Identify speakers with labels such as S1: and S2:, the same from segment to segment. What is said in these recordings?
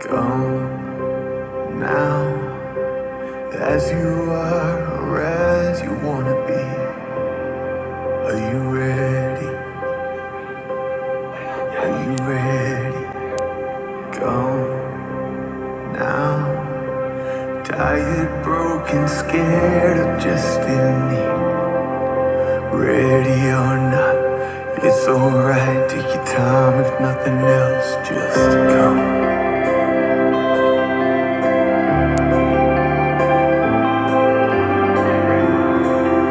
S1: Go now, as you are, or as you wanna be. Are you ready? Are you ready? Go now, tired, broken, scared or just in need. Ready or not, it's alright. Take your time if nothing else. Just come.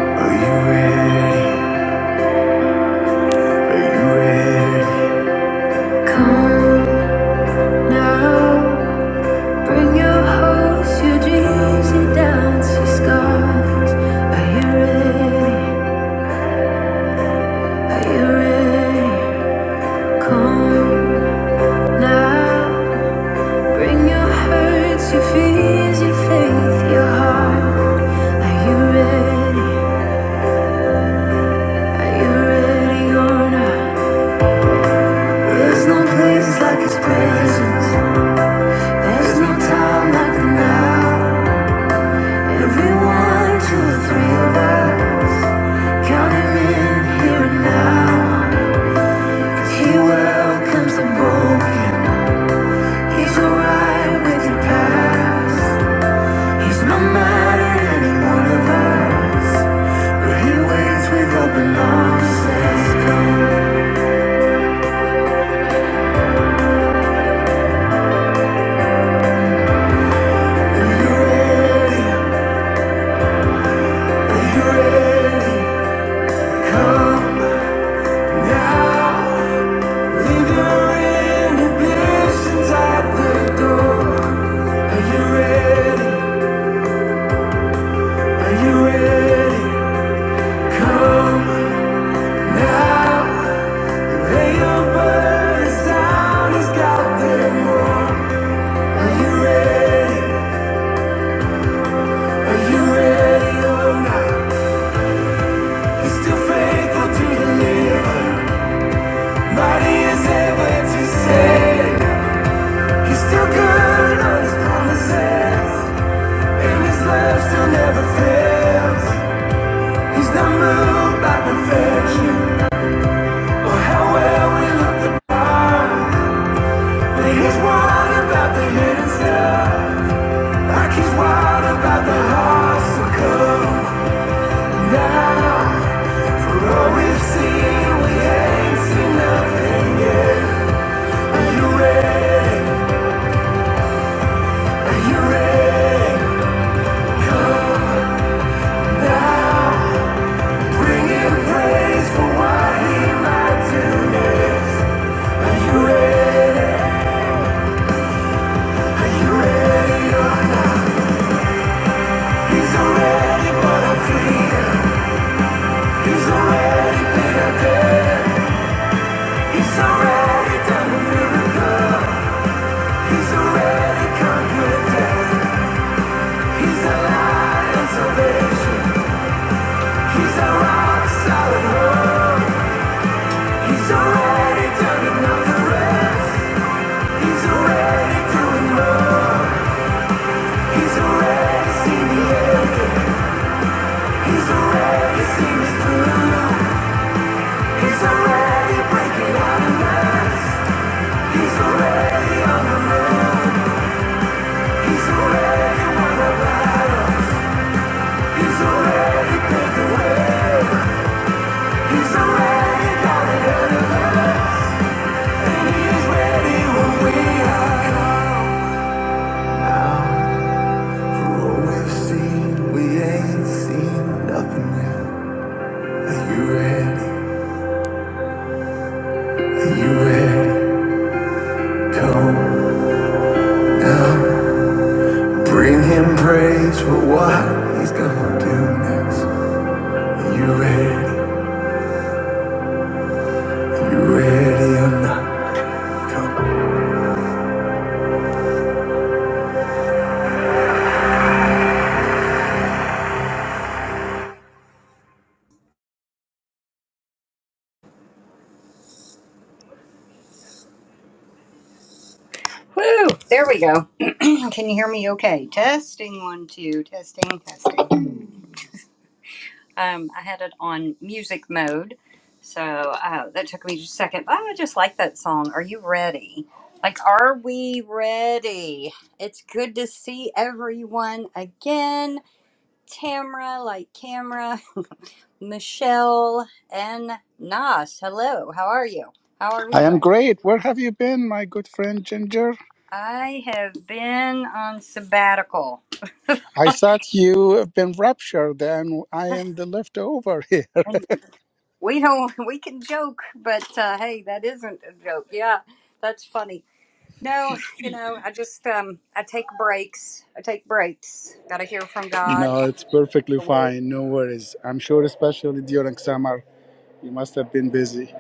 S1: Are you ready? Are you ready? Come now. Bring your hopes, your dreams, your doubts, your scars. Are you ready? Are you ready? Come now. Bring your hurts, your fears, your faith, your heart. Are you ready? Are you ready or not? There's no place like His presence. There's no time like the now. Every one, two, or three of us, count Him in here and now. He welcomes the broken. He's alright with your past. He's no matter any of us. But he waits with open arms, Are you ready? Are you ready? Come now. Leave your inhibitions at the door. Are you ready? Are you ready? Come now. He's one about the hidden stuff Like he's wild about the harpsichord. Now, for all we've seen, we ain't seen nothing. Are you ready? You ready? Now, bring him praise for what he might do. You ready? You ready? He's already, but he's already been a dead. He's already done the miracle. He's already conquered death. He's a light and salvation. He's a rock solid rock. He's already done enough for us. He's already doing more. He's already seen the end. He's already seen us through. He's already breaking out of us. He's already on the move. He's already won a battle. He's already paid the He's already got it out of us. And he's ready when we are gone. What we've seen, we ain't seen nothing yet. Are you ready? Are you ready? Come, bring him praise for what he's gonna do next. Are you ready? Are you ready or not? Come.
S2: I am great. Where have you been, my good friend Ginger? I thought you have been raptured and I am the leftover here. No, it's perfectly fine. No worries. I'm sure, especially during summer, you must have been busy.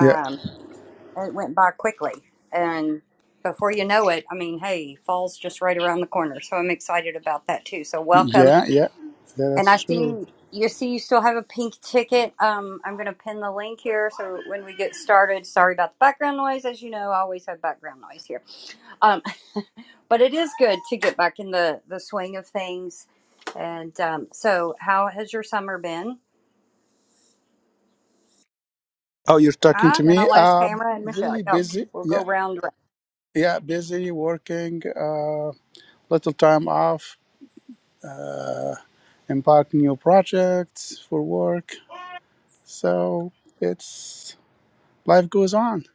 S2: Yeah, yeah, yeah. Yeah, That's true. Oh, you're talking to me? Uh, really busy. Yeah, yeah, busy working. Uh, little time off, embarking new projects for work. So it's life goes on.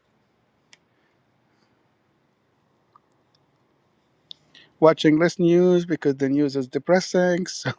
S2: watching less news because the news is depressing. So,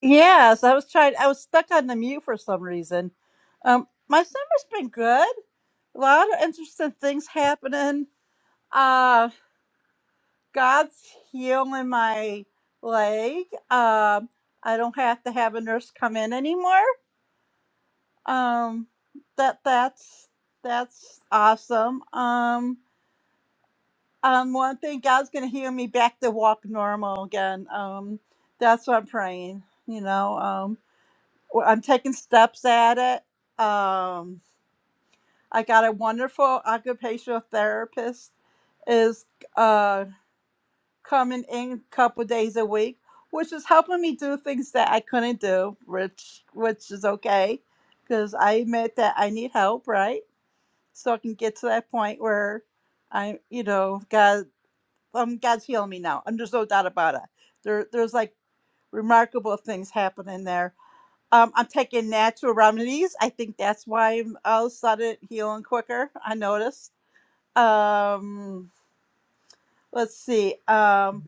S3: Yes, I was trying. I was stuck on the mute for some reason. Um, my summer's been good. A lot of interesting things happening. Uh, God's healing my leg. Um, I don't have to have a nurse come in anymore. Um, that that's that's awesome. Um, um, one thing God's gonna heal me back to walk normal again. Um, that's what I'm praying. You know. Um, Well, I'm taking steps at it. Um, I got a wonderful occupational therapist is uh, coming in a couple days a week, which is helping me do things that I couldn't do, which which is okay, because I admit that I need help, right? So I can get to that point where I, you know, God, um, God's healing me now. And there's no doubt about it. There, there's like remarkable things happening there Um, I'm taking natural remedies. I think that's why I'm all of sudden healing quicker. I noticed. Um, let's see. Um,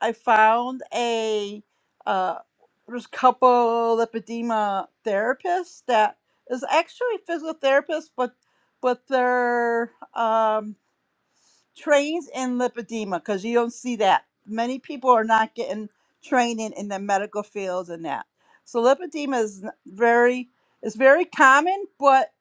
S3: I found a uh, there's a couple lipedema therapists that is actually physical therapists, but but they're um, trains in lipedema because you don't see that. Many people are not getting training in the medical fields and that. So lipedema is n- very it's very common, but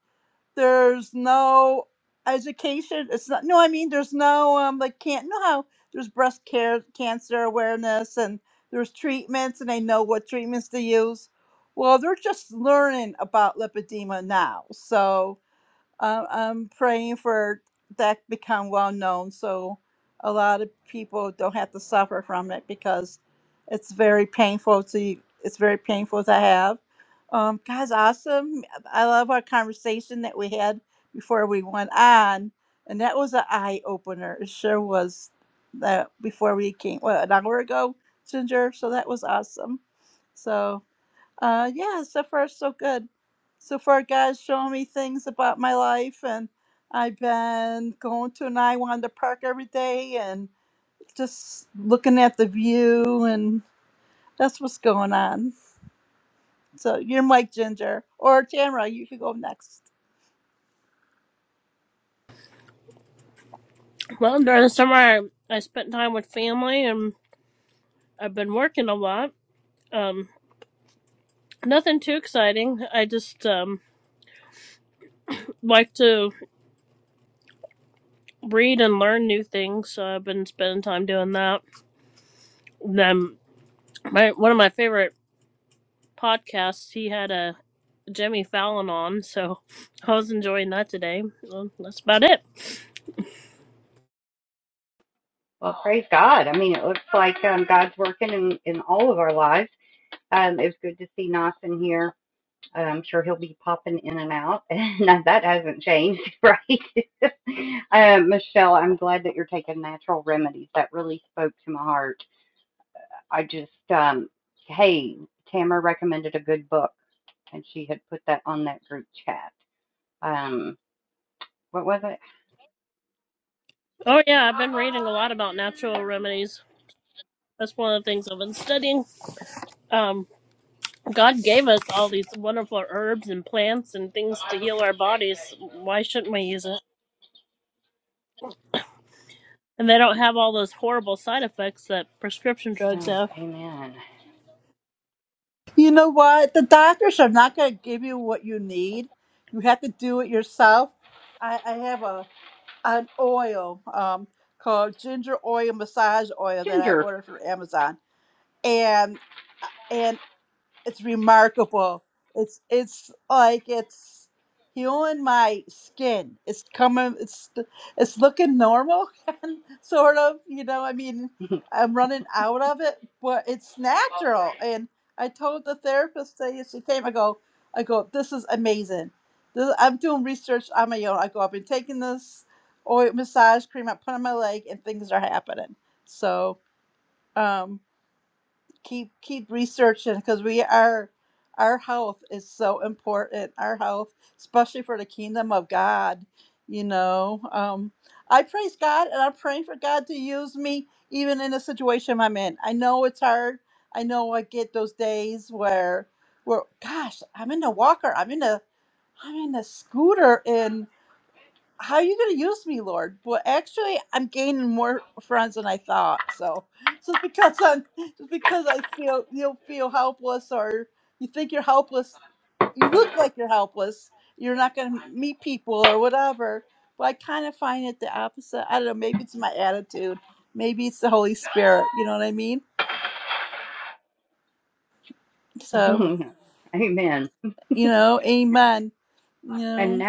S3: there's no education. It's not no, I mean there's no um like can't know how there's breast care cancer awareness and there's treatments and they know what treatments to use. Well, they're just learning about lipedema now. So uh, I'm praying for that become well known so a lot of people don't have to suffer from it because it's very painful to it's very painful to have. Um, God's awesome. I love our conversation that we had before we went on, and that was an eye opener. It sure was that before we came what, an hour ago, Ginger. So that was awesome. So. Uh, yeah, so far so good. So far, God's showing me things about my life, and I've been going to an I park every day and just looking at the view, and that's what's going on. So you're Mike Ginger or Tamara. You can go next.
S4: Well, during the summer, I, I spent time with family, and I've been working a lot. Um, nothing too exciting. I just um, like to read and learn new things, so I've been spending time doing that. And Then my one of my favorite podcasts, he had a Jimmy Fallon on, so I was enjoying that today. Well, that's about it. Oh yeah, I've been reading a lot about natural remedies. That's one of the things I've been studying. Um, God gave us all these wonderful herbs and plants and things to heal our bodies. Why shouldn't we use it? And they don't have all those horrible side effects that prescription drugs have.
S3: You know what? The doctors are not going to give you what you need. You have to do it yourself. I, I have a an oil um, called ginger oil massage oil that I ordered from Amazon and and it's remarkable. It's it's like it's healing my skin. It's coming. It's it's looking normal and sort of. You know, I mean, I'm running out of it, but it's natural. And I told the therapist that she came. I go, I go. This is amazing. This, I'm doing research on my own. I go. I've been taking this oil massage cream. I put on my leg, and things are happening. So. um keep keep researching because we are our health is so important our health especially for the kingdom of god you know um i praise god and i'm praying for god to use me even in the situation i'm in i know it's hard i know i get those days where where gosh i'm in the walker i'm in the i'm in the scooter and how are you going to use me, Lord? But actually, I'm gaining more friends than I thought. So just because I'm just because I feel you feel helpless or you think you're helpless, you look like you're helpless. You're not going to meet people or whatever. But I kind of find it the opposite. I don't know. Maybe it's my attitude. Maybe it's the Holy Spirit. You know what I mean? So you know, Amen. You know,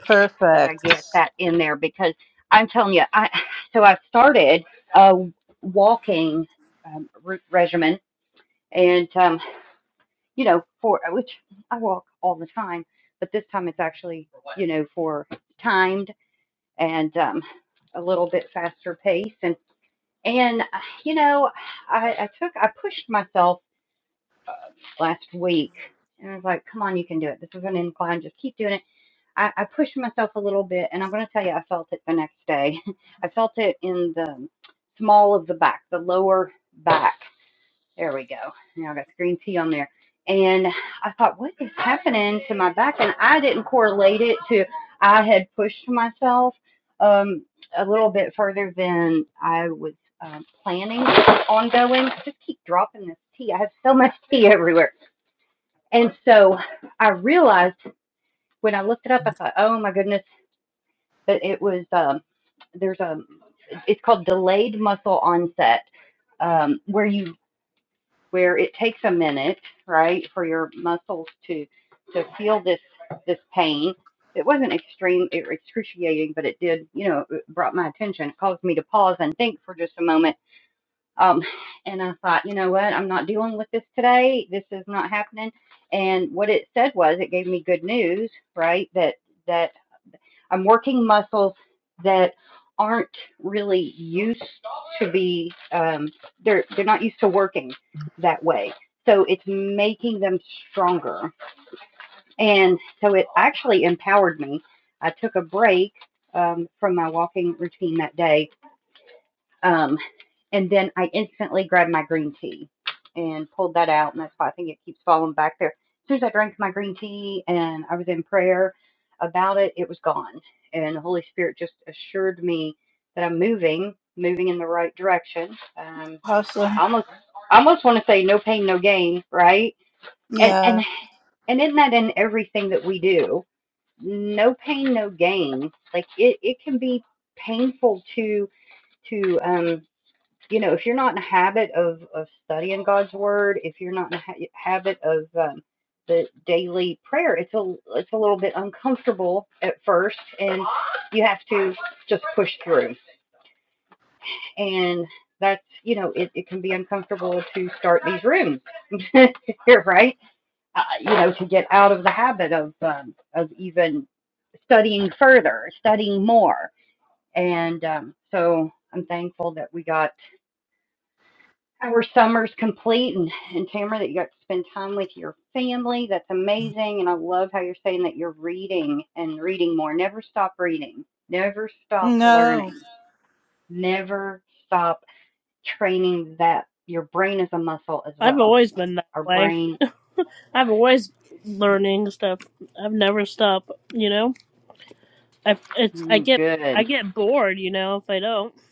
S3: perfect, awesome. Yeah. No,
S4: I've always been that way. I've always learning stuff. I've never stopped. You know, I it's I get I get bored. You know, if I don't.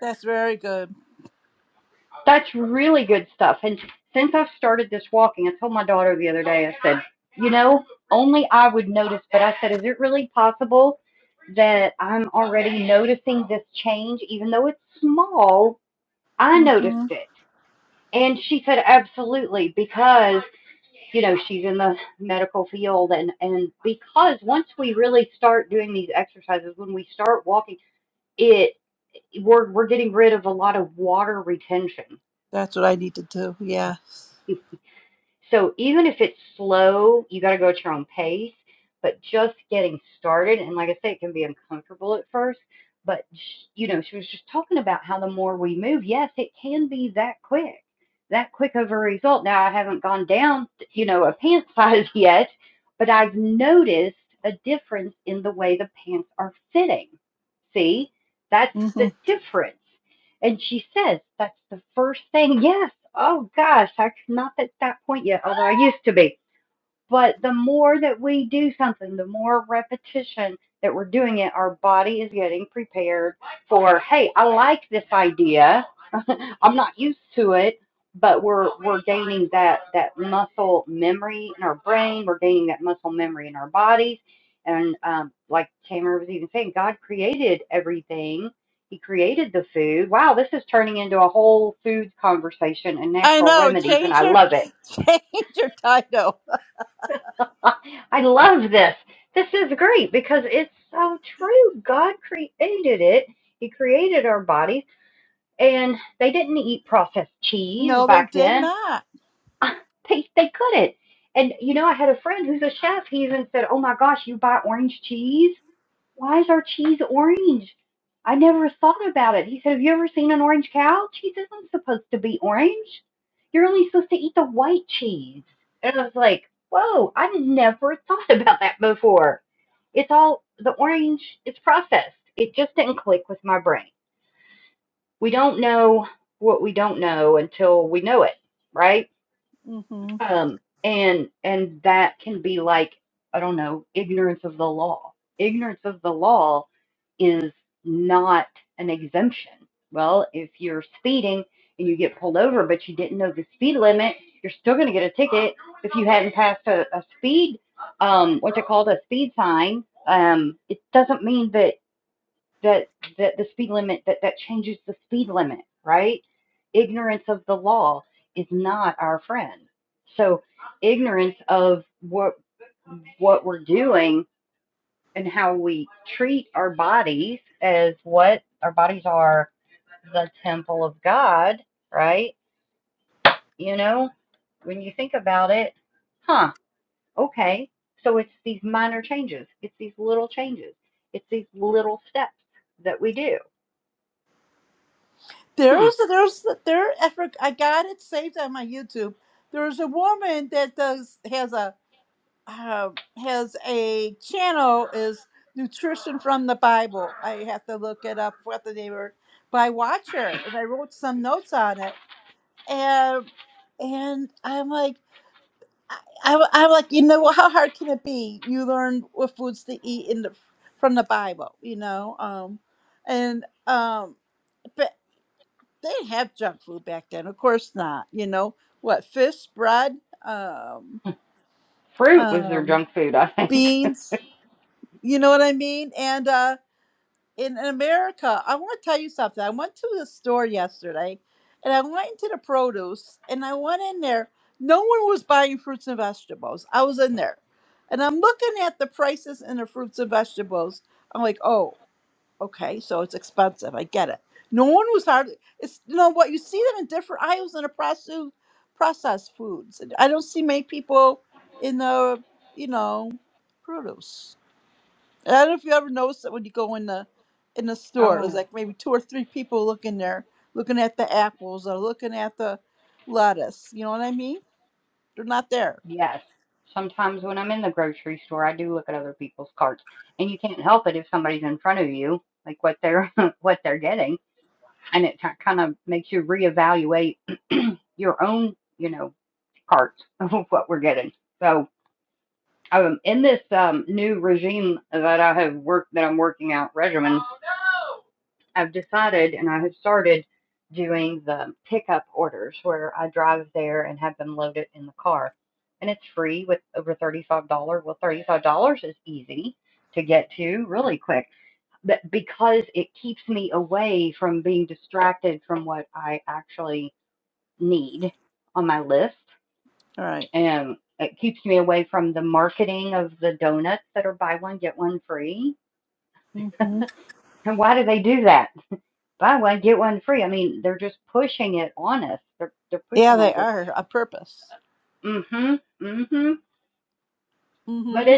S3: that's very good. hmm That's what I need to do. Yeah. hmm I know. Change your change your title. No, they did not. hmm There's there's there. I forg- I got it saved on my YouTube. There's a woman that does has a uh, has a channel is nutrition from the Bible. I have to look it up. What the name were. but I watch her and I wrote some notes on it and and I'm like. I, I, I'm like, you know, how hard can it be? You learn what foods to eat in the from the Bible, you know, um, and um, but they didn't have junk food back then, of course not. You know what? Fish, bread, um, um, beans. You know what I mean? And uh, in America, I want to tell you something. I went to the store yesterday and I went into the produce and I went in there. No one was buying fruits and vegetables. I was in there and I'm looking at the prices in the fruits and vegetables. I'm like, oh, okay, so it's expensive. I get it. No one was hardly, it's, you know what, you see them in different aisles in the processed, processed foods. I don't see many people in the, you know, produce. And I don't know if you ever noticed that when you go in the in the store, it was like maybe two or three people looking there, looking at the apples or looking at the lettuce. You know what I mean? They're not there. All right. Mm-hmm. Yeah, they are on purpose. Mm-hmm.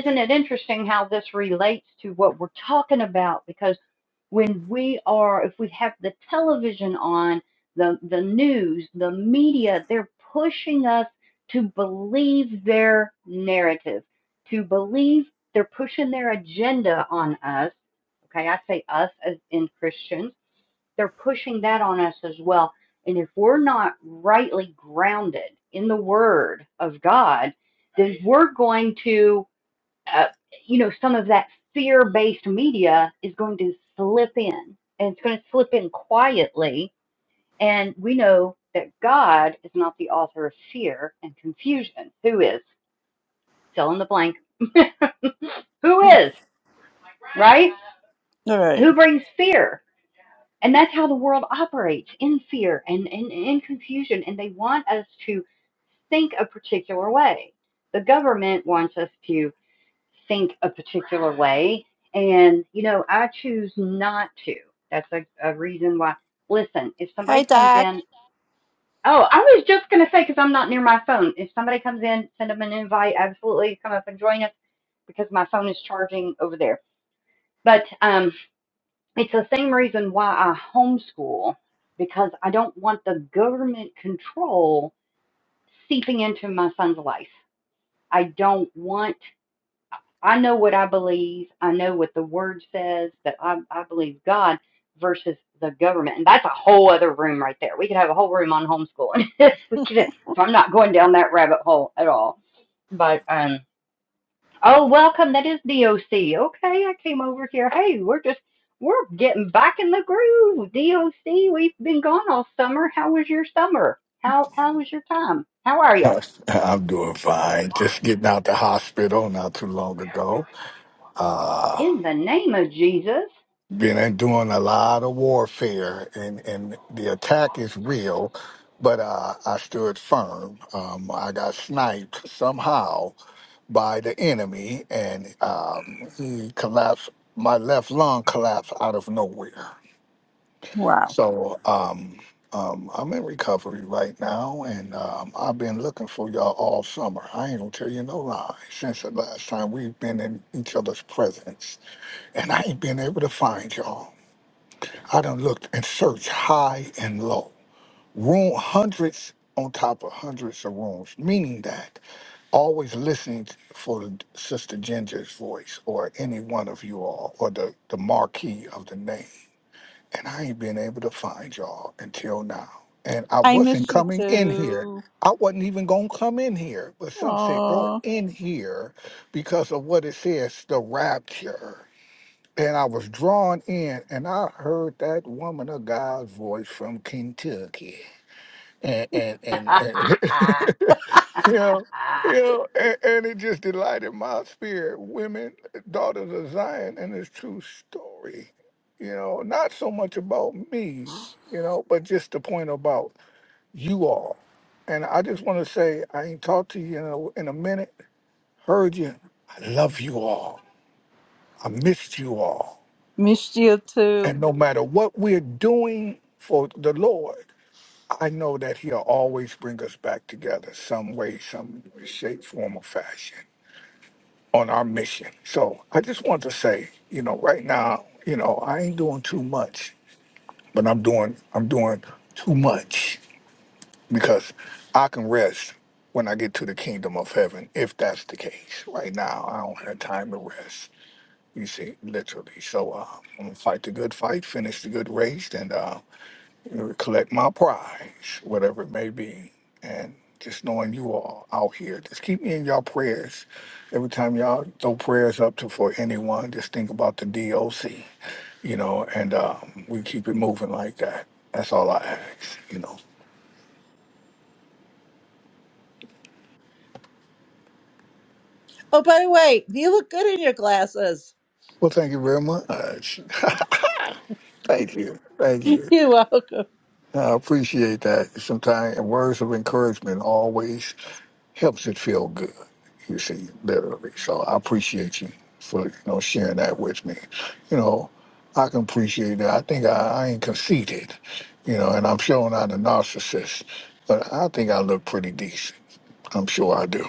S3: All right. Hi, Doc.
S5: I'm doing fine. Just getting out the hospital not too long ago. Uh, been in- doing a lot of warfare, and, and the attack is real, but uh, I stood firm. Um, I got sniped somehow by the enemy, and um, he collapsed. My left lung collapsed out of nowhere.
S3: Wow.
S5: So um, um, I'm in recovery right now, and um, I've been looking for y'all all summer. I ain't gonna tell you no lie. Since the last time we've been in each other's presence, and I ain't been able to find y'all. I done looked and searched high and low, room hundreds on top of hundreds of rooms, meaning that always listening t- for the Sister Ginger's voice or any one of you all or the, the marquee of the name and I ain't been able to find y'all until now. And I
S3: I
S5: wasn't
S3: miss you
S5: coming in here.
S3: too.
S5: I wasn't even gonna come in here, but some said go
S3: Oh,
S5: in here because of what it says, the rapture. And I was drawn in, and I heard that woman of God's voice from Kentucky, and and and, and You know, you know, and, and it just delighted my spirit. Women, daughters of Zion, and this true story. You know, not so much about me, you know, but just the point about you all. And I just want to say, I ain't talked to you in a, in a minute. Heard you. I love you all. I missed you all.
S3: missed you too.
S5: And no matter what we're doing for the Lord, I know that He'll always bring us back together, some way, some shape, form, or fashion. on our mission. So I just want to say, you know, right now, you know, I ain't doing too much, but I'm doing I'm doing too much because I can rest when I get to the kingdom of heaven, if that's the case. Right now, I don't have time to rest. You see, literally. So uh, I'm gonna fight the good fight, finish the good race, and uh, uh, collect my prize, whatever it may be. And just knowing you all out here, just keep me in y'all prayers. Every time y'all throw prayers up to for anyone, just think about the DOC, you know, and um, we keep it moving like that. That's all I ask, you know.
S3: Oh, by the way, you look good in your glasses.
S5: Well, thank you very much. Thank you. Thank you.
S3: You're welcome.
S5: I appreciate that. Sometimes words of encouragement always helps it feel good. You see, literally. So I appreciate you for you know sharing that with me. You know, I can appreciate that. I think I, I ain't conceited. You know, and I'm sure not a narcissist, but I think I look pretty decent. I'm sure I do.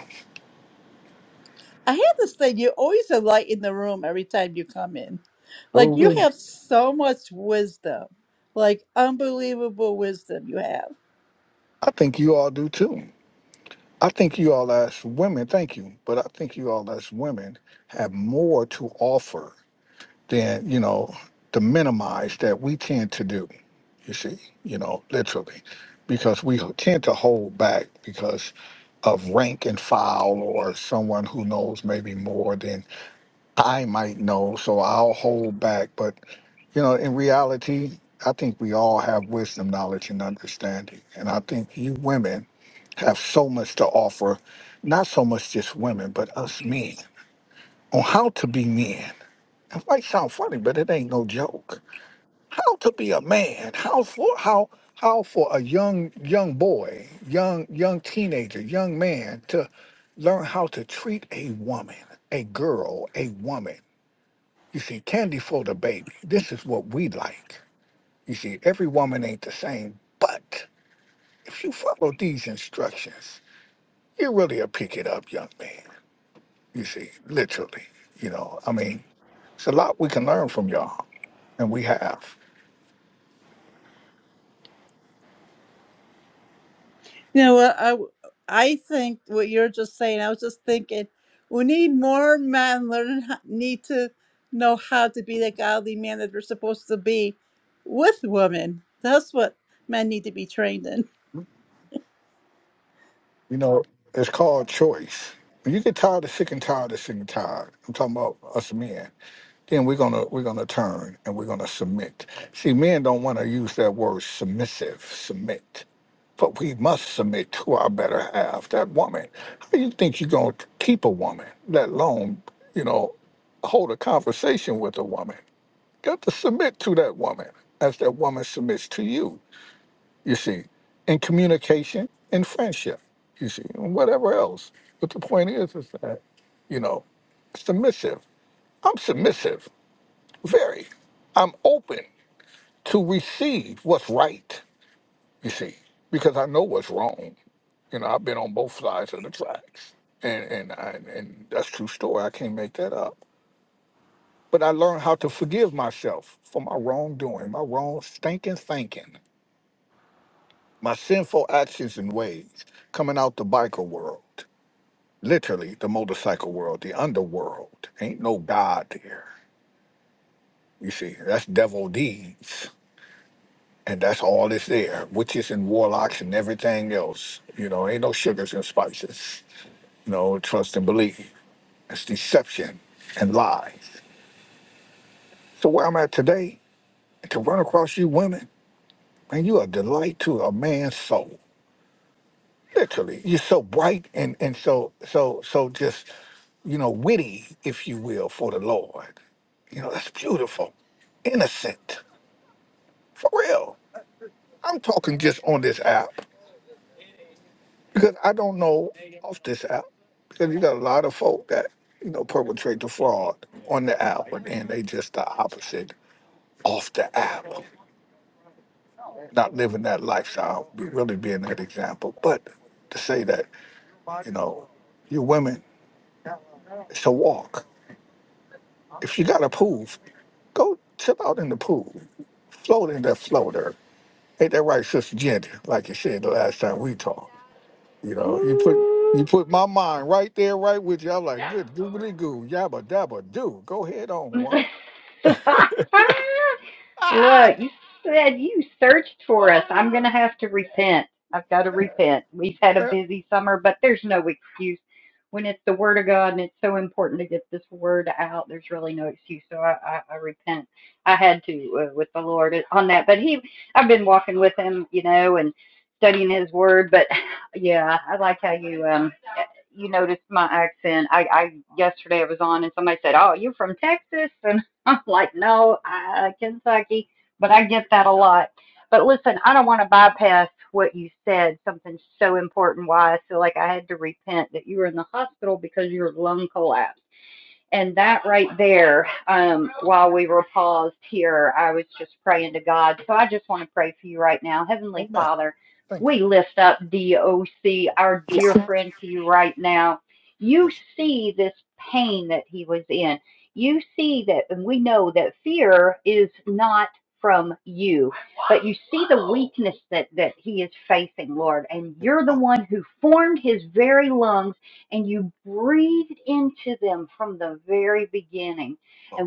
S3: I have this thing. you always a light in the room every time you come in.
S5: So
S3: Like you
S5: we-
S3: have so much wisdom, like unbelievable wisdom you have.
S5: I think you all do too. I think you all as women, thank you, but I think you all as women have more to offer than you know to minimize that we tend to do you see you know literally because we tend to hold back because of rank and file or someone who knows maybe more than i might know so i'll hold back but you know in reality i think we all have wisdom knowledge and understanding and i think you women have so much to offer not so much just women but us men on how to be men it might sound funny, but it ain't no joke. How to be a man? How for how how for a young young boy, young young teenager, young man to learn how to treat a woman, a girl, a woman. You see, candy for the baby. This is what we like. You see, every woman ain't the same, but if you follow these instructions, you really a pick it up, young man. You see, literally. You know, I mean, it's a lot we can learn from y'all, and we have.
S3: You know what? I I think what you're just saying. I was just thinking, we need more men learn ho- need to know how to be the godly man that they're supposed to be with women. That's what men need to be trained in.
S5: You know, it's called choice. When you get tired of sick and tired of sick and tired, I'm talking about us men. Then we're gonna we're gonna turn and we're gonna submit. See, men don't want to use that word submissive, submit, but we must submit to our better half, that woman. How do you think you're gonna keep a woman, let alone you know hold a conversation with a woman? You have to submit to that woman as that woman submits to you you see, in communication, in friendship, you see, and whatever else. But the point is, is that, you know, submissive. I'm submissive, very. I'm open to receive what's right, you see, because I know what's wrong. You know, I've been on both sides of the tracks, and and I, and that's true story. I can't make that up. But I learned how to forgive myself for my wrongdoing, my wrong stinking thinking. My sinful actions and ways coming out the biker world, literally the motorcycle world, the underworld. Ain't no God there. You see, that's devil deeds. And that's all that's there. Witches and warlocks and everything else. You know, ain't no sugars and spices. You know, trust and believe. It's deception and lies. So where I'm at today, to run across you women, man, you a delight to a man's soul. literally you're so bright and and so so so just you know witty if you will for the lord you know that's beautiful innocent for real i'm talking just on this app because i don't know off this app because you got a lot of folk that you know perpetrate the fraud on the app and then they just the opposite off the app not living that lifestyle really being that example but to say that you know you women it's a walk If you got a pool, go chill out in the pool. Float in that floater. Ain't that right, Sister Jenny? Like you said the last time we talked. You know, you put you put my mind right there, right with you. I'm like, good googly goo, yabba dabba do. Go ahead on, woman. Eh, Oh man, thank you. Yes, yes, Father, Lord.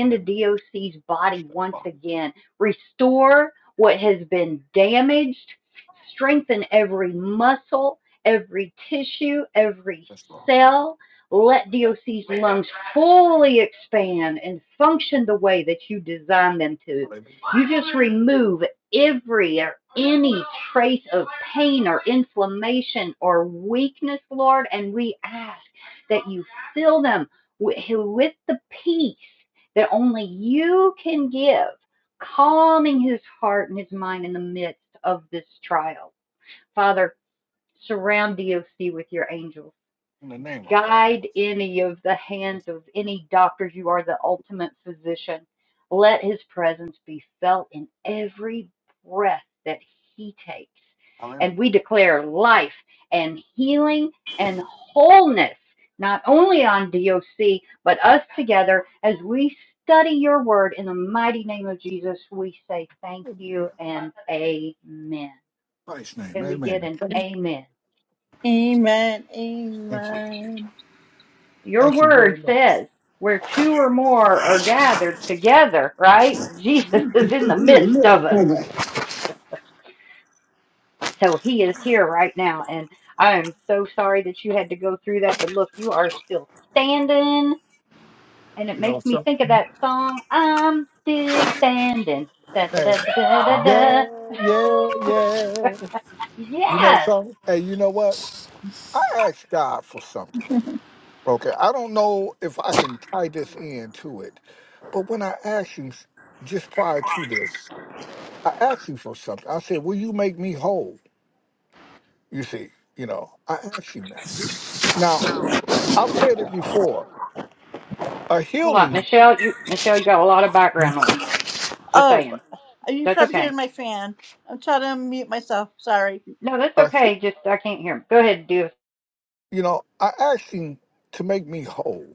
S5: In the name of Father, yes, Lord. Hallelujah. In the name of Christ. Hallelujah. In Christ's name, amen.
S3: Amen.
S5: Thank you.
S3: Amen.
S5: Thank you very much. You know, some Hey, yeah, yeah, yeah. You know something? Hey, you know what? I asked God for something. Okay, I don't know if I can tie this in to it, but when I asked you s- just prior to this, I asked you for something. I said, "Will you make me whole?" You see, you know, I asked you that. Now, I've said it before. A healing,
S3: Oh, you probably heard my fan. I'm trying to unmute myself. Sorry,
S5: a he- you know, I asked him to make me whole.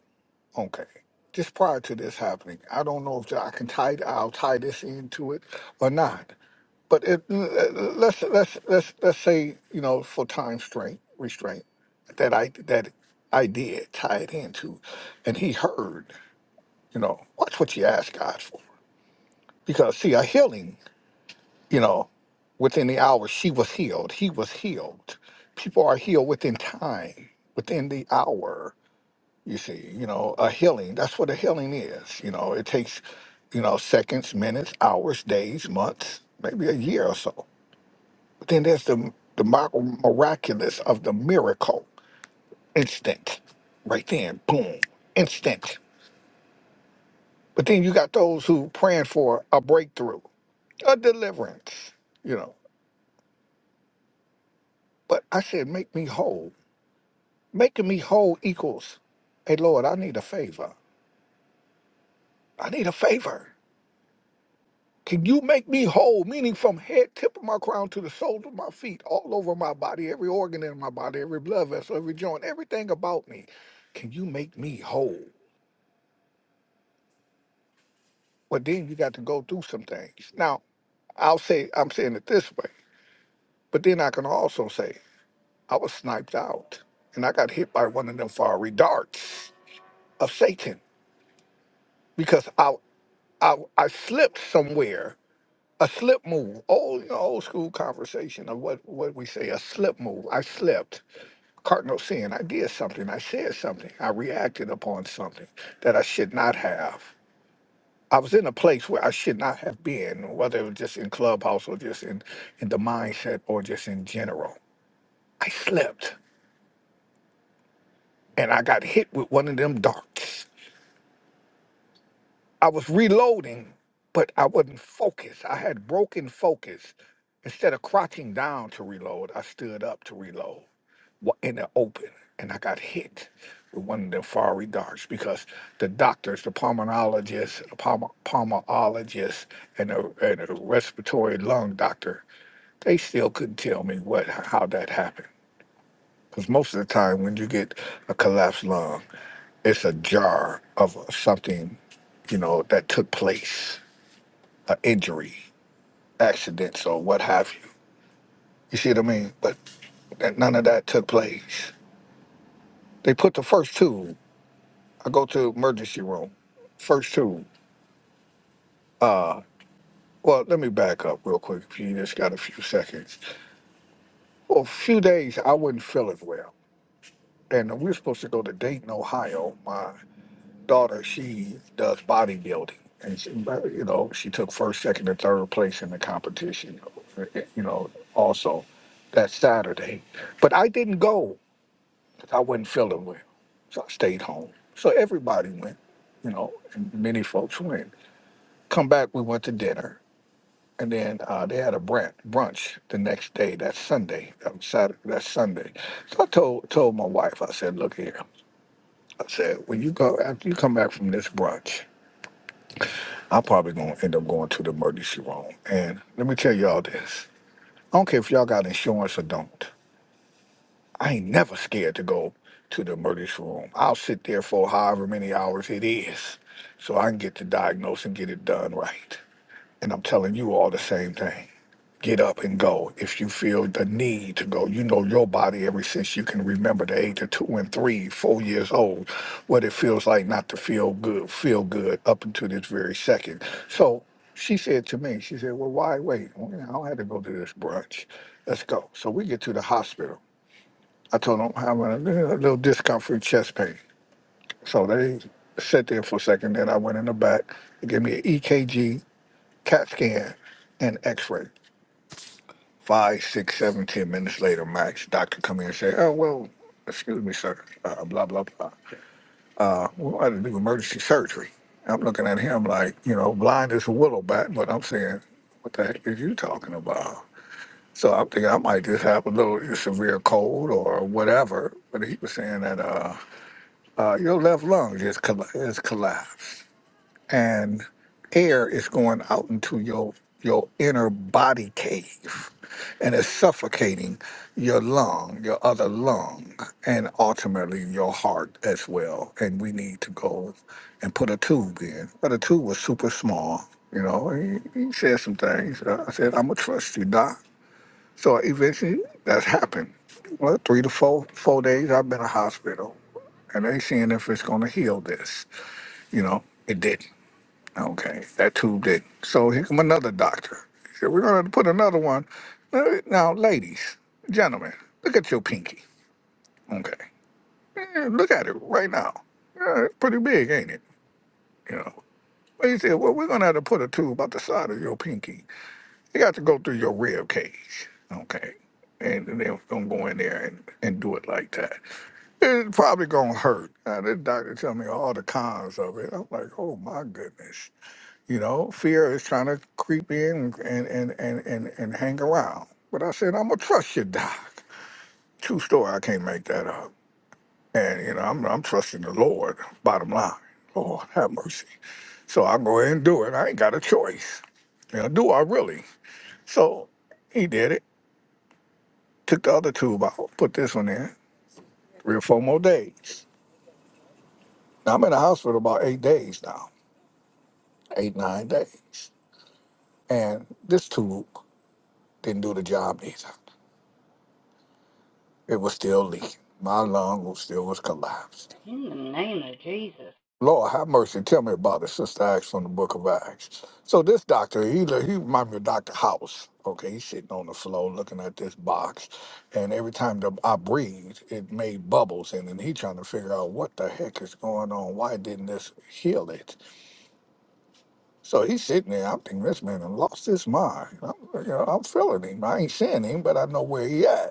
S5: Okay. Just prior to this happening, I don't know if I can tie. I'll tie this into it or not. But it, let's let's let's let's say you know for time strength restraint that I that I did tie it into, and he heard. You know, watch what you ask God for, because see a healing. You know, within the hour she was healed. He was healed. People are healed within time, within the hour. You see, you know, a healing, that's what a healing is. You know, it takes, you know, seconds, minutes, hours, days, months, maybe a year or so. But then there's the, the mi- miraculous of the miracle instant, right then, boom, instant. But then you got those who praying for a breakthrough, a deliverance, you know. But I said, make me whole. Making me whole equals, hey, Lord, I need a favor. I need a favor. Can you make me whole, meaning from head tip of my crown to the soles of my feet, all over my body, every organ in my body, every blood vessel, every joint, everything about me? Can you make me whole? Well, then you got to go through some things. Now, I'll say, I'm saying it this way, but then I can also say, I was sniped out and I got hit by one of them fiery darts of Satan because I, I, I slipped somewhere a slip move, old you know, old school conversation of what what we say, a slip move. I slipped, cardinal sin. I did something. I said something. I reacted upon something that I should not have. I was in a place where I should not have been, whether it was just in clubhouse or just in in the mindset or just in general. I slipped, and I got hit with one of them darts. I was reloading, but I wasn't focused. I had broken focus. Instead of crouching down to reload, I stood up to reload wa- in the open, and I got hit with one of the fiery darts because the doctors, the pulmonologist, the pulmo- pulmonologist, and the, and the respiratory lung doctor, they still couldn't tell me what how that happened. Because most of the time, when you get a collapsed lung, it's a jar of something, you know, that took place, an injury, accidents, or what have you. You see what I mean? But that none of that took place. They put the first two. I go to emergency room. First two. Well, let me back up real quick. If you just got a few seconds. Well, a few days I wasn't feeling well, and we were supposed to go to Dayton, Ohio. My. daughter, she does bodybuilding, and she, you know, she took first, second, and third place in the competition. You know, also that Saturday, but I didn't go 'cause I wasn't feeling well, so I stayed home. So everybody went, you know, and many folks went. Come back, we went to dinner, and then uh, they had a brunch brunch the next day. That Sunday, um, Saturday, that Sunday. So I told told my wife, I said, look here, I said, when you go after you come back from this brunch. I'm probably gonna end up going to the emergency room. And let me tell y'all this. I don't care if y'all got insurance or don't. I ain't never scared to go to the emergency room. I'll sit there for however many hours it is so I can get the diagnosis and get it done right. And I'm telling you all the same thing get up and go if you feel the need to go. You know your body ever since you can remember the age of two and three, four years old, what it feels like not to feel good, feel good up until this very second. So she said to me, she said, Well, why wait? Well, I don't have to go to this brunch. Let's go. So we get to the hospital. I told them I'm having a little a little discomfort, chest pain. So they sat there for a second. Then I went in the back. They gave me an EKG, CAT scan, and x ray. Five, six, seven, ten minutes later, max, doctor come in and say, oh, well, excuse me, sir, uh, blah, blah, blah. We had to do emergency surgery. I'm looking at him like, you know, blind as a willow bat, but I'm saying, what the heck is you talking about? So I'm thinking I might just have a little severe cold or whatever. But he was saying that uh, uh, your left lung just colla- is collapsed and air is going out into your your inner body cave and it's suffocating your lung your other lung and ultimately your heart as well and we need to go and put a tube in but the tube was super small you know he, he said some things i said i'm gonna trust you doc so eventually that's happened well three to four four days i've been in a hospital and they seeing if it's gonna heal this you know it didn't Okay, that tube didn't. So here come another doctor. So we're gonna put another one. Now, now, ladies, gentlemen, look at your pinky. Okay, Eh, look at it right now. Yeah, it's pretty big, ain't it? You know. Well, he said, well, we're gonna have to put a tube about the side of your pinky. You got to go through your rib cage. Okay, and then we're gonna go in there and, and do it like that. It's probably gonna hurt. Now, this doctor tell me all the cons of it. I'm like, oh my goodness. You know, fear is trying to creep in and and and and, and hang around. But I said, I'm gonna trust you, Doc. True story. I can't make that up. And you know, I'm I'm trusting the Lord. Bottom line, Lord have mercy. So I go ahead and do it. I ain't got a choice. You know, do I really? So he did it. Took the other tube out. Put this one in. Three or four more days. Now I'm in the hospital about eight days now. Eight nine days. And this tube didn't do the job either. It was still leaking. My lung was still was collapsed. Lord, have mercy. Tell me about it, Sister Acts from the Book of Acts. So this doctor, he look- he reminded me of Doctor House. Okay, he's sitting on the floor looking at this box, and every time the, I breathed, it made bubbles, and then he trying to figure out what the heck is going on. Why didn't this heal it? So he's sitting there. I'm thinking this man done lost his mind. I'm, you know, I'm feeling him. I ain't seeing him, but I know where he at.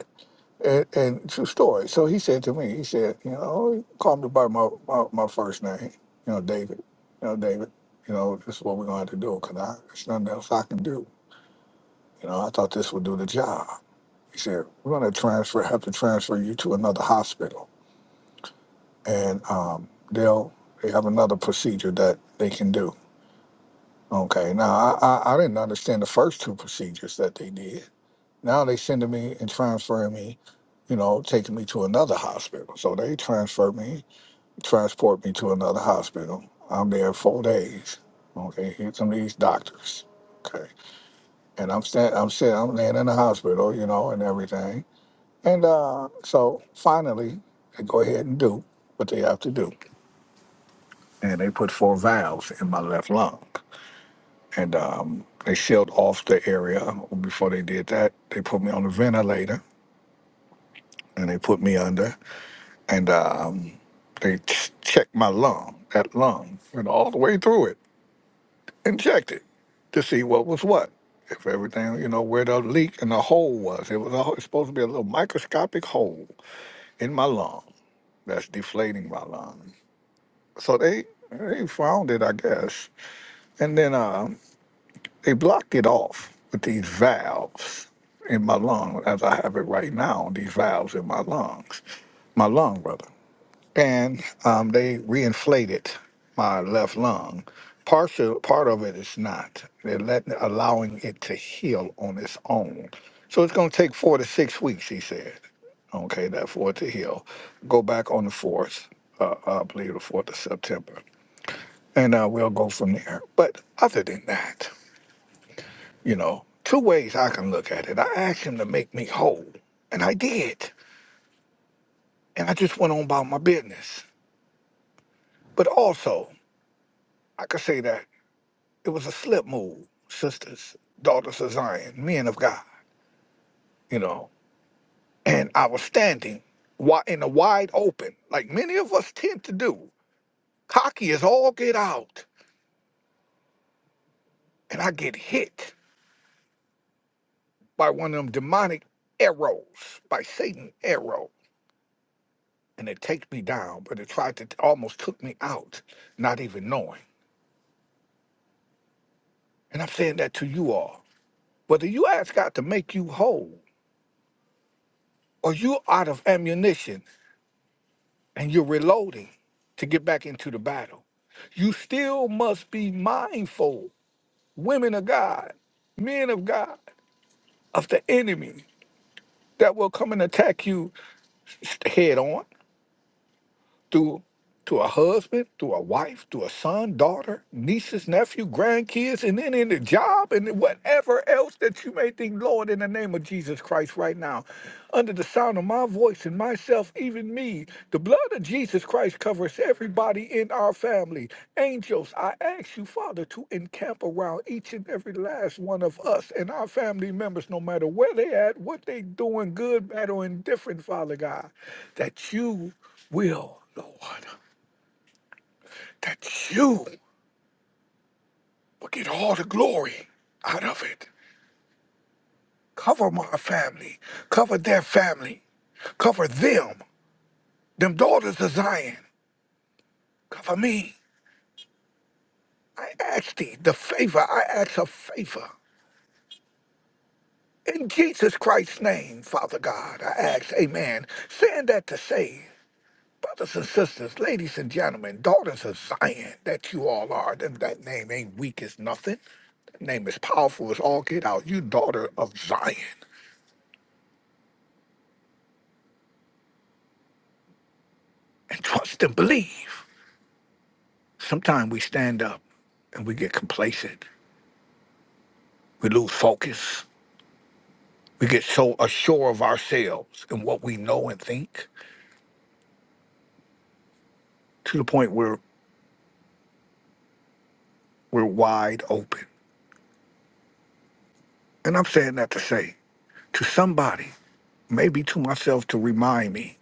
S5: And, and true story. So he said to me, he said, you know, oh, he called me by my, my, my first name, you know, David. You know, David, you know, this is what we're going to have to do because I there's nothing else I can do. You know, I thought this would do the job. He said, we're going to transfer, have to transfer you to another hospital. And um, they'll, they have another procedure that they can do. Okay. Now, I, I, I didn't understand the first two procedures that they did Now they sending me and transferring me, you know, taking me to another hospital. So they transfer me, transport me to another hospital. I'm there four days. Okay, here some of these doctors. Okay, and I'm stand, I'm sitting, I'm laying in the hospital, you know, and everything. And uh, so finally, they go ahead and do what they have to do, and they put four valves in my left lung, and um, they sealed off the area. Before they did that, they put me on a ventilator, and they put me under. and um, they ch- checked my lung, that lung, and all the way through it, and checked it to see what was what. If everything, you know, where the leak and the hole was, it was, a, it's supposed to be a little microscopic hole in my lung that's deflating my lung. So they they found it, I guess, and then um, they blocked it off with these valves in my lung, as I have it right now. These valves in my lungs, my lung, brother. and um, they reinflated my left lung. Partial part of it is not. They're letting allowing it to heal on its own. So it's going to take four to six weeks, he said. Okay, that for it to heal. Go back on the fourth, uh, I believe the fourth of September, and uh, we'll go from there. But other than that, you know, two ways I can look at it. I asked him to make me whole, and I did, and I just went on about my business. But also, I could say that. it was a slip move, sisters, daughters of Zion, men of God, you know. And I was standing wi- in the wide open, like many of us tend to do, cocky as all get out. And I get hit by one of them demonic arrows, by Satan arrow. And it takes me down, but it tried to almost took me out, not even knowing. And I'm saying that to you all. Whether you ask God to make you whole or you out of ammunition, and you're reloading to get back into the battle. You still must be mindful, women of God, men of God, of the enemy that will come and attack you head on. to to a husband, to a wife, to a son, daughter, nieces, nephew, grandkids, and then in the job and whatever else that you may think, Lord, in the name of Jesus Christ, right now, under the sound of my voice and myself, even me, the blood of Jesus Christ covers everybody in our family. Angels, I ask you, Father, to encamp around each and every last one of us and our family members, no matter where they at, what they doing, good, bad, or indifferent, Father God, that you will, Lord, that you will get all the glory out of it. Cover my family, cover their family, cover them, them daughters of Zion. Cover me. I ask thee the favor, I ask a favor. In Jesus Christ's name, Father God, I ask, Amen. Send that to save. Brothers and sisters, ladies and gentlemen, daughters of Zion that you all are, that, that name ain't weak as nothing. That name is powerful as all get out. You daughter of Zion. And trust and believe. Sometimes we stand up and we get complacent. We lose focus. We get so assured of ourselves and what we know and think to the point where we're wide open. And I'm saying that to say to somebody, maybe to myself to remind me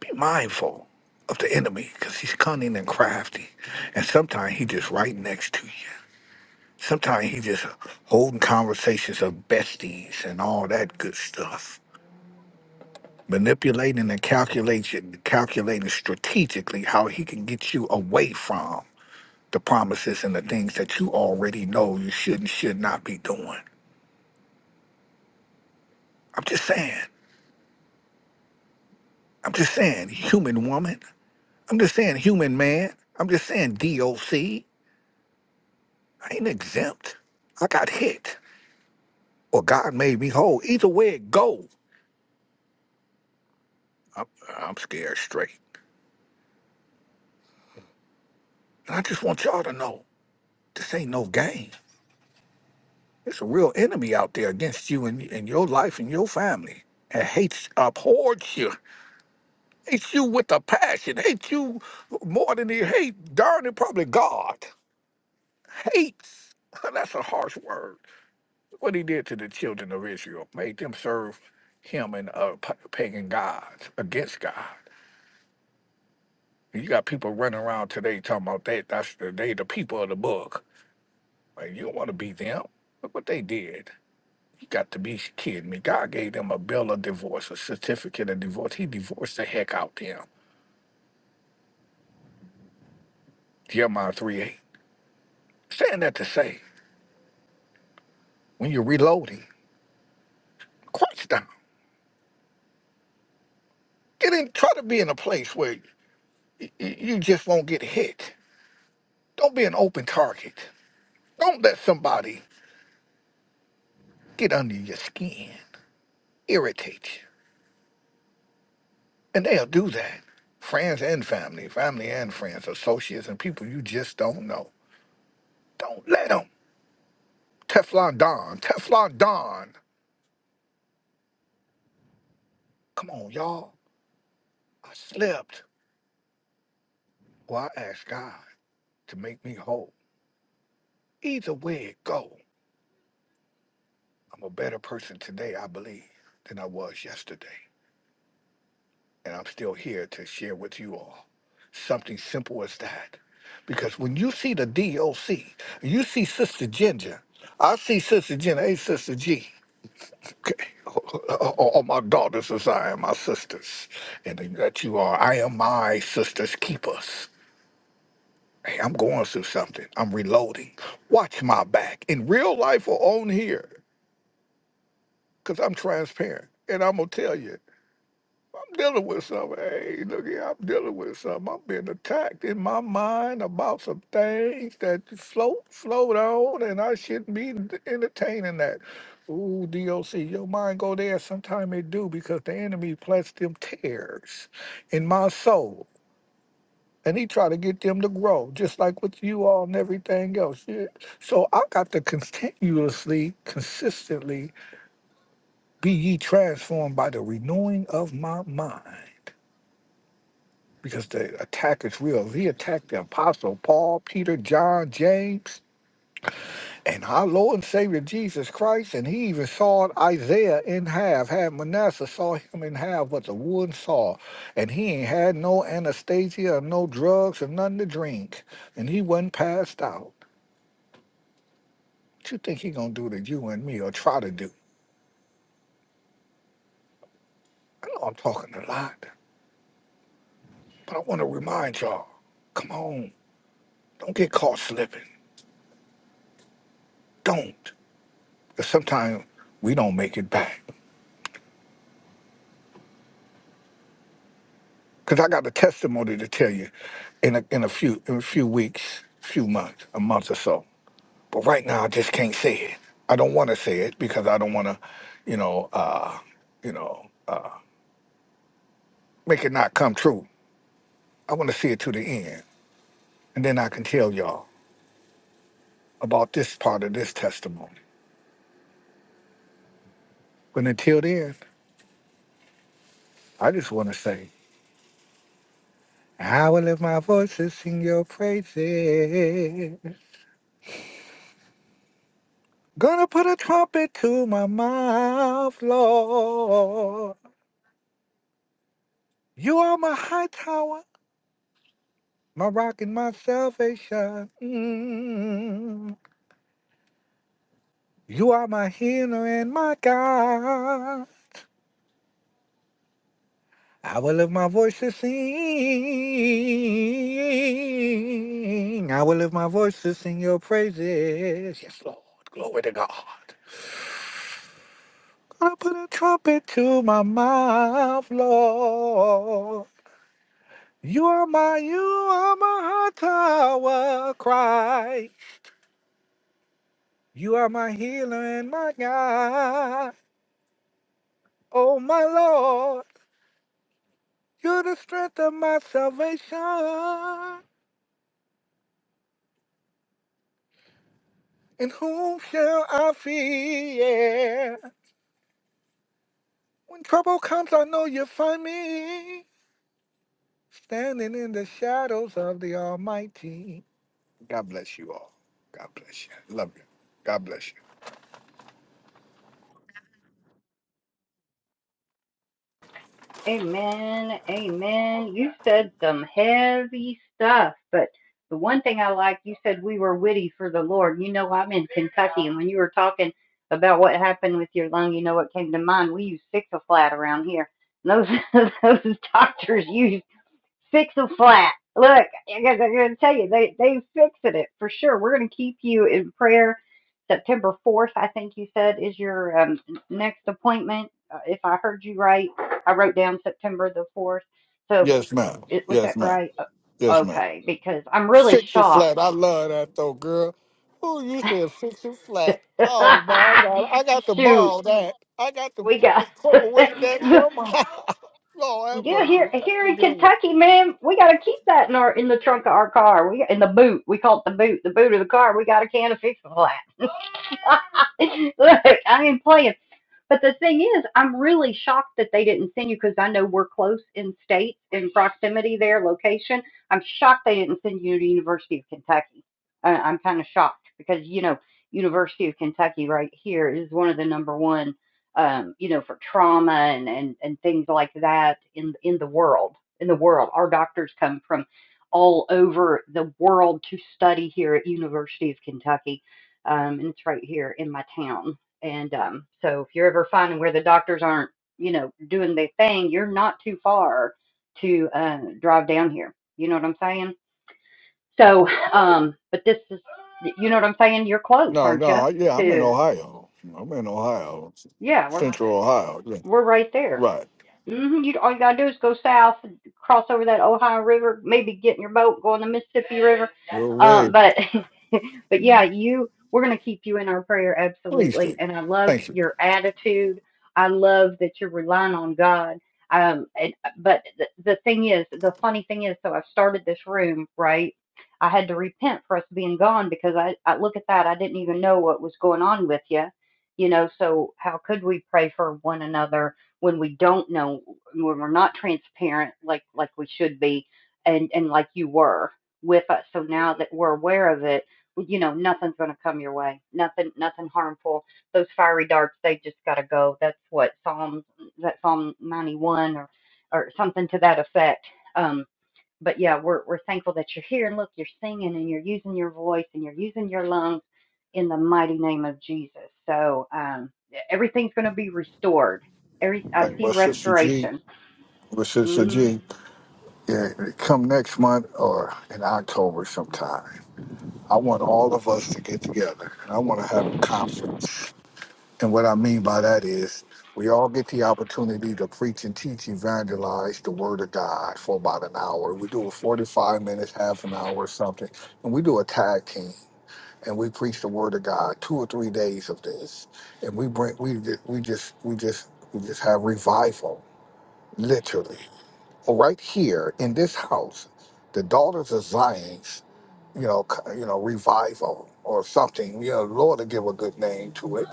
S5: Be mindful of the enemy because he's cunning and crafty. And sometimes he just right next to you. Sometimes he just holding conversations of besties and all that good stuff. Manipulating and calculating, calculating strategically how he can get you away from the promises and the things that you already know you should and should not be doing. I'm just saying. I'm just saying, human woman. I'm just saying, human man. I'm just saying, DOC. I ain't exempt. I got hit, or God made me whole. Either way it go, I'm, I'm scared straight. And I just want y'all to know, this ain't no game. It's a real enemy out there against you and, and your life and your family. And hates, abhors you, hates you with a passion, hates you more than he hate darn it, probably God. Hates. That's a harsh word. What he did to the children of Israel, made them serve him and uh, pa- pagan gods against God You got people running around today talking about that. That's the they the people of the book. Like you don't want to be them. Look what they did. You got to be kidding me. God gave them a bill of divorce, a certificate of divorce. He divorced the heck out them. Jeremiah 3 8. Saying that to say, when you're reloading, crouch down. Get in try to be in a place where y- y- you just won't get hit. Don't be an open target. Don't let somebody get under your skin, irritate you. And they'll do that. Friends and family, family and friends, associates and people you just don't know. Don't let them. Teflon Don, Teflon Don. Come on, y'all. I slipped. Well, I asked God to make me whole. Either way it go, I'm a better person today, I believe, than I was yesterday. And I'm still here to share with you all something simple as that. Because when you see the DOC, you see Sister Ginger. I see Sister Ginger. Hey, Sister G. Okay. Oh, oh, oh, my daughters as I am my sisters, and that you are. I am my sister's keepers. Hey, I'm going through something. I'm reloading. Watch my back in real life or on here, because I'm transparent. And I'm going to tell you. I'm dealing with something. Hey, look here, I'm dealing with something. I'm being attacked in my mind about some things that float, float on, and I shouldn't be entertaining that. Ooh, DOC, your mind go there. Sometimes it do because the enemy plants them tears in my soul. And he try to get them to grow, just like with you all and everything else. Yeah. So I got to continuously, consistently be ye transformed by the renewing of my mind. because the attack is real. He attacked the apostle Paul, Peter, John, James, and our Lord and Savior Jesus Christ. And he even sawed Isaiah in half, had Manasseh saw him in half with a wooden saw. And he ain't had no anesthesia or no drugs or nothing to drink. And he wasn't passed out. What you think he gonna do to you and me or try to do? I know I'm talking a lot, but I want to remind y'all, come on, don't get caught slipping. Don't. Because sometimes we don't make it back. because I got the testimony to tell you in a, in a few in a few weeks, few months, a month or so. But right now, I just can't say it. I don't want to say it because I don't want to, you know, uh, you know, make it not come true. I want to see it to the end, and then I can tell y'all about this part of this testimony. But until then, I just want to say. I will lift my voice to sing your praises. Gonna put a trumpet to my mouth, Lord. You are my high tower, my rock and my salvation. Mm. You are my healer and my God. I will lift my voice to sing. I will lift my voice to sing your praises. Yes, Lord. Glory to God. Gonna put a trumpet to my mouth, Lord. You are my, you are my high tower. Cry. You are my healer and my God. Oh, my Lord, you're the strength of my salvation. In whom shall I fear? When trouble comes, I know you'll find me standing in the shadows of the Almighty. God bless you all. God bless you. Love you. God bless you. Yes, ma'am. Yes, ma'am. Yes, ma'am. Fix it flat. I love that though, girl. Oh, you said fix it flat. Oh my God, I got to borrow that. I got to incorporate that somehow. Lord have mercy. That's a good one. No, no, yeah, I'm in Ohio. I'm in Ohio, Central Ohio. Yeah, right. Well, way. please do. Thank you. Hey, well, Sister G, well, Sister G, yeah, come next month or in October sometime. I want all of us to get together and I want to have a conference. And what I mean by that is we all get the opportunity to preach and teach, evangelize the word of God for about an hour. We do a 45 minutes, half an hour or something. And we do a tag team and we preach the word of God two or three days of this. And we bring we ju- we just we just we just have revival, literally. Right here in this house, the daughters of Zion you know, c- you know, revival or something. You know, Lord to give a good name to it.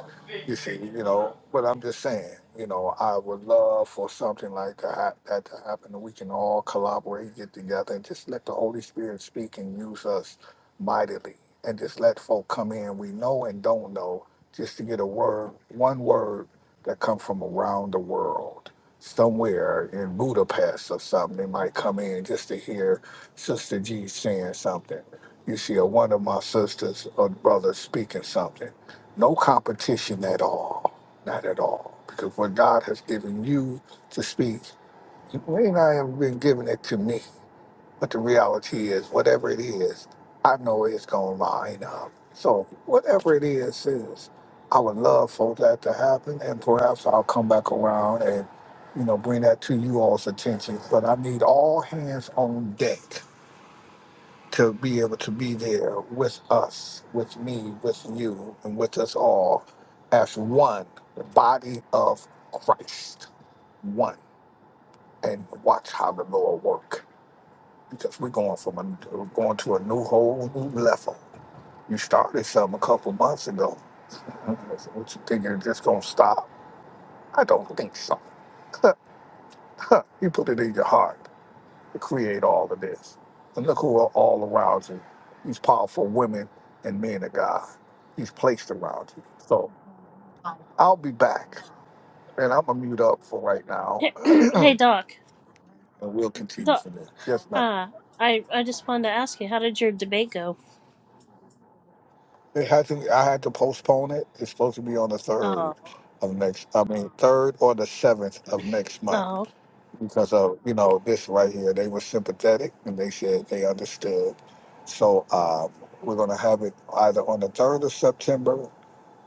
S5: You see, you know. But I'm just saying, you know, I would love for something like to ha- that to happen. and We can all collaborate, get together, and just let the Holy Spirit speak and use us mightily, and just let folk come in we know and don't know, just to get a word, one word that come from around the world. Somewhere in Budapest or something, they might come in just to hear Sister G saying something you see a one of my sisters or brothers speaking something. No competition at all. Not at all. Because what God has given you to speak, you may not have been giving it to me. But the reality is, whatever it is, I know it's going to line up. So whatever it is, is, I would love for that to happen. And perhaps I'll come back around and, you know, bring that to you all's attention. But I need all hands on deck to be able to be there with us, with me, with you, and with us all as one, the body of Christ, one, and watch how the Lord work. Because we're going from a we're going to a new whole new level. You started some a couple months ago. Mhm. So What you think you're just gonna stop? I don't think so. Huh, you put it in your heart. to create all of this. And look who are all around you. These powerful women and men of God. He's placed around you. So I'll be back. And I'm gonna mute up for right now.
S4: Hey, hey
S5: and
S4: Doc.
S5: we'll continue
S4: Doc.
S5: from there. Yes, ma'am.
S4: Uh, I I just wanted to ask you, how did your debate go?
S5: It hasn't I had to postpone it. It's supposed to be on the
S4: Oh,
S5: third of next I mean third or the seventh of next month.
S4: oh.
S5: Because of, you know, this right here. They were sympathetic and they said they understood. So um we're gonna have it either on the third of September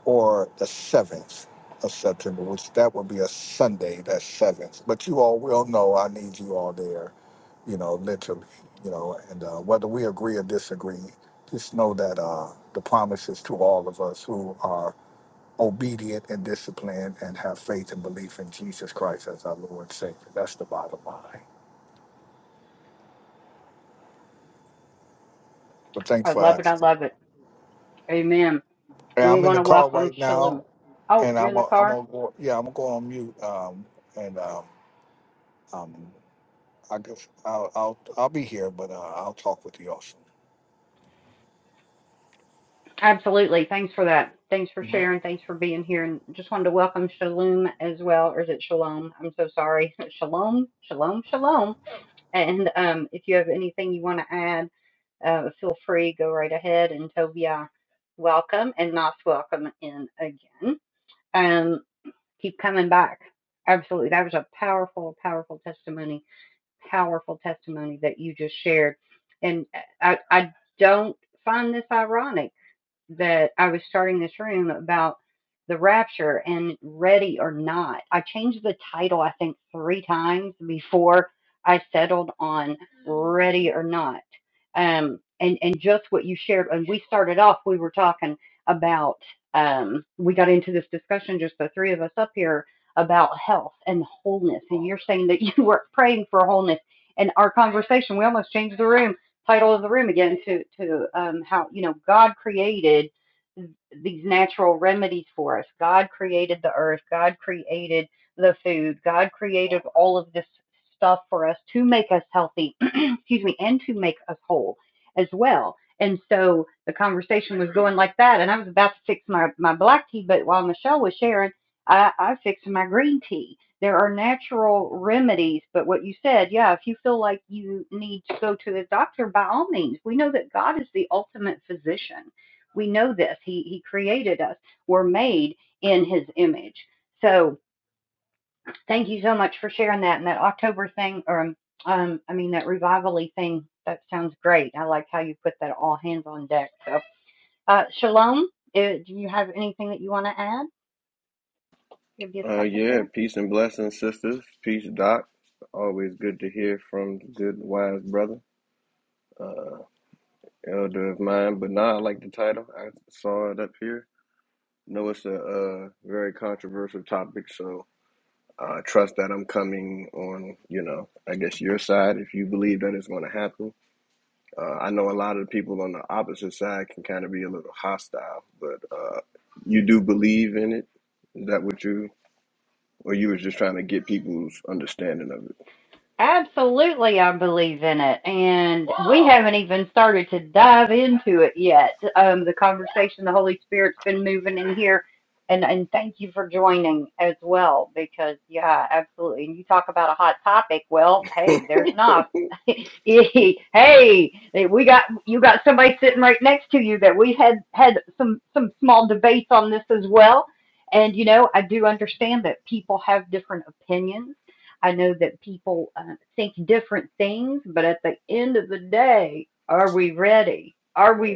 S5: or the 7th of September, which that would be a Sunday, that 7th. But you all will know I need you all there, you know, literally, you know, and uh, whether we agree or disagree, just know that uh, the promise is to all of us who are obedient and disciplined and have faith and belief in Jesus Christ as our Lord and Savior. That's the bottom line. But thanks for asking. Hey, I'm in the car right now, and I'm going I'm gonna go. Yeah, I'm gonna go on mute. Um, and um, um, I go, I'll, I'll, I'll be here, but uh, I'll talk with you also. Mhm.
S6: Uh, yeah, peace and blessings, sisters. Peace, Doc. Always good to hear from the good, wise brother, uh, elder of mine. But nah, I like the title. I saw it up here. Know it's a, uh very controversial topic, so I trust that I'm coming on, you know, I guess your side if you believe that it's going to happen. Uh, I know a lot of the people on the opposite side can kind of be a little hostile, but uh, you do believe in it. Is that what you, or you was just trying to get people's understanding of it? Are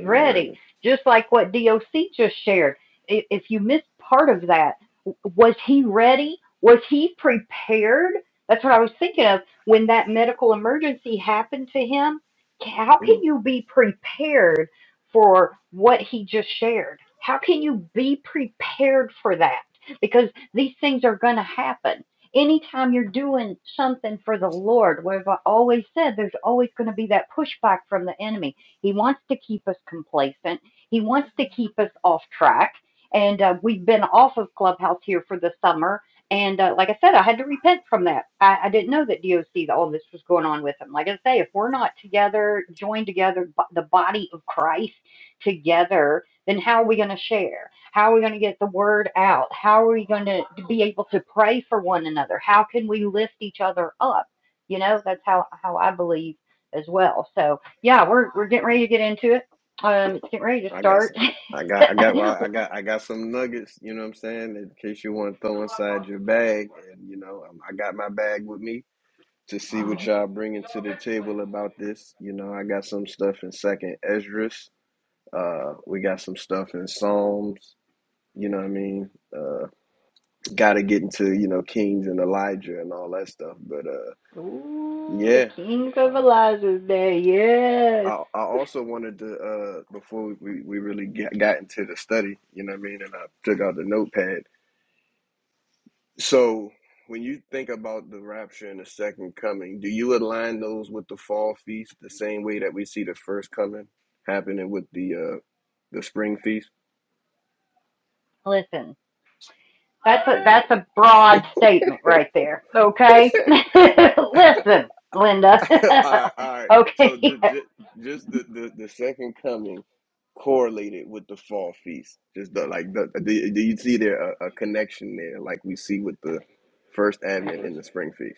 S6: you ready? Mm, I got some. I got. I got. Well, I got. I got some nuggets. You know what I'm saying? In case you want to throw inside your bag, and you know, um, I got my bag with me to see what y'all bringing to the table about this. You know, I got some stuff in Second Esdras. Uh, we got some stuff in Psalms. You know what I mean? Uh, got to get into you know Kings and Elijah and all that stuff. But uh, yeah. uh, I, I also wanted to uh, before we, we really get, got into the study, you know what I mean, and I took out the notepad. So when you think about the rapture and the second coming, do you align those with the fall feast the same way that we see the first coming happening with the uh, the spring feast? all right, all right. So just just, just the, the the second coming correlated with the fall feast. Just the, like the, do do you see there a, a connection there, like we see with the first advent and the spring feast?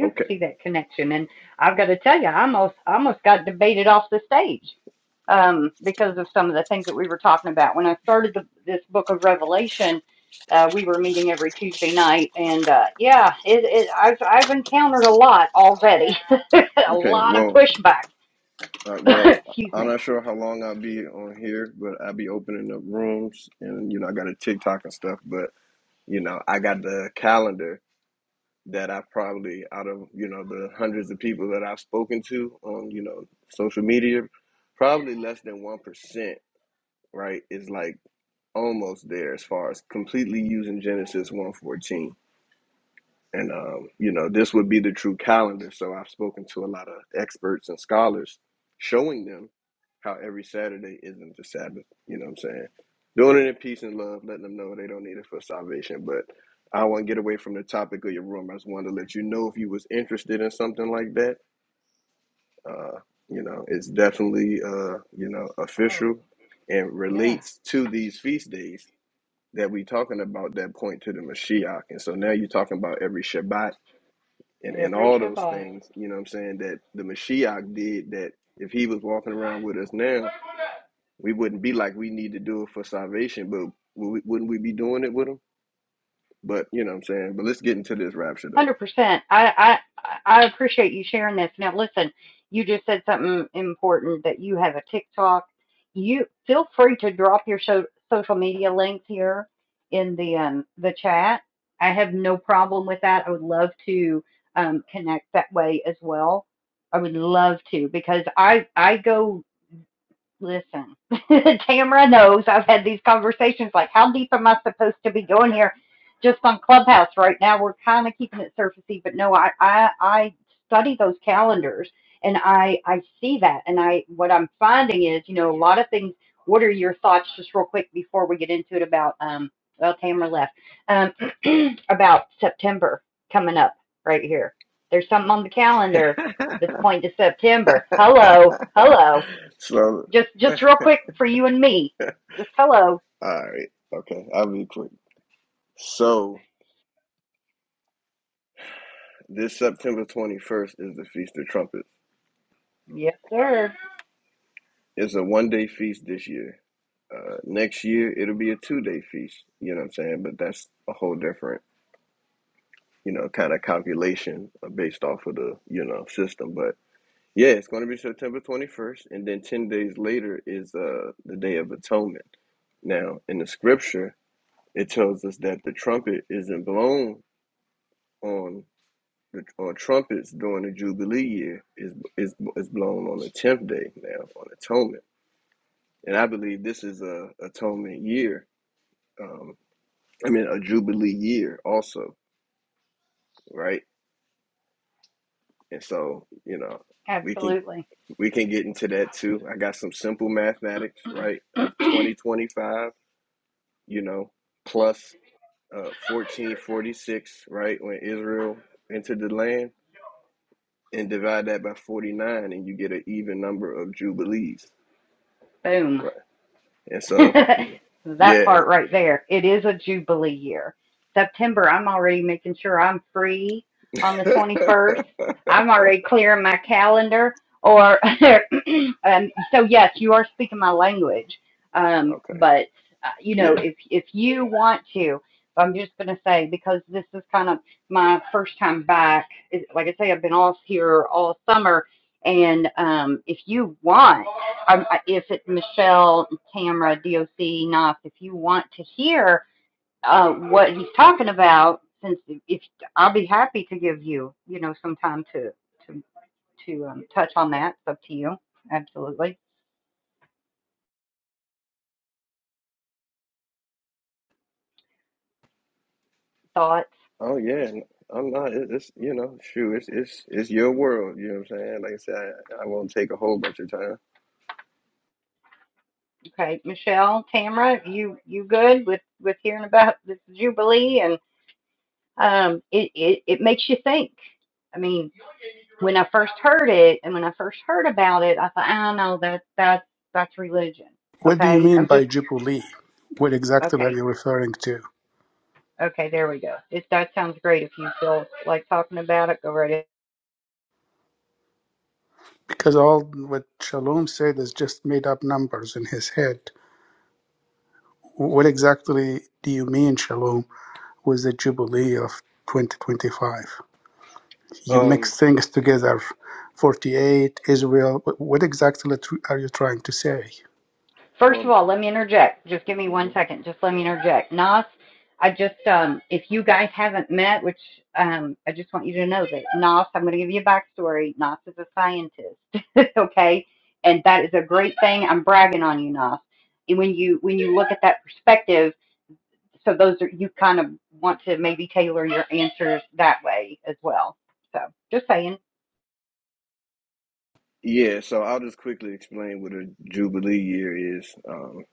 S6: Okay, okay. Well, uh, well, I'm not sure how long I'll be on here, but I'll be opening up rooms, and you know, I got a TikTok and stuff. But you know, I got the calendar that I probably out of you know the hundreds of people that I've spoken to on you know social media, probably less than one percent. Right, is like almost there as far as completely using Genesis one fourteen. And um, you know, this would be the true calendar. So I've spoken to a lot of experts and scholars, showing them how every Saturday isn't the Sabbath. You know what I'm saying? Doing it in peace and love, letting them know they don't need it for salvation. But I want to get away from the topic of your room. I just wanted to let you know if you was interested in something like that. Uh, you know, it's definitely uh, you know official and relates to these feast days that we talking about that point to the Mashiach. And so now you're talking about every Shabbat and, and all those things, you know what I'm saying, that the Mashiach did that if he was walking around with us now, we wouldn't be like we need to do it for salvation, but would we- wouldn't we be doing it with him? But you know what I'm saying? But let's get into this rapture though. So, all right. Okay. I'll be quick. So, this September 21st is the Feast of Trumpets. It's a one day feast this year. Uh, next year, it'll be a two day feast. You know what I'm saying? But that's a whole different you know, kind of calculation uh, based off of the, you know, system. But yeah, it's going to be September 21st. And then 10 days later is uh, the Day of Atonement. Now, in the scripture, it tells us that the trumpet isn't blown on the on trumpets during the Jubilee year is is is blown on the tenth day now on atonement, and I believe this is a atonement year. Um, I mean a Jubilee year also, right? And so you know, we can We can get into that too. I got some simple mathematics, right, of 2025, you know, plus uh, 1446, right, when Israel entered the land, and divide that by 49, and you get an even number of jubilees, right? And so, yeah. okay. Yeah. Oh, yeah. I'm not, it- it's, you know, shoot, it's, it's, it's your world, you know what I'm saying? Like I said, I, I won't take a whole bunch of time.
S2: what do you mean by Jubilee? What exactly are you referring to? Because all what Shalom said is just made up numbers in his head. What exactly do you mean, Shalom, with the Jubilee of 2025? You
S6: Um,
S2: mix things together 48, Israel. Wh- What exactly tr- are you trying to say?
S6: well, mhm. Yeah, so I'll just quickly explain what a Jubilee year is. Um,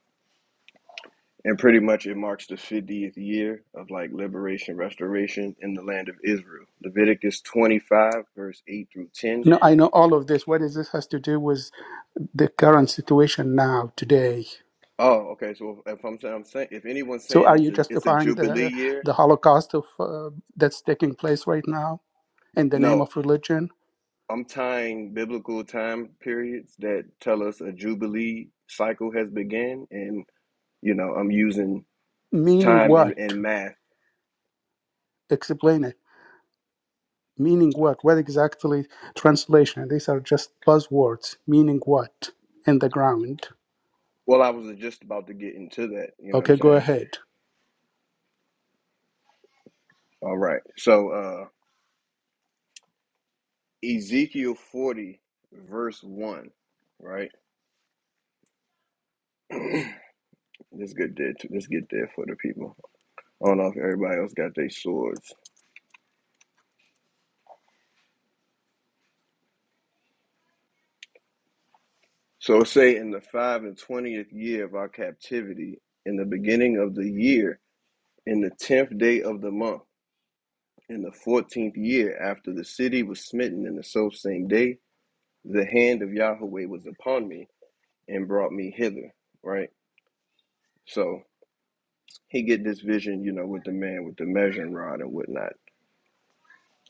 S6: and pretty much it marks the 50th year of like liberation, restoration in the land of Israel. Leviticus 25, verse 8 through 10.
S2: No, I know all of this. What does this has to do with the current situation now, today?
S6: Oh, okay. So if I'm saying, I'm saying, if anyone's
S2: So
S6: saying
S2: are
S6: it's
S2: you
S6: a it's a
S2: justifying
S6: Jubilee
S2: the
S6: year,
S2: the Holocaust of uh, that's taking place right now in the name
S6: no,
S2: of religion?
S6: I'm tying biblical time periods that tell us a Jubilee cycle has begun, and you know I'm using
S2: Meaning
S6: time and
S2: what?
S6: and math.
S2: Explain it. Meaning what? What exactly translation? These are just buzzwords. Meaning what? In the ground.
S6: Well, I was just about to get into that. You know what I'm
S2: Okay, go
S6: saying?
S2: ahead.
S6: All right. So uh Ezekiel 40 verse 1, right? let's get there. too. Let's get there for the people. I don't know if everybody else got their swords. So it say in the 5 and 20th year of our captivity, in the beginning of the year, in the 10th day of the month, in the 14th year after the city was smitten in the self same day, the hand of Yahweh was upon me and brought me hither, right? so. he get this vision, you know, with the man with the measuring rod and whatnot.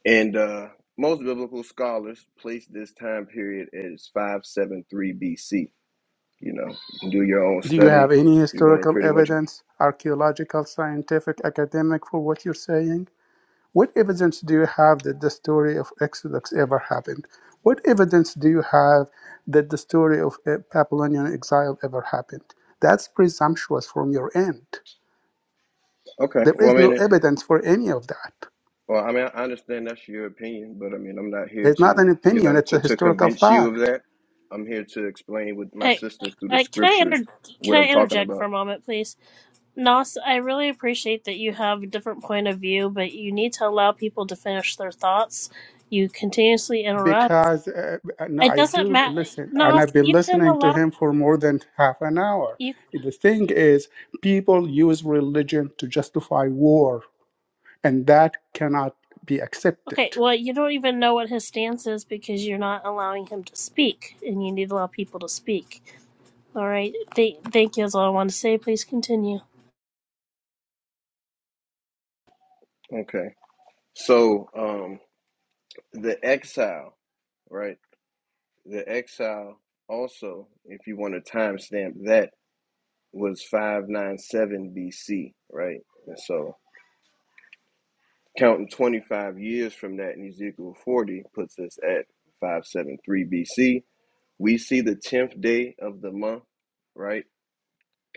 S6: And uh, most biblical scholars place this time period as 573 BC. You know, you can do your own
S2: Do you have
S6: study.
S2: any
S6: You're going to
S2: historical
S6: pretty much.
S2: evidence, archaeological, scientific, academic for what you're saying? What evidence do you have that the story of Exodus ever happened? What evidence do you have that the story of uh, Babylonian exile ever happened? That's presumptuous from your end.
S6: Okay.
S2: There
S6: Well,
S2: is
S6: I
S2: no
S6: mean, it,
S2: evidence for any of that.
S6: well, I mean, I understand that's your opinion, but I mean, I'm not here
S2: It's not
S6: to,
S2: an
S6: you
S2: opinion,
S6: know,
S2: it's
S6: to,
S2: a
S6: to
S2: historical
S6: convince you of
S2: fact.
S6: that. I'm here to explain with my
S4: Hey,
S6: sisters through the
S4: uh, can I
S6: scriptures
S4: inter-
S6: what
S4: can I
S6: I'm talking
S4: interject for a
S6: about.
S4: moment, please? Nos, I really appreciate that you have a different point of view, but you need to allow people to finish their thoughts. You continuously interrupt.
S2: Because, uh, no,
S4: It
S2: I
S4: doesn't
S2: do
S4: matter.
S2: listen, and
S4: Nos,
S2: I've been
S4: you can
S2: listening to
S4: allow
S2: him for more than half an hour.
S4: you.
S2: The thing is, people use religion to justify war, and that cannot be accepted.
S4: Okay, well, you don't even know what his stance is because you're not allowing him to speak, and you need to allow people to speak. All right, Th- thank you. That's all I want to say. Please continue.
S6: Okay. So, um, the exile, right? The exile also, if you want to timestamp that, was 597 BC, right? And so counting 25 years from that in Ezekiel 40 puts us at 573 BC. We see the 10th day of the month, right?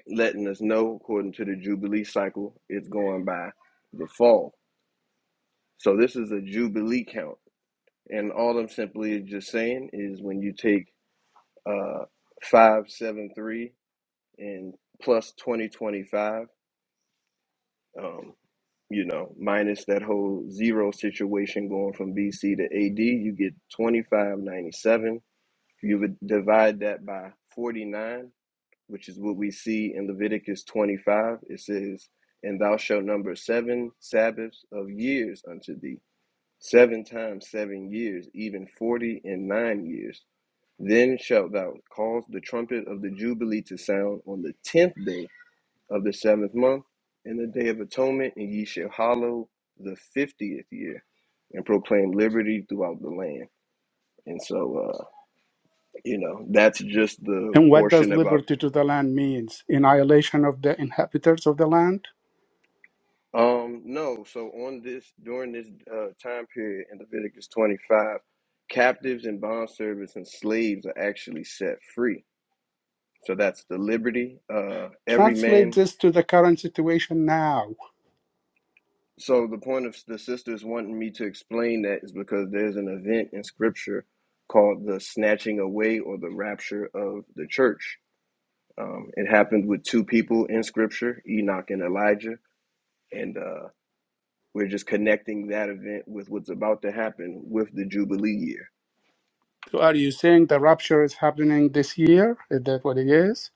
S6: Letting us know, according to the Jubilee cycle, it's going by the fall. So this is a Jubilee count. And all I'm simply just saying is when you take uh, 573 and plus 2025 um you know minus that whole zero situation going from bc to ad you get 2597 you would divide that by 49 which is what we see in leviticus 25 it says and thou shalt number seven sabbaths of years unto thee seven times seven years even forty and nine years then shalt thou cause the trumpet of the jubilee to sound on the tenth day of the seventh month, in the day of atonement, and ye shall hallow the fiftieth year, and proclaim liberty throughout the land. And so, uh, you know, that's just the
S2: And what does
S6: portion about.
S2: liberty to the land means? Annihilation of the inhabitants of the land?
S6: Um, no, so on this during this uh, time period in Leviticus twenty five, captives and bond servants and slaves are actually set free. So that's the liberty. Uh, every
S2: Translate
S6: man.
S2: this to the current situation now.
S6: So the point of the sisters wanting me to explain that is because there's an event in Scripture called the snatching away or the rapture of the church. Um, it happened with two people in Scripture, Enoch and Elijah, and uh, we're just connecting that event with what's about to happen with the Jubilee year.
S2: So are you saying the rapture is happening this year? Is that what it is?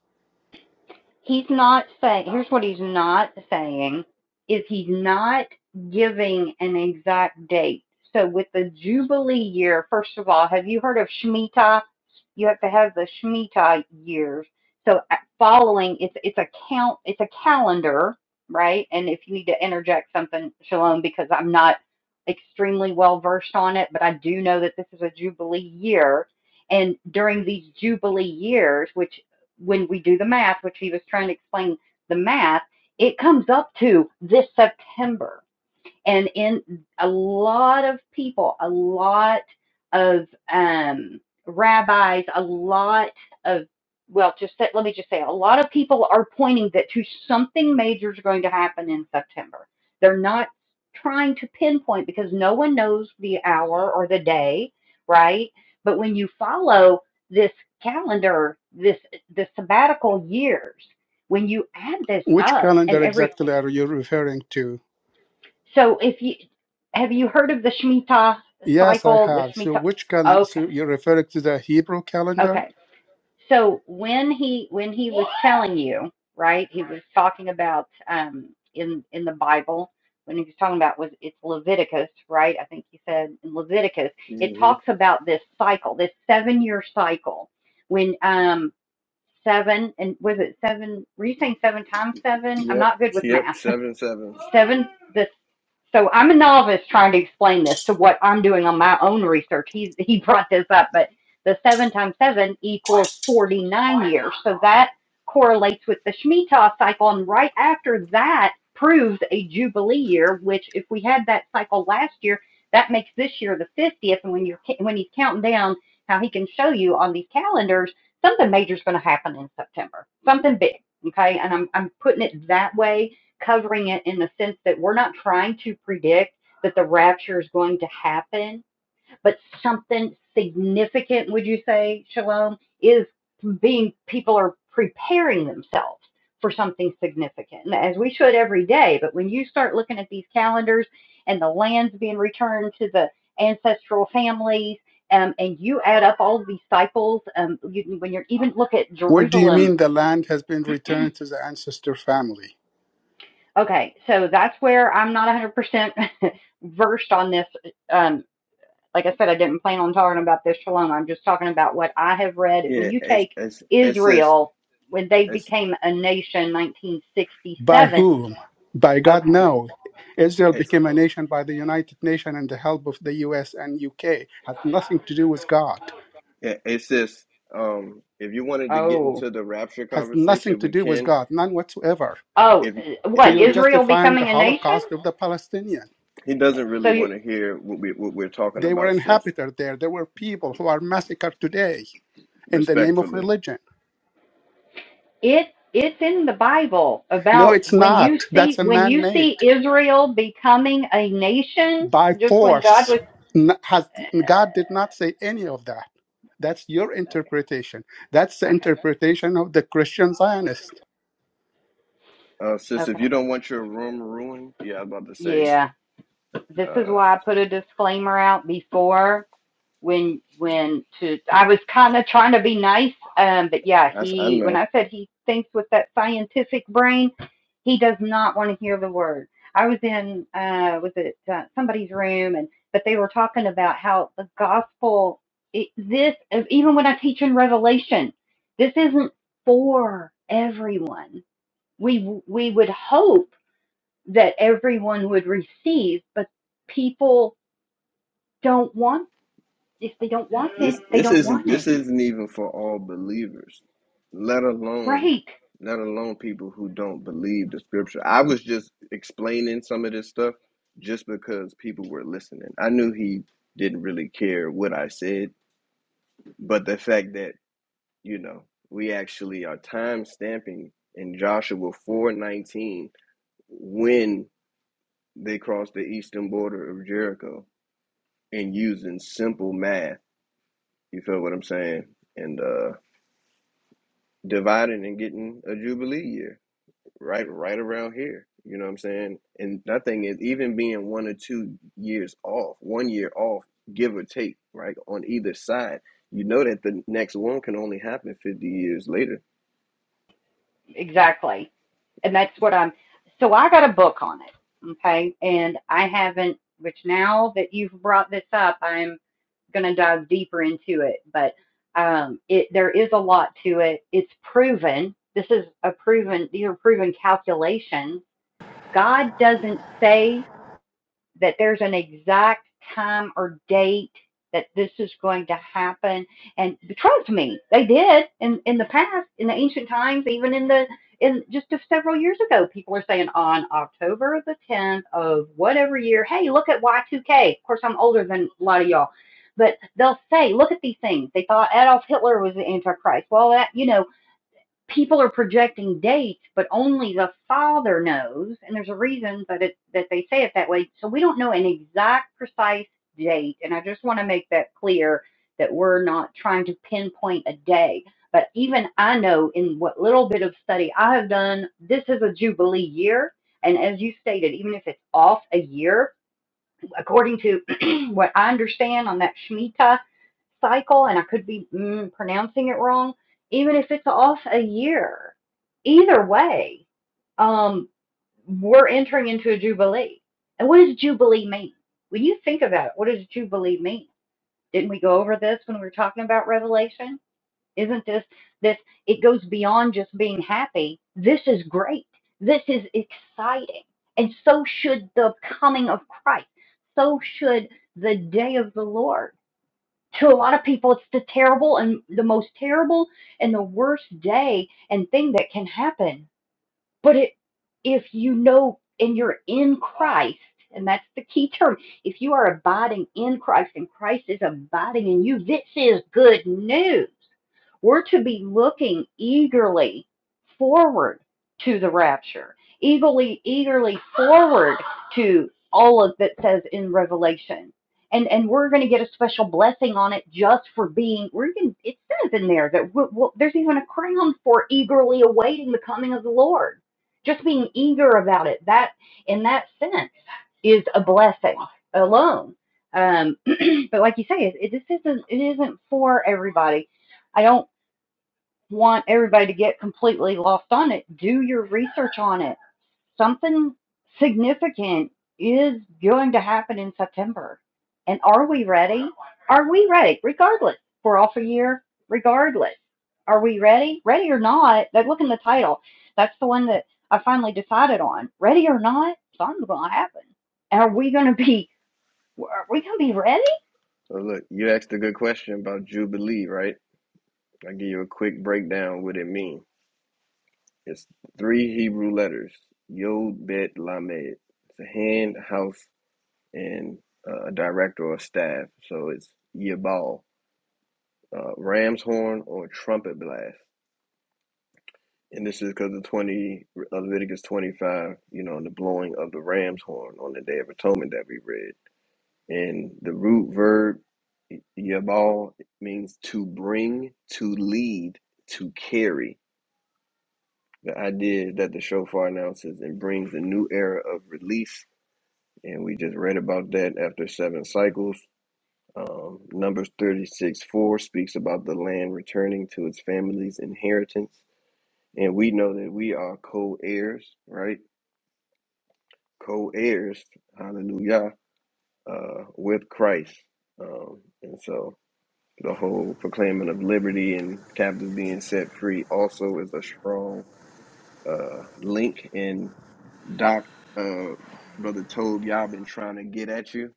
S2: Which calendar exactly are you referring to? Yes, I have. So which calendar? So you're referring to the Hebrew calendar?
S6: hmm Yep, yep, seven seven.
S2: What do you mean the land has been returned to the ancestor family?
S6: Yeah, it's it's it's this it's
S2: By whom? By God, no. Israel
S6: it's
S2: became a nation by the United Nations and the help of the US and UK. Has nothing to do with God.
S6: yeah, it's this. Um, if you wanted to get into the rapture
S2: Has nothing
S6: conversation,
S2: to
S6: we
S2: do with
S6: can.
S2: God, none whatsoever.
S6: if
S2: So
S6: if
S2: you're
S6: you
S2: justifying the Holocaust of the Palestinian.
S6: he doesn't really want to hear what we what we're talking
S2: They were
S6: about, sis.
S2: inhabited there. There were people who are massacred today in the name of
S6: Respectfully,
S2: religion. No, it's not. That's a man made. by force. N- Has, God did not say any of that. That's your interpretation. That's the interpretation of the Christian Zionist.
S6: uh, sis, if you don't want your room ruined, yeah, I'm about to say, uh, I I know this this isn't this isn't even for all believers, let alone let alone people who don't believe the scripture. I was just explaining some of this stuff just because people were listening. I knew he didn't really care what I said, but the fact that you know, we actually are time stamping in Joshua 4:19 when they crossed the eastern border of Jericho and using simple math. You feel what I'm saying? And uh dividing and getting a jubilee year right right around here. You know what I'm saying? And that thing is even being one or two years off, one year off, give or take, right on either side. You know that the next one can only happen 50 years later Well, look, you asked a good question about Jubilee, right? I'll give you a quick breakdown what it means. It's three Hebrew letters, Yod, Bet, Lamed. It's a hand, house, and uh, a director or a staff. So it's Yabal, uh, ram's horn or trumpet blast. And this is because of 20, uh, Leviticus 25, you know, the blowing of the ram's horn on the Day of Atonement that we read. And the root verb Yabal means to bring, to lead, to carry. The idea that the shofar announces and brings a new era of release. And we just read about that after seven cycles. Um, Numbers 36 4 speaks about the land returning to its family's inheritance. And we know that we are co heirs, right? Co heirs, hallelujah, uh, with Christ. Um, and so The whole proclaiming of liberty and captives being set free also is a strong uh, link. And Doc, uh, Brother Tobe, y'all been trying to get at you.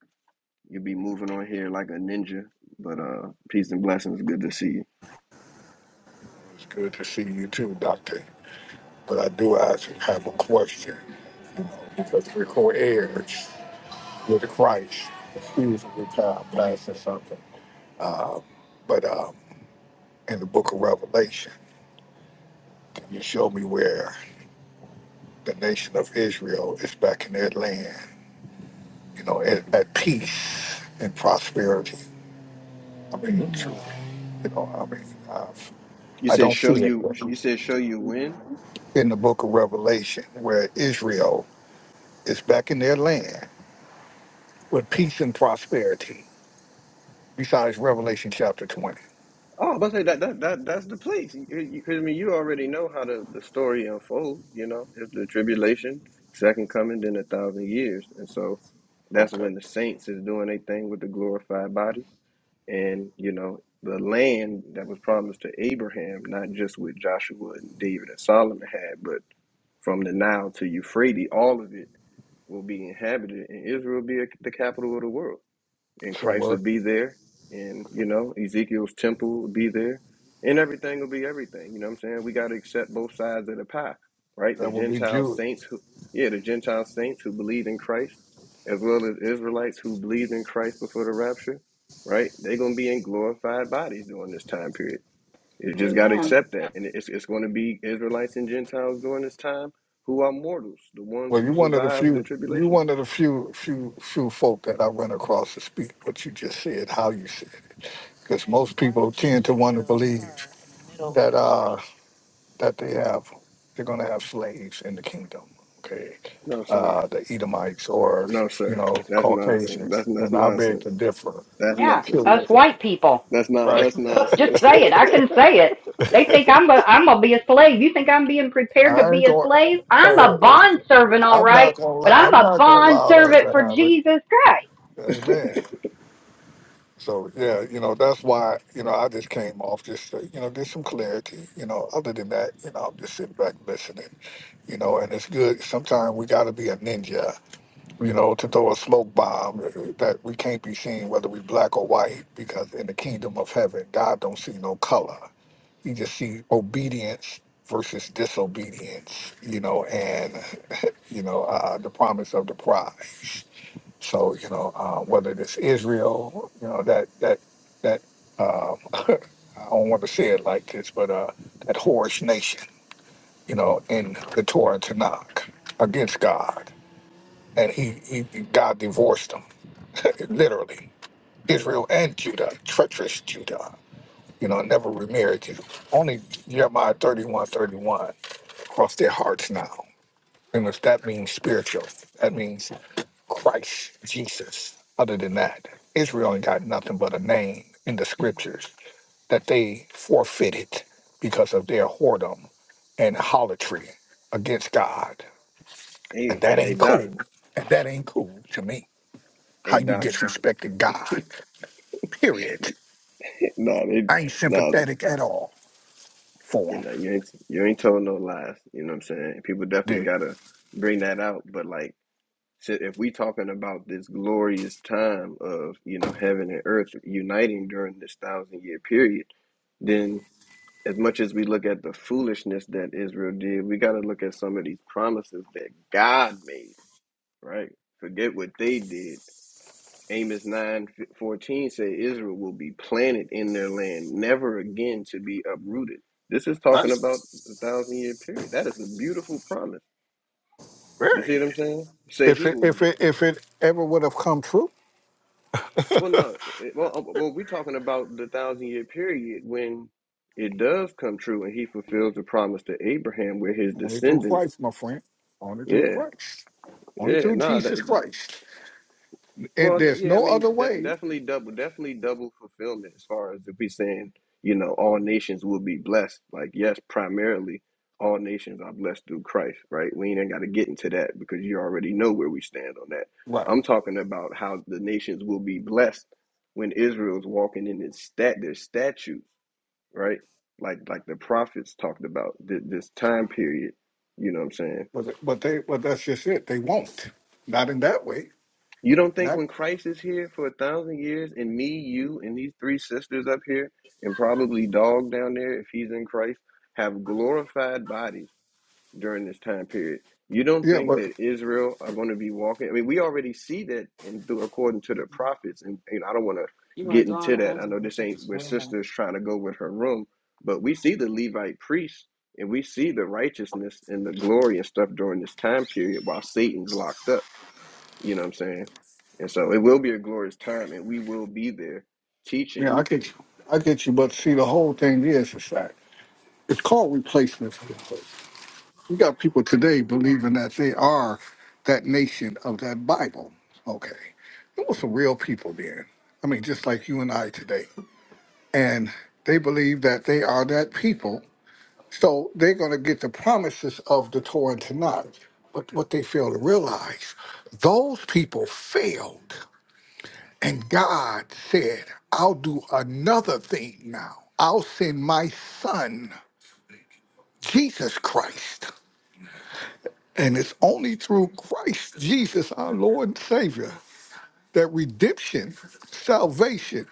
S6: You'll be moving on here like a ninja. But uh, peace and blessings. Good to see you.
S5: It's good to see you too, Doctor. But I do ask, have a question, you know, because we're co-heirs with Christ. Excuse me, I'm passing something. But um, in the book of Revelation, can you show me where the nation of Israel is back in their land, you know, at, at peace and prosperity? I mean, truly, you know, I mean, I've,
S6: You
S5: I
S6: said
S5: don't
S6: show
S5: see
S6: you.
S5: it.
S6: You said show you when.
S5: in the book of Revelation where Israel is back in their land with peace and prosperity, besides Revelation chapter 20.
S6: Oh, I was about to say that, that that that's the place. You, you- 'cause, I mean, you already know how the, the story unfolds. You know, it's the tribulation, second coming, then a thousand years, and so that's
S5: Okay.
S6: when the saints is doing their thing with the glorified bodies, and you know the land that was promised to Abraham, not just with Joshua and David and Solomon had, but from the Nile to Euphrates, all of it will be inhabited, and Israel will be the capital of the world and
S5: So
S6: Christ will
S5: what?
S6: be there, and you know Ezekiel's temple will be there, and everything will be everything. You know what I'm saying? We got to accept both sides of the pie, right? The
S5: That would be
S6: Gentile
S5: Jew.
S6: saints who, yeah, the Gentile saints who believed in Christ, as well as Israelites who believed in Christ before the rapture, right? They're gonna be in glorified bodies during this time period. You just got to accept that, and it's it's going to be Israelites and Gentiles during this time who are mortals, the ones
S5: Well,
S6: who
S5: you're one of the
S6: survived the
S5: few, you
S6: tribulation.
S5: one of the few, few, few folk that I run across to speak what you just said, how you said it. Because most people tend to want to believe that uh, that they have, they're going to have slaves in the kingdom. Okay,
S6: No, sir.
S5: uh, the Edomites or
S6: No,
S5: you
S6: sir.
S5: know
S6: That's nonsense.
S5: Caucasians,
S6: That's that's
S5: and I beg
S6: nonsense.
S5: to differ.
S6: That's nonsense. That's
S5: Period.
S6: nonsense. That's not
S5: Right?
S6: that's nonsense.
S5: I ain't going. Hey, I'm not going. to I'm not going to allow that to happen. Amen. So yeah, you know that's why you know I just came off just to, you know get some clarity. You know, other than that, you know I'm just sitting back listening. You know, and it's good. Sometimes we got to be a ninja you know, to throw a smoke bomb uh, that we can't be seen whether we black or white, because in the kingdom of heaven, God don't see no color. He just see obedience versus disobedience, you know, and you know uh, the promise of the prize. So you know, uh, whether it's Israel, you know that that that um, I don't want to say it like this, but uh, that whorish nation, you know, in the Torah and Tanakh against God, and he, he God divorced them literally Israel and Judah, treacherous Judah. You know, never remarried you. Only Jeremiah 31 31. Cross their hearts now. And if that means spiritual, that means Christ, Jesus. Other than that, Israel ain't got nothing but a name in the scriptures that they forfeited because of their whoredom and holotry against God. And
S6: hey,
S5: that
S6: hey
S5: ain't
S6: doc.
S5: cool. And that ain't cool to me. How
S6: Hey
S5: you
S6: doc.
S5: disrespected God, period.
S6: no, they
S5: I ain't
S6: no,
S5: sympathetic at all for
S6: you
S5: him.
S6: know, you ain't you ain't told no lies. You know what I'm saying? People definitely
S5: Dude,
S6: gotta bring that out. But like shit, if we talking about this glorious time of, you know, heaven and earth uniting during this thousand year period, then as much as we look at the foolishness that Israel did, we gotta look at some of these promises that God made right? Forget what they did. Amos nine fourteen 14 said Israel will be planted in their land, never again to be uprooted. This is talking
S5: That's
S6: about a thousand year period. That is a beautiful promise. You
S5: very.
S6: see what I'm saying? Say
S5: if
S6: he
S5: it
S6: will
S5: if
S6: get,
S5: it if it ever would have come true,
S6: well, no, it- well, uh, well we're talking about the thousand year period when it does come true and he fulfills the promise to Abraham where his
S5: only through
S6: descendants,
S5: Christ, my friend. Only through
S6: yeah,
S5: Christ. Only
S6: yeah, no,
S5: through
S6: nah, that,
S5: Jesus Christ. And
S6: Well, th-
S5: there's
S6: yeah, I
S5: no other
S6: mean, de-
S5: way.
S6: definitely double, definitely double fulfillment as far as if we saying, you know, all nations will be blessed. Like, yes, primarily all nations are blessed through Christ, right? We ain't got to get into that because you already know where we stand on that.
S5: Right.
S6: I'm talking about how the nations will be blessed when Israel's walking in its stat their statutes, right? Like, like the prophets talked about th- this time period. You know what I'm saying?
S5: But but they but that's just it. They won't. Not in that way.
S6: You don't think
S5: Not
S6: when Christ is here for a thousand years and me, you, and these three sisters up here, and probably dog down there if he's in Christ, have glorified bodies during this time period? You don't
S5: yeah,
S6: think
S5: but
S6: that Israel are going to be walking? I mean, we already see that in, according to the prophets, and, and I don't want
S5: you
S6: to
S5: want to
S6: get
S5: draw on
S6: into
S5: the
S6: that.
S5: ones
S6: I know
S5: and
S6: this
S5: check
S6: ain't
S5: this
S6: where
S5: one out?
S6: sisters trying to go with her room, but we see the Levite priests and we see the righteousness and the glory and stuff during this time period while Satan's locked up. You know what I'm saying? And so it will be a glorious time, and we will be there
S5: yeah,
S6: teaching.
S5: I get you. I get you. But see the whole thing is it's fact. it's called replacement. You got people today believing that they are that nation of that Bible. Okay. There were some real people then. I mean, just like you and I today. And they believe that they are that people. So they're going to get the promises of the Torah and Tanakh. But what they fail to realize, those people failed. And God said, I'll do another thing now. I'll send my son, Jesus Christ. And it's only through Christ Jesus, our Lord and Savior, that redemption, salvation,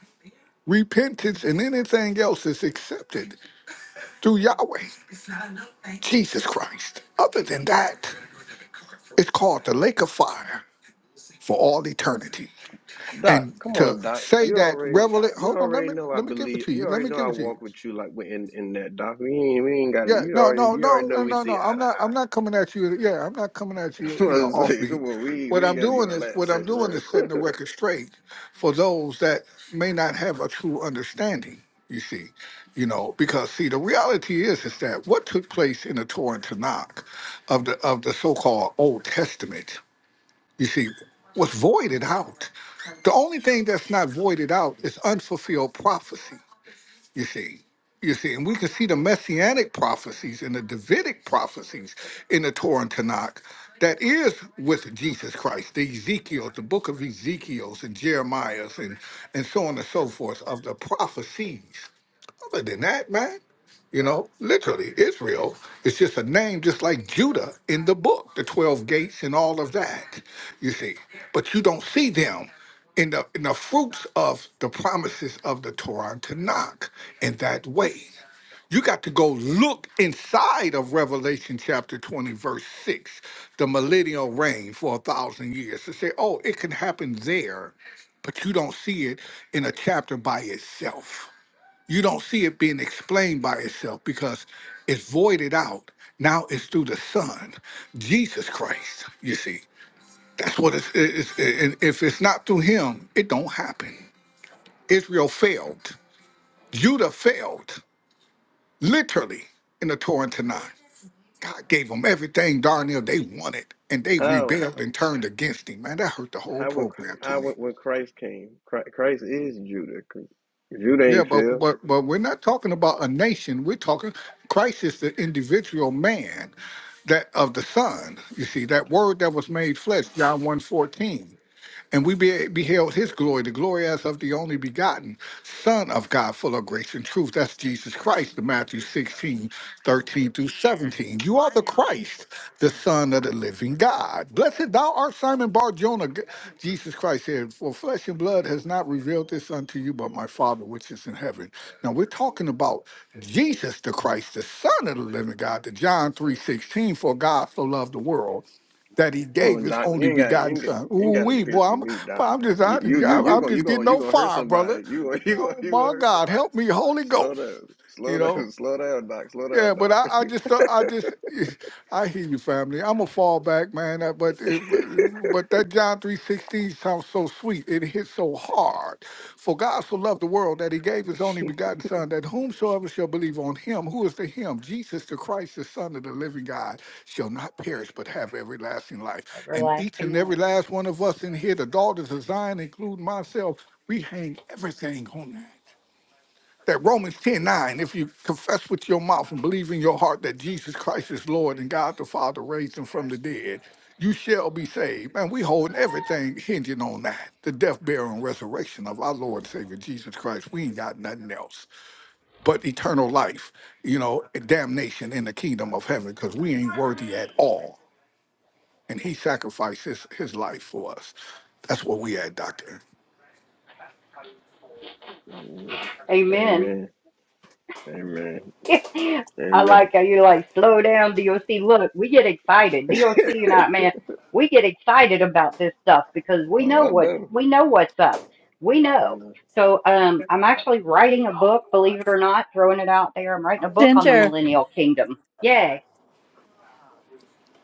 S5: repentance, and anything else is accepted through Yahweh, Jesus Christ. Other than that, it's called the lake of fire for all eternity.
S6: Doc,
S5: And
S6: come
S5: to
S6: on, Doc.
S5: say
S6: You
S5: that
S6: already,
S5: revel
S6: you
S5: hold on, let
S6: already
S5: me
S6: know. I
S5: let me give it
S6: believe
S5: to
S6: you
S5: you. Let
S6: already
S5: me
S6: know.
S5: give
S6: I
S5: it to you.
S6: walk with you like we in in that, Doc. We ain't, we ain't got to.
S5: Yeah,
S6: You
S5: no,
S6: already,
S5: no,
S6: you
S5: no,
S6: already
S5: no,
S6: know. We
S5: no, no.
S6: see eye
S5: I'm
S6: to
S5: not. I'm
S6: eye.
S5: not coming at you. Yeah, I'm not coming at you. You know,
S6: I'm saying?
S5: offbeat.
S6: come on, we
S5: What
S6: we
S5: I'm
S6: got to do
S5: doing
S6: all
S5: is
S6: that,
S5: what I'm
S6: sis.
S5: doing
S6: Wrong.
S5: is setting the record straight for those that may not have a true understanding. You see, you know, because see, the reality is is that what took place in the Torah and Tanakh of the of the so-called Old Testament, you see, was voided out. The only thing that's not voided out is unfulfilled prophecy. You see, you see, and we can see the messianic prophecies and the Davidic prophecies in the Torah and Tanakh that is with Jesus Christ, the Ezekiel, the book of Ezekiel's and Jeremiah's and, and so on and so forth of the prophecies other than that, man, you know, literally, Israel is just a name, just like Judah in the book, the 12 gates and all of that, you see. But you don't see them in the, in the fruits of the promises of the Torah and Tanakh in that way. You got to go look inside of Revelation chapter 20, verse 6, the millennial reign for a thousand years to say, oh, it can happen there, but you don't see it in a chapter by itself you don't see it being explained by itself because it's voided out. Now it's through the Son, Jesus Christ. You see, that's what it's. it's and if it's not through Him, it don't happen. Israel failed. Judah failed, literally, in the Torah and Tanakh. God gave them everything darn near they wanted, and they
S6: How
S5: rebelled and turned against Him. Man, that hurt the whole
S6: how when
S5: program to
S6: how
S5: me.
S6: when Christ came, Chri- Christ is Judah. Judah
S5: Yeah,
S6: ain't
S5: but
S6: fail.
S5: but but we're not talking about a nation. We're talking Christ is the individual man that of the Son. You see, that word that was made flesh, John one fourteen. And we be- beheld his glory, the glory as of the only begotten Son of God, full of grace and truth. That's Jesus Christ, the Matthew 16 13 through 17. You are the Christ, the Son of the living God. Blessed thou art Simon Bar Jonah. Jesus Christ said, For flesh and blood has not revealed this unto you, but my Father which is in heaven. Now we're talking about Jesus the Christ, the Son of the living God, the John 3 16. for God so loved the world that he
S6: Come
S5: gave
S6: on,
S5: his
S6: Doc.
S5: only
S6: You ain't got you
S5: begotten
S6: ain't got,
S5: son.
S6: you ain't
S5: Ooh,
S6: got to
S5: we boy,
S6: preach to
S5: I'm
S6: me,
S5: boy,
S6: Doc.
S5: I'm just
S6: You
S5: I,
S6: you you
S5: I'm
S6: you
S5: I'm
S6: gonna you
S5: just getting
S6: gonna you
S5: no
S6: gonna hurt
S5: fire, brother.
S6: somebody. You gonna you gonna
S5: Oh
S6: you gonna
S5: my
S6: hurt
S5: God,
S6: somebody.
S5: help
S6: S-
S5: me, Holy
S6: Slow
S5: Ghost.
S6: down,
S5: You
S6: slow
S5: know.
S6: down, slow down, Doc. Slow
S5: Yeah,
S6: down,
S5: but
S6: Doc.
S5: I, I just thought I just I hear you, family. I'm a fallback, man. uh, But it, but that John three sixteen sounds so sweet. It hits so hard. For God so loved the world that He gave His only begotten Son, that whomsoever shall believe on Him, who is the Him, Jesus the Christ, the Son of the Living God, shall not perish but have everlasting life. And each and every last one of us in here, the daughters of Zion, including myself, we hang everything on that that Romans 10 9, if you confess with your mouth and believe in your heart that Jesus Christ is Lord and God the Father raised him from the dead, you shall be saved. Man, we holding everything hinging on that. The death, burial, and resurrection of our Lord and Savior Jesus Christ. We ain't got nothing else but eternal life, you know, and damnation in the kingdom of heaven, because we ain't worthy at all. And he sacrificed his, his life for us. That's what we had, Doctor.
S6: Mm, Amen, amen, amen. Oh, I know, I know.
S3: Ginger.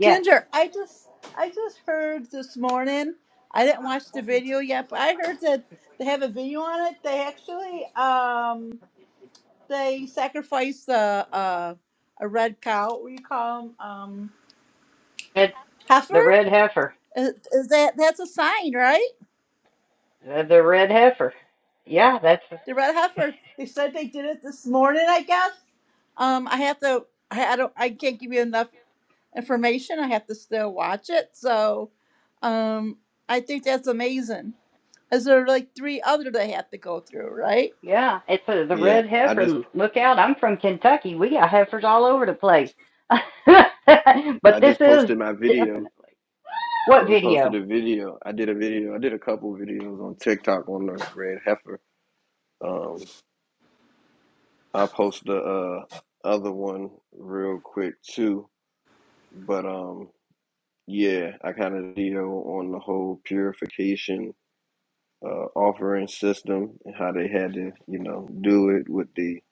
S3: Ginger, I just I just heard this morning. I didn't watch the video yet, but I heard that they have a video on it. They actually um they sacrificed a a, a red cow. What do you call them? Um, heifer. Is, is that that's a sign, right? The red heifer. They said they did it this morning. I guess. Um, I have to. I, I don't. I can't give you enough information. I have to still watch it. So um, I think that's amazing. Is there like three other they have to go through, right?
S6: Yeah, I just I just posted my video. I just posted a video. I did a video. I did a couple videos on TikTok on the red heifer. Um, I'll post the uh, other one real quick too. But um. Yeah, I kind of deal on the whole purification uh, offering system and how they had to, you know, do it with the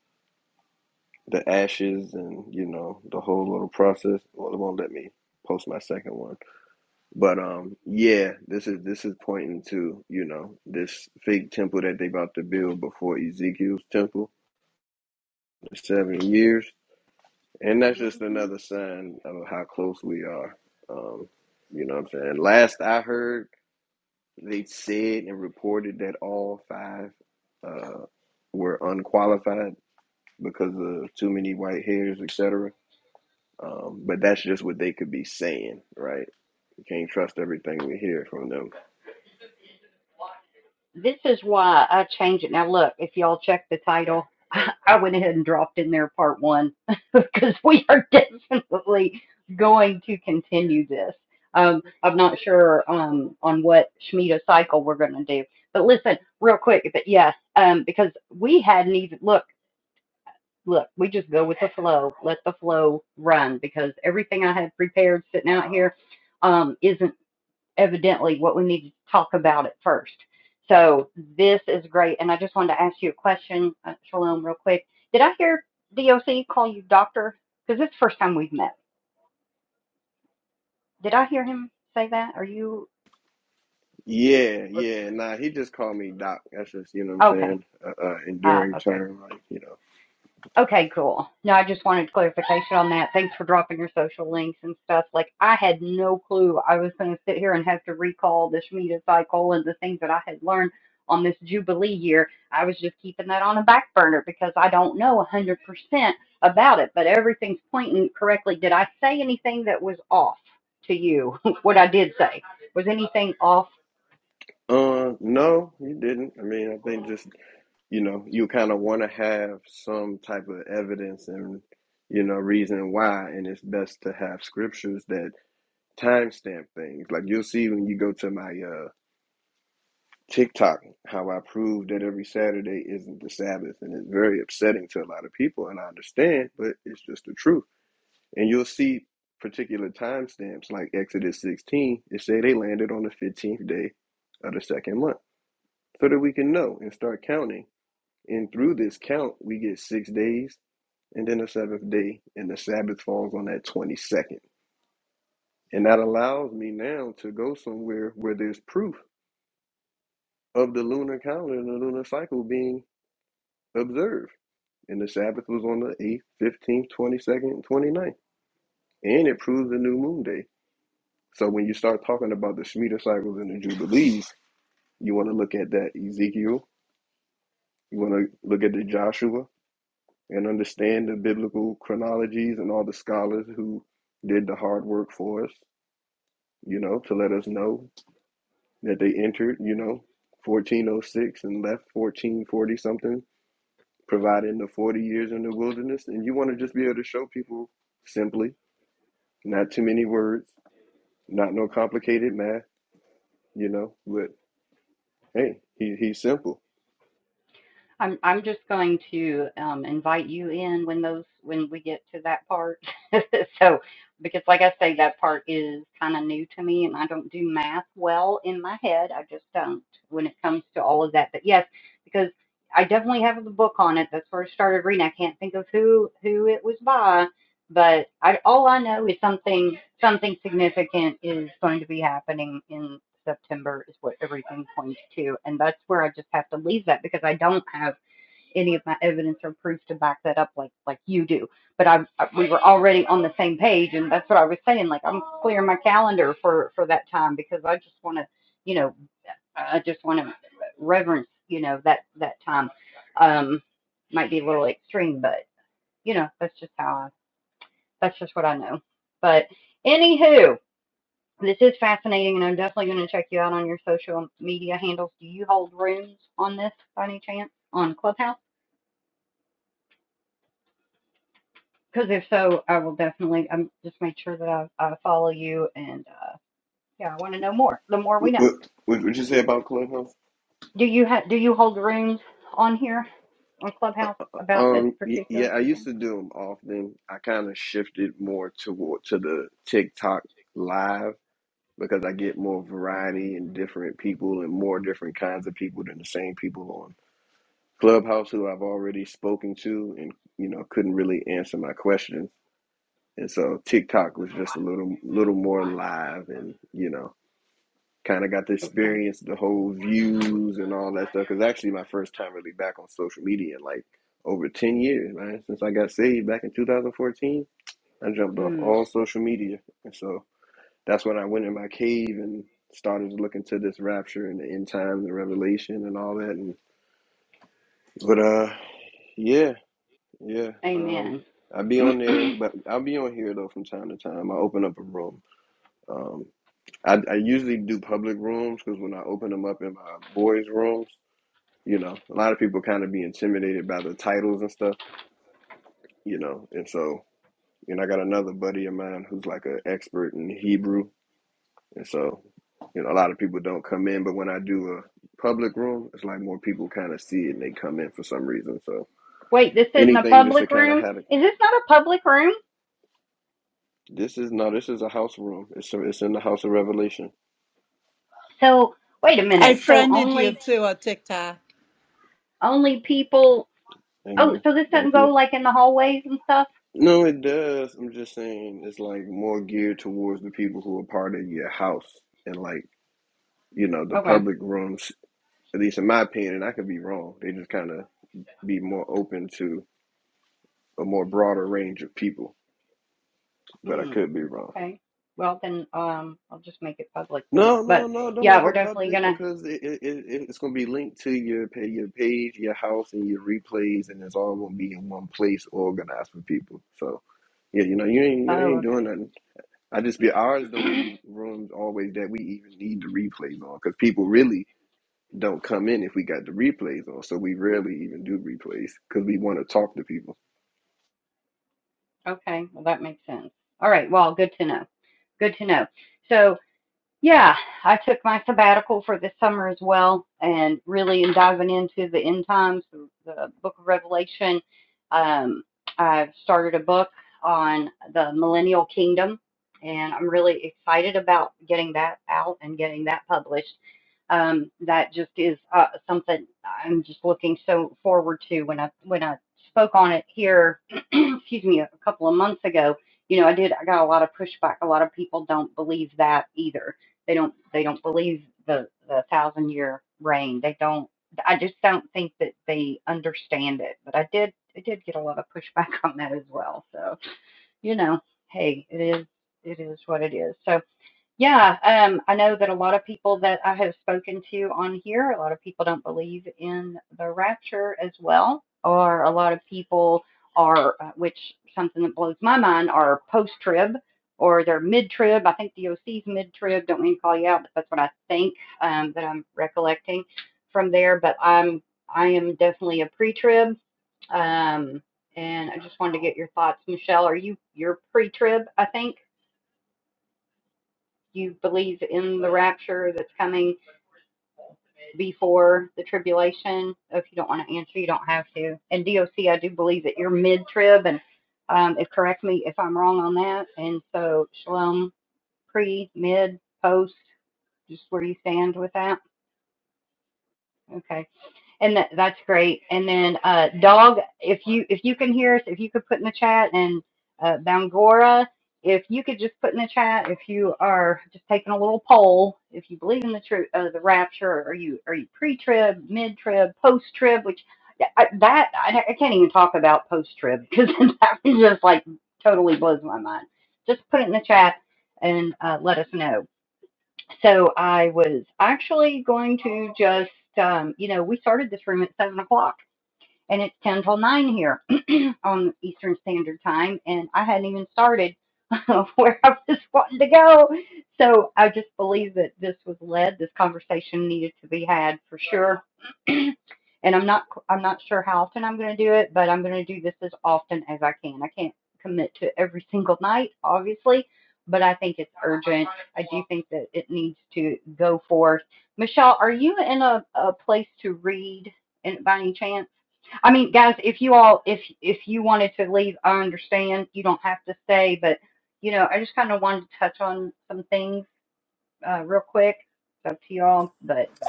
S6: the ashes and you know the whole little process. Well, it won't let me post my second one, but um, yeah, this is this is pointing to you know this fake temple that they about to build before Ezekiel's temple, the seven years, and that's just another sign of how close we are. Um, you know what I'm saying? Last I heard They said and reported that all five uh, were unqualified because of too many white hairs, etc. Um, but that's just what they could be saying, right? You can't trust everything we hear from them. Yeah, yeah. Nah, he just called me Doc. That's just, you know what I'm saying? Uh, uh, enduring term, like, you know. Uh, no, he didn't. I mean, I think just, you know, you kind of want to have some type of evidence and, you know, reason why. And it's best to have scriptures that timestamp things. Like you'll see when you go to my uh, TikTok how I prove that every Saturday isn't the Sabbath, and it's very upsetting to a lot of people. And I understand, but it's just the truth. And you'll see particular timestamps like Exodus 16. It say they landed on the 15th day of the second month, so that we can know and start counting. And through this count, we get six days, and then a seventh day, and the Sabbath falls on that 22nd. And that allows me now to go somewhere where there's proof of the lunar calendar and the lunar cycle being observed. And the Sabbath was on the 8th, 15th, 22nd, twenty-second, twenty-ninth, And it proves the new moon day. So when you start talking about the Shemitah cycles and the Jubilees, you want to look at that Ezekiel, you want to look at the Joshua, and understand the biblical chronologies and all the scholars who did the hard work for us, you know, to let us know that they entered, you know, 1406 and left 1440 something providing the 40 years in the wilderness and you want to just be able to show people simply not too many words not no complicated math you know but hey he, he's simple what, what what would you say about clubhouse um yeah i used to do them often i kind of shifted more toward to the tiktok live because i get more variety and different people and more different kinds of people than the same people on clubhouse who i've already spoken to and you know couldn't really answer my questions And so TikTok was just a little little more live and, you know, kind of got to experience the whole views and all that stuff. Cause actually my first time really back on social media in like over 10 years, man. Since I got saved back in 2014, I jumped off all social media. And so that's when I went in my cave and started to look into this rapture and the end times and revelation and all that. And, but, uh, yeah, yeah. Um, i be on there, but I'll be on here though from time to time. I open up a room Um, I, I usually do public rooms because when I open them up in my boys' rooms, you know, a lot of people kind of be intimidated by the titles and stuff, you know, and so, and I got another buddy of mine who's like an expert in Hebrew, and so, you know, a lot of people don't come in, but when I do a public room, it's like more people kind of see it and they come in for some reason. So anything just to kind of have a, this is no, this is a house room. It's it's in the house of Revelation.
S3: I friended you too on TikTok.
S6: Amen. Thank you. No, it does. I'm just saying it's like more geared towards the people who are part of your house and like, you know, the public rooms, at least in my opinion, and I could be wrong. They just kind of be more open to a more broader range of people, but I could be wrong. No, no, no, don't make it public because it, it, it it's going to be linked to your pay your page, your house and your replays and it's all going to be in one place organized for people. So, yeah, you know, you ain't you ain't doing nothing. I just be ours don't be rooms always that we even need the replays on because people really don't come in if we got the replays on. So we rarely even do replays because we want to talk to people.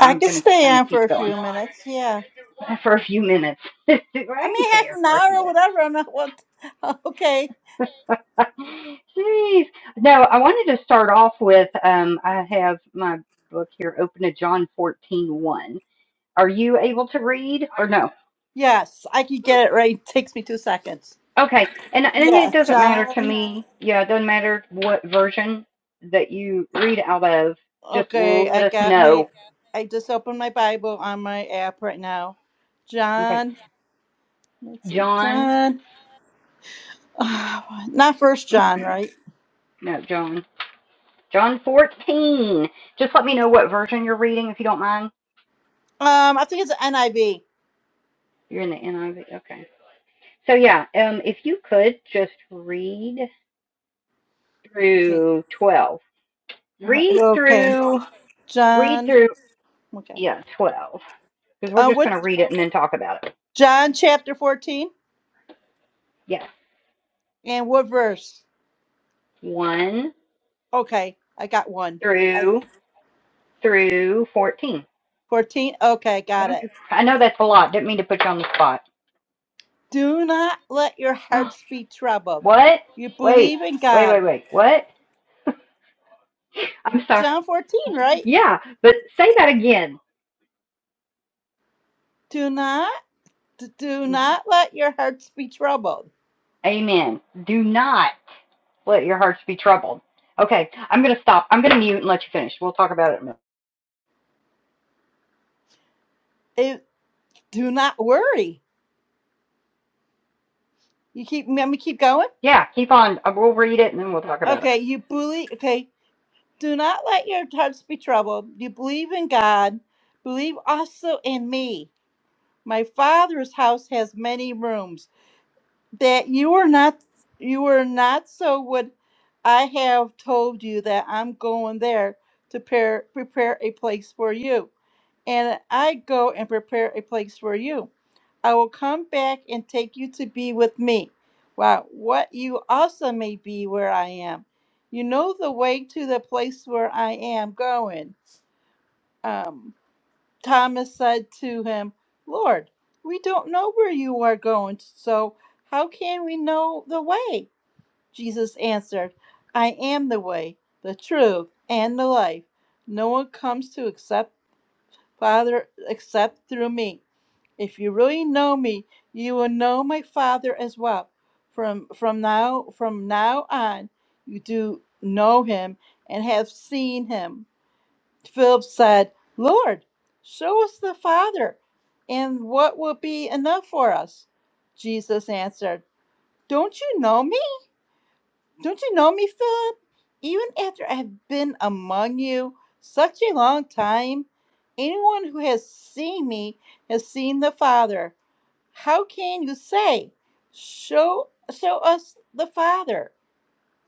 S3: I can stay on for a few minutes. Yeah. I mean, half an hour or whatever. I'm not what. Okay. Yes, I can get it right. takes me two seconds. Yeah, John. Okay, I got my. I just opened my Bible on my app right now. John. Let's see. John. Ah, Not First John, right? Um, I think it's NIV. Okay. uh, Okay. John. Okay. Uh, what? John chapter fourteen and what verse? Okay, I got one. I fourteen. Okay, got it. Do not let your hearts be troubled. You believe in God. John fourteen, right? Do not, d- do not let your hearts be troubled. It, do not worry. You keep. Let me keep going. Okay, you believe. Okay, Do not let your hearts be troubled. You believe in God, believe also in me. My father's house has many rooms. That you are not you are not so would I have told you that I'm going there to prepare, prepare a place for you and I go and prepare a place for you. I will come back and take you to be with me. Wow, what you also may be where I am. You know the way to the place where I am going. Um, Thomas said to him, Lord, we don't know where you are going, so how can we know the way? Jesus answered, I am the way, the truth, and the life. No one comes to accept Father, except through me. If you really know me, you will know my Father as well. From from now from now on, you do know him and have seen him. Philip said, Lord, show us the Father, and what will be enough for us? Jesus answered, Don't you know me? Don't you know me, Philip? Even after I have been among you such a long time, anyone who has seen me has seen the Father. How can you say, "Show, show us the Father"?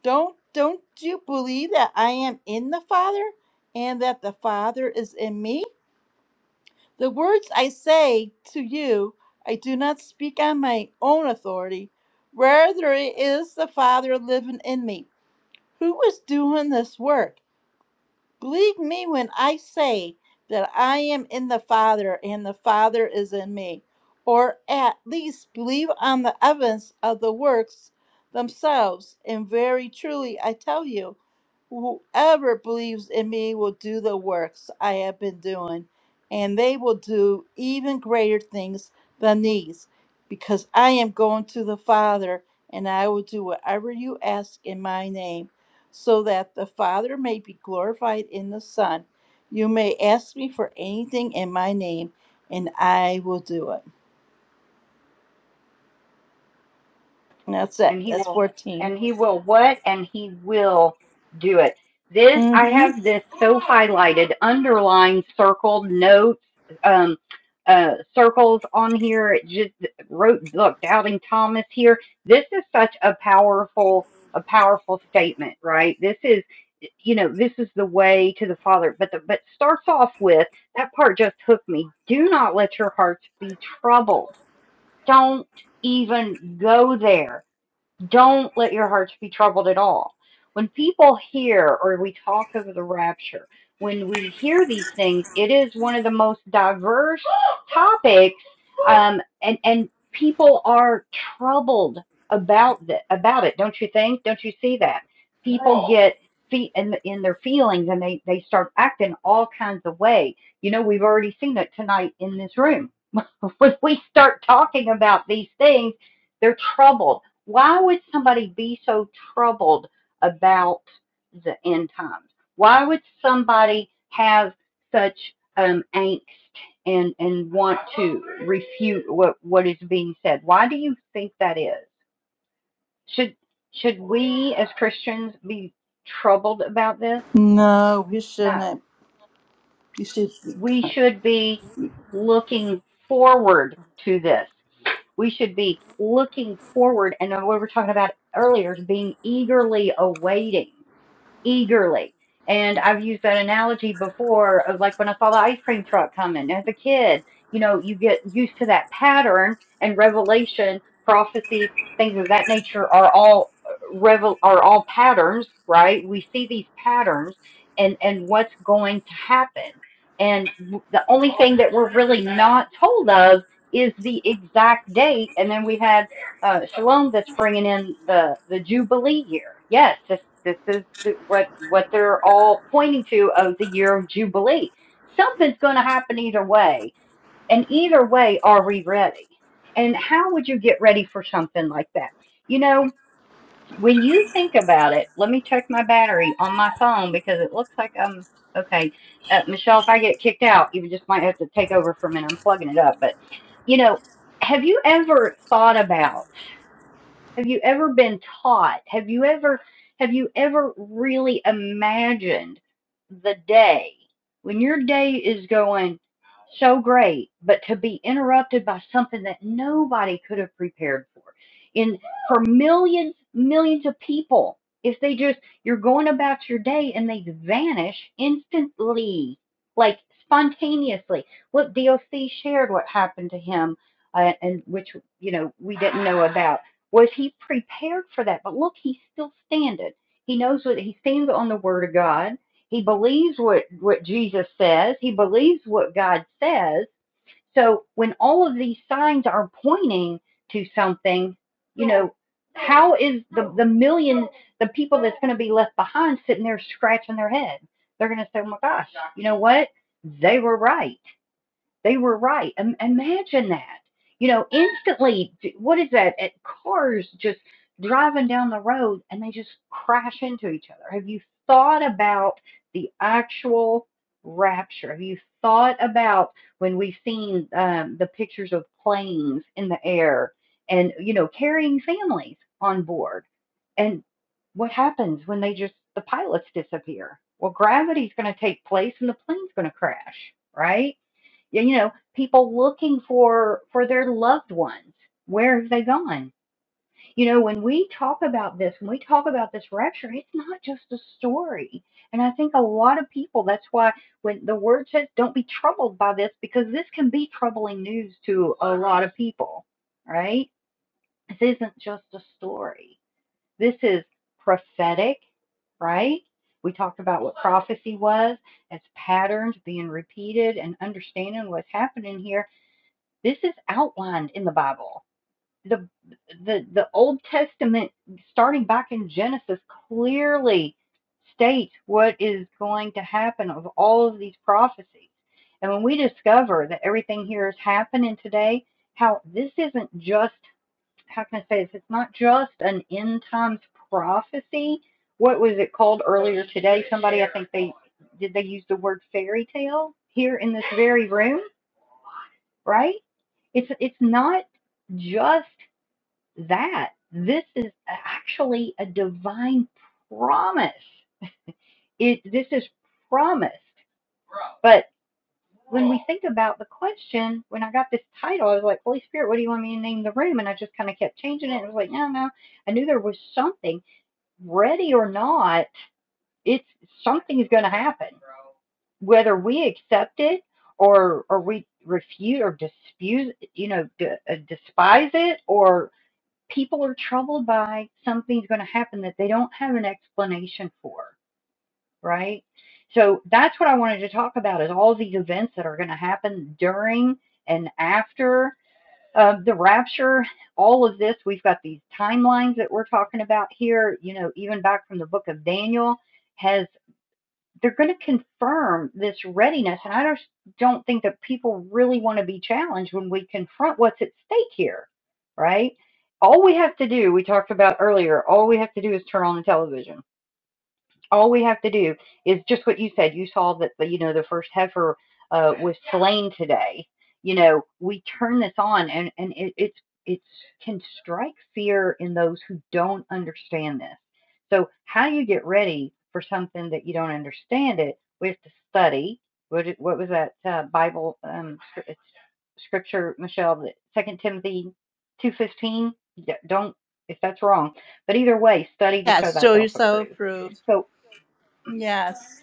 S3: Don't don't you believe that I am in the Father, and that the Father is in me? The words I say to you, I do not speak on my own authority. Rather, it is the Father living in me who is doing this work? Believe me when I say that I am in the Father and the Father is in me. Or at least believe on the evidence of the works themselves. And very truly I tell you, Whoever believes in me will do the works I have been doing, and they will do even greater things than these, because I am going to the Father, and I will do whatever you ask in my name, so that the Father may be glorified in the Son. You may ask me for anything in my name, and I will do it. And that's it. That's 14. Mm-hmm. No, you shouldn't. You should. Yes. show yourself approved. Yes.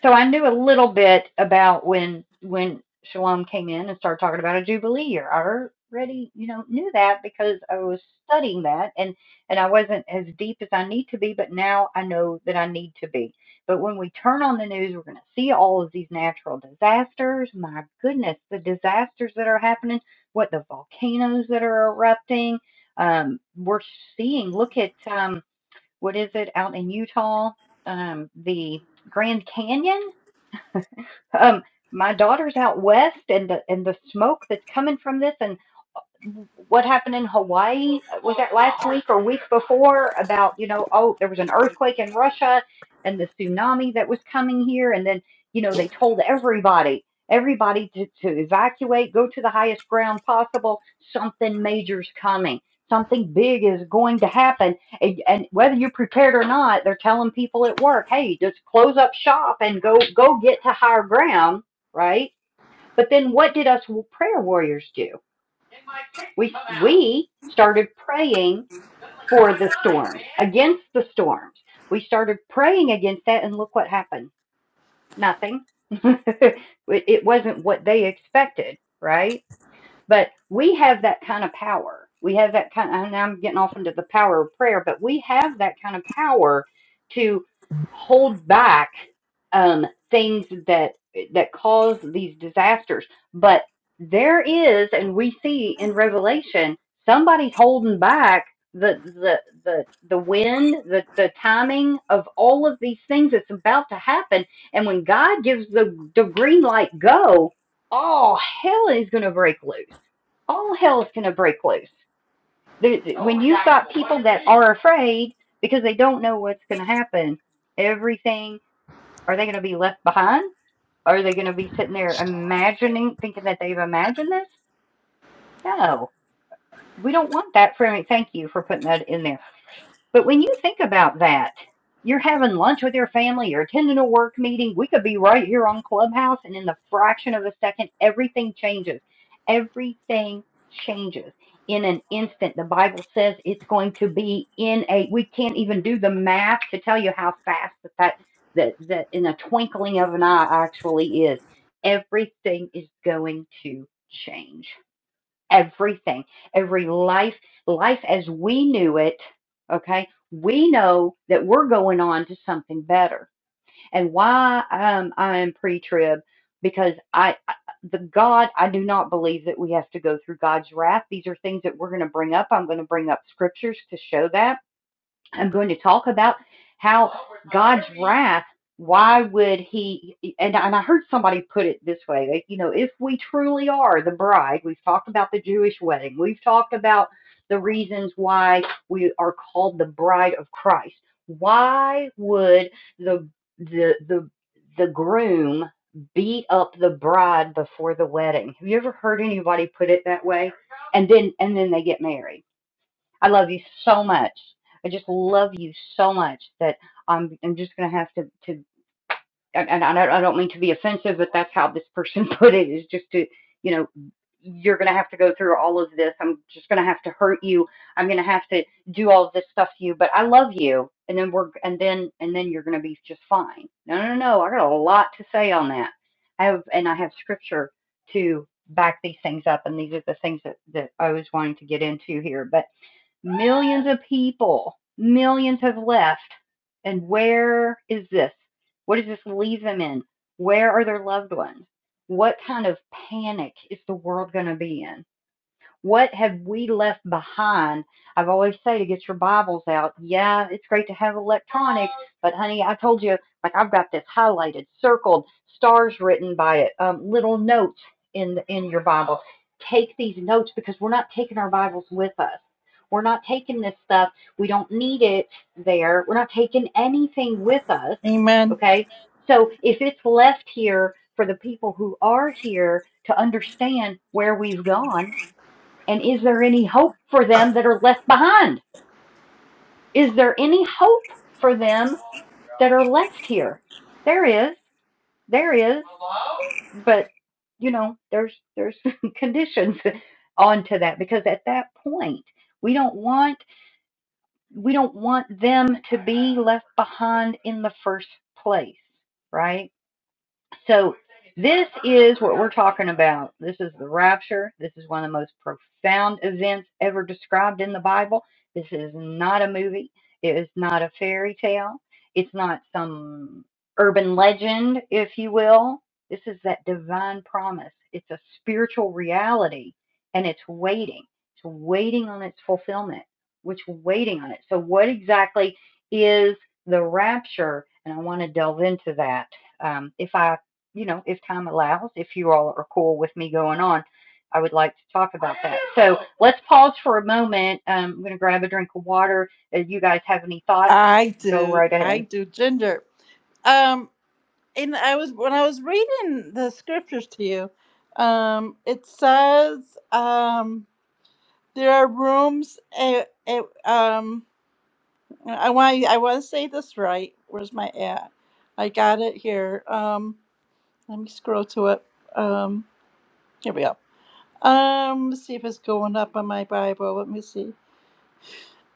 S3: Amen. I do. I do. Ginger. Um, and I was when I was reading the scriptures to you, um, it says um, there are rooms. eh, eh, um, I want I want to say this right. Where's my at? I got it here. Um, let me scroll to it. Um, here we go. Um, let's see if it's going up on my Bible. Let me see.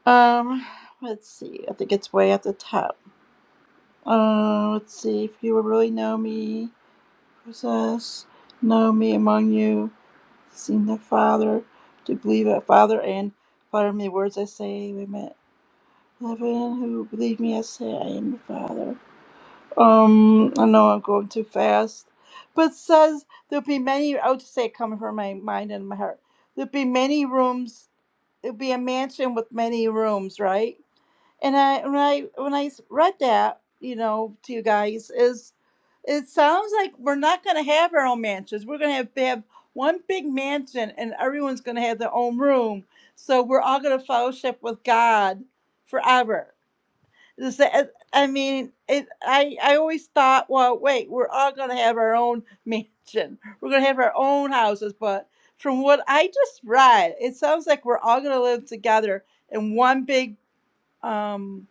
S3: Um, let's see. I think it's way at the top. Uh, let's see. If you would really know me, possess, know me among you, seen the Father, to believe that Father and Father me words I say, we met heaven who believe me, I say I am the Father. Um, I know I'm going too fast, but says there'll be many. I would just say it coming from my mind and my heart. There'll be many rooms it'd be a mansion with many rooms, right? And I when I when I s- read that, you know, to you guys is it sounds like we're not going to have our own mansions. We're going to have, to have one big mansion and everyone's going to have their own room. So we're all going to fellowship with God forever. This- I I mean, it, I I always thought, well, wait, we're all gonna have our own mansion. We're gonna have our own houses. But from what I just read, it sounds like we're all gonna live together in one big um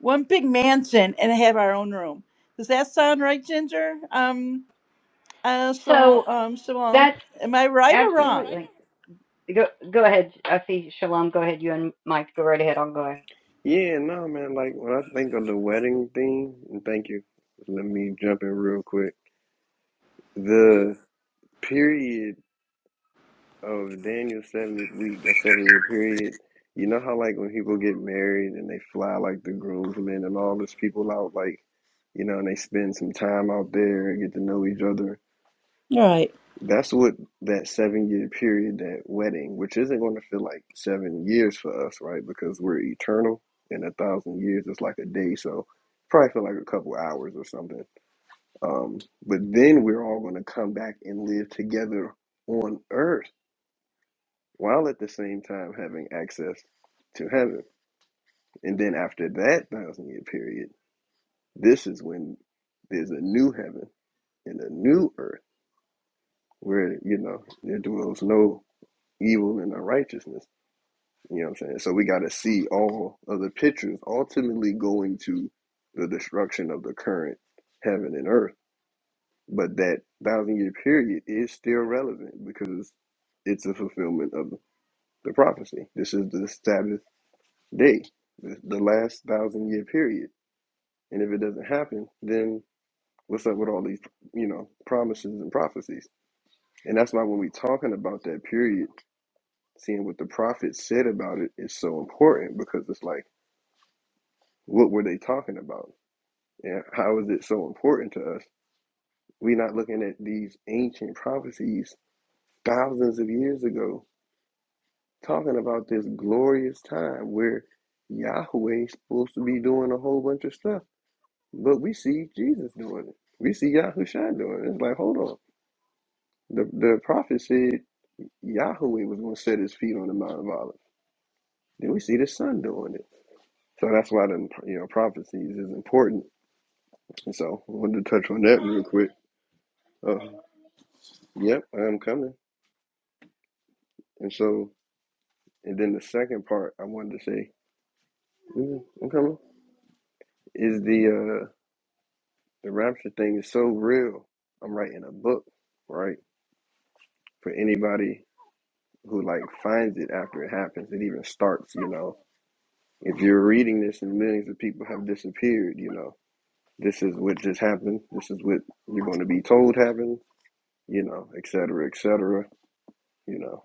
S3: one big mansion and have our own room. Does that sound right, Ginger? Um, uh, so um, Shalom, am I right or
S6: Hmm.
S3: wrong?
S6: Yeah, no man. Like when I think of the wedding thing, and thank you. Let me jump in real quick. The period of Daniel's 70th week, that seven year period, you know how, like, when people get married and they fly, like, the groomsmen and all those people out, like, you know, and they spend some time out there and get to know each other.
S3: Right.
S6: That's what that seven year period, that wedding, which isn't going to feel like seven years for us, right? Because we're eternal and a thousand years is like a day. So probably feel like a couple hours or something. Um, but then we're all going to come back and live together on earth while at the same time having access to heaven. And then after that thousand year period, this is when there's a new heaven and a new earth where, you know, there dwells no evil and unrighteousness. You know what I'm saying? So we got to see all of the pictures ultimately going to the destruction of the current heaven and earth. But that thousand year period is still relevant because it's a fulfillment of the prophecy. This is the establishment day, the last thousand year period. And if it doesn't happen, then what's up with all these, you know, promises and prophecies? And that's why when we talking about that period, seeing what the prophets said about it is so important because it's like, what were they talking about? And how is it so important to us? We're not looking at these ancient prophecies thousands of years ago, talking about this glorious time where Yahweh's supposed to be doing a whole bunch of stuff But we see Jesus doing it. We see Yahusha doing it. It's like, hold on. The the prophet said Yahweh was going to set his feet on the Mount of Olives. Then we see the son doing it. So that's why the you know prophecies is important. And so I wanted to touch on that real quick. Uh, yep, I'm coming. And so and then the second part I wanted to say, mhm, I'm coming. Is the uh the rapture thing is so real. I'm writing a book, right? For anybody who like finds it after it happens. It even starts, you know. If you're reading this and millions of people have disappeared, you know, this is what just happened. This is what you're going to be told happened, you know, et cetera, et cetera. You know,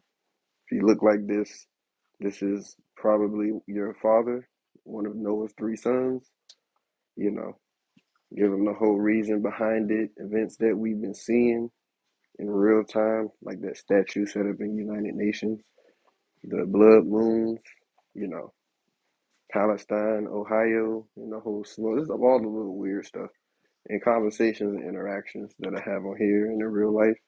S6: if you look like this, this is probably your father, one of Noah's three sons, you know, give them the whole reason behind it, events that we've been seeing in real time, like that statue set up in United Nations, the blood moons, you know, Palestine, Ohio, and the whole slew. This is all the little weird stuff and conversations and interactions that I have on here and in real life.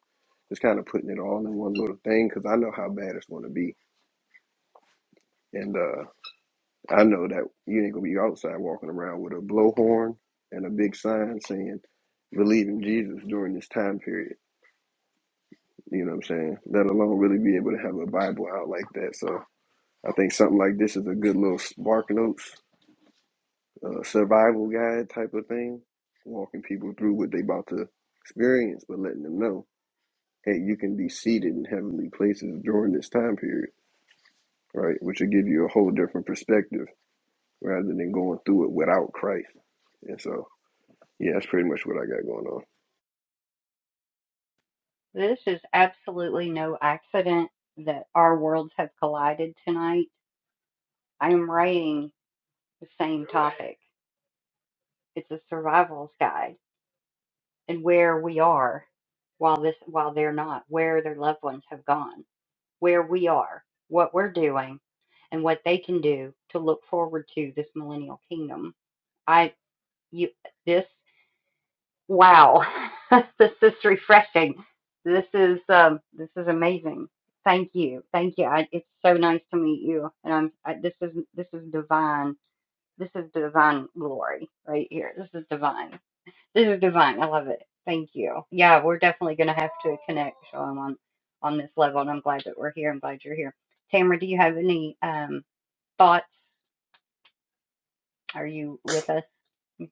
S6: Just kind of putting it all in one little thing because I know how bad it's going to be. And uh, I know that you ain't going to be outside walking around with a blowhorn and a big sign saying, believe in Jesus during this time period. You know what I'm saying? Let alone really be able to have a Bible out like that. So I think something like this is a good little spark notes uh, survival guide type of thing, walking people through what they about to experience, but letting them know, hey, you can be seated in heavenly places during this time period, right? Which will give you a whole different perspective rather than going through it without Christ. And so, yeah, that's pretty much what I got going on.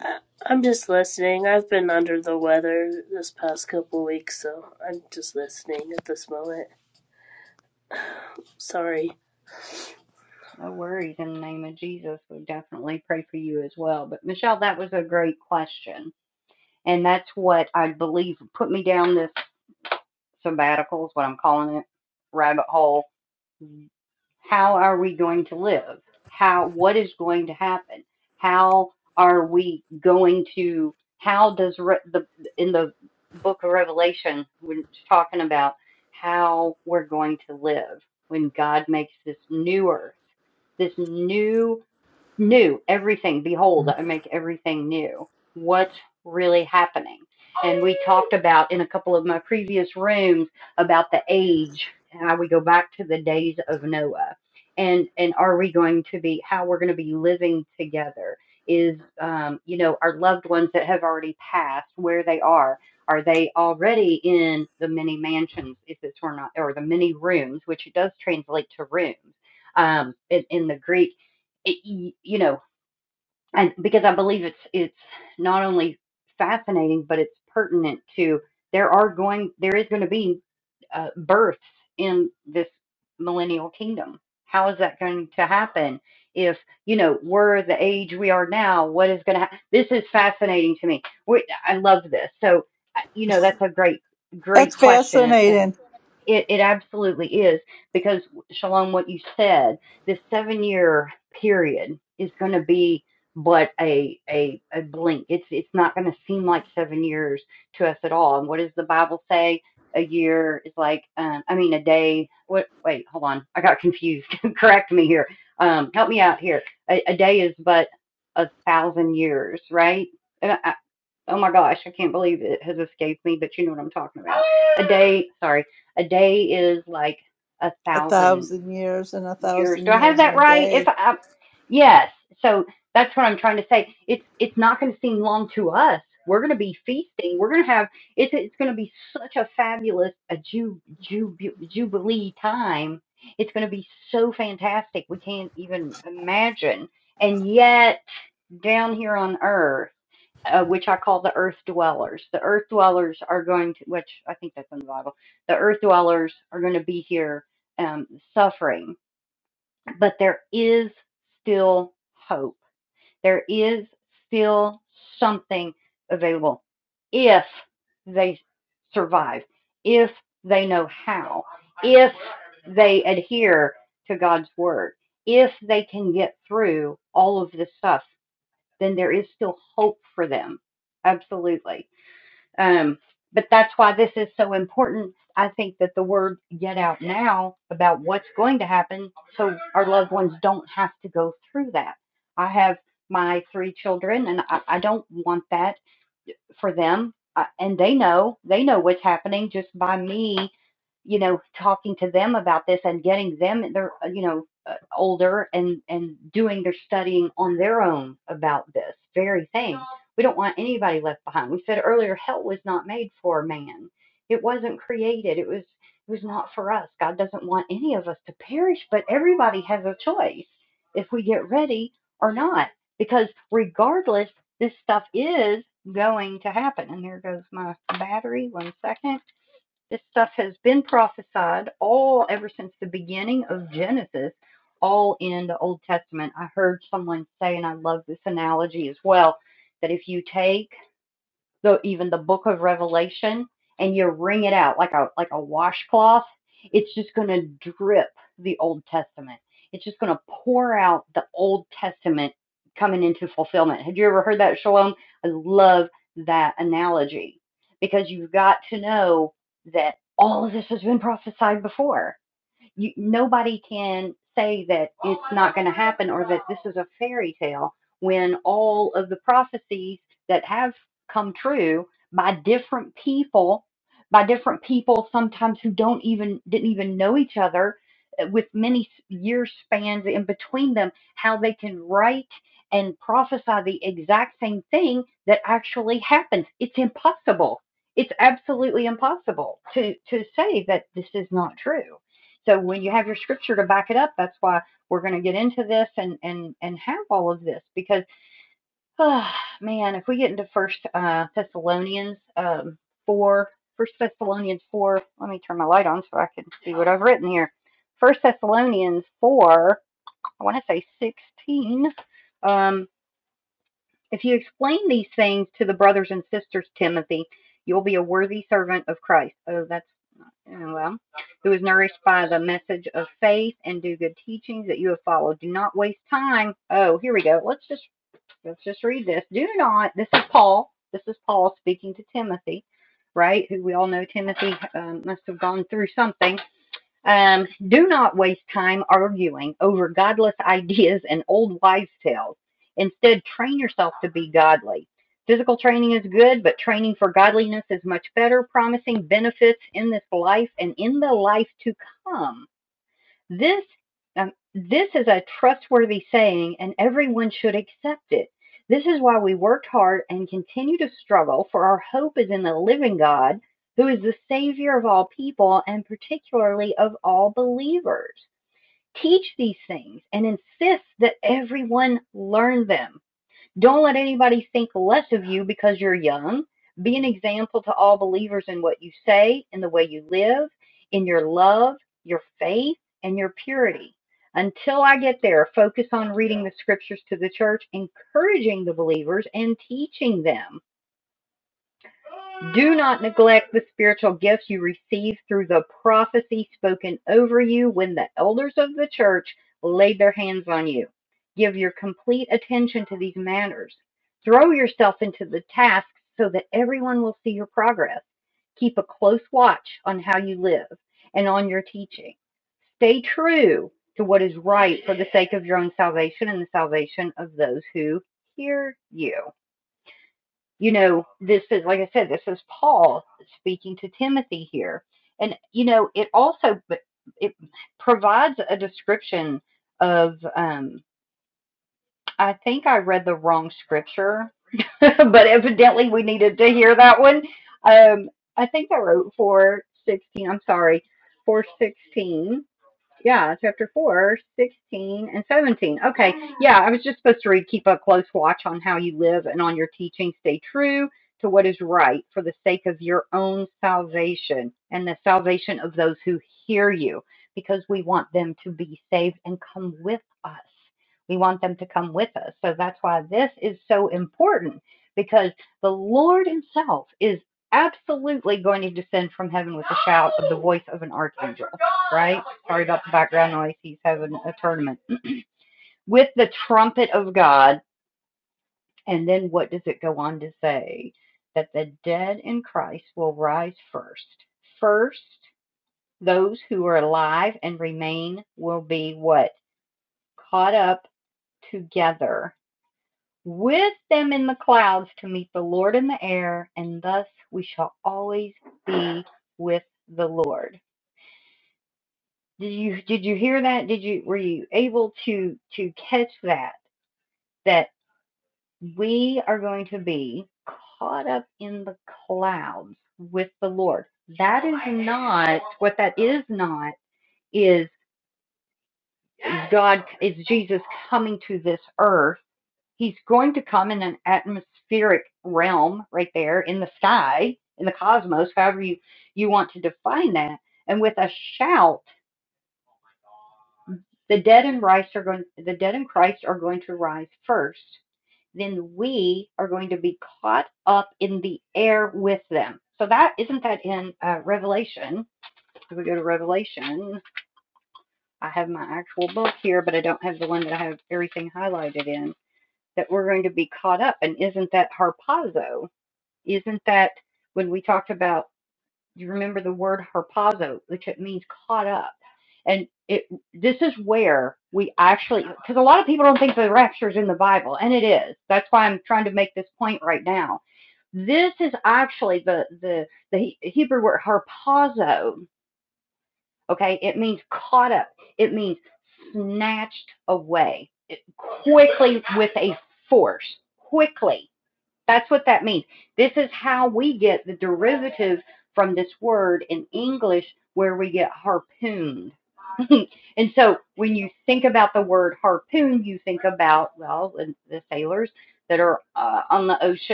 S4: I- I'm just listening. I've been under the weather this past couple weeks, so I'm just listening at this moment. Sorry.
S3: That's fascinating. A thousand years and a thousand years and a day.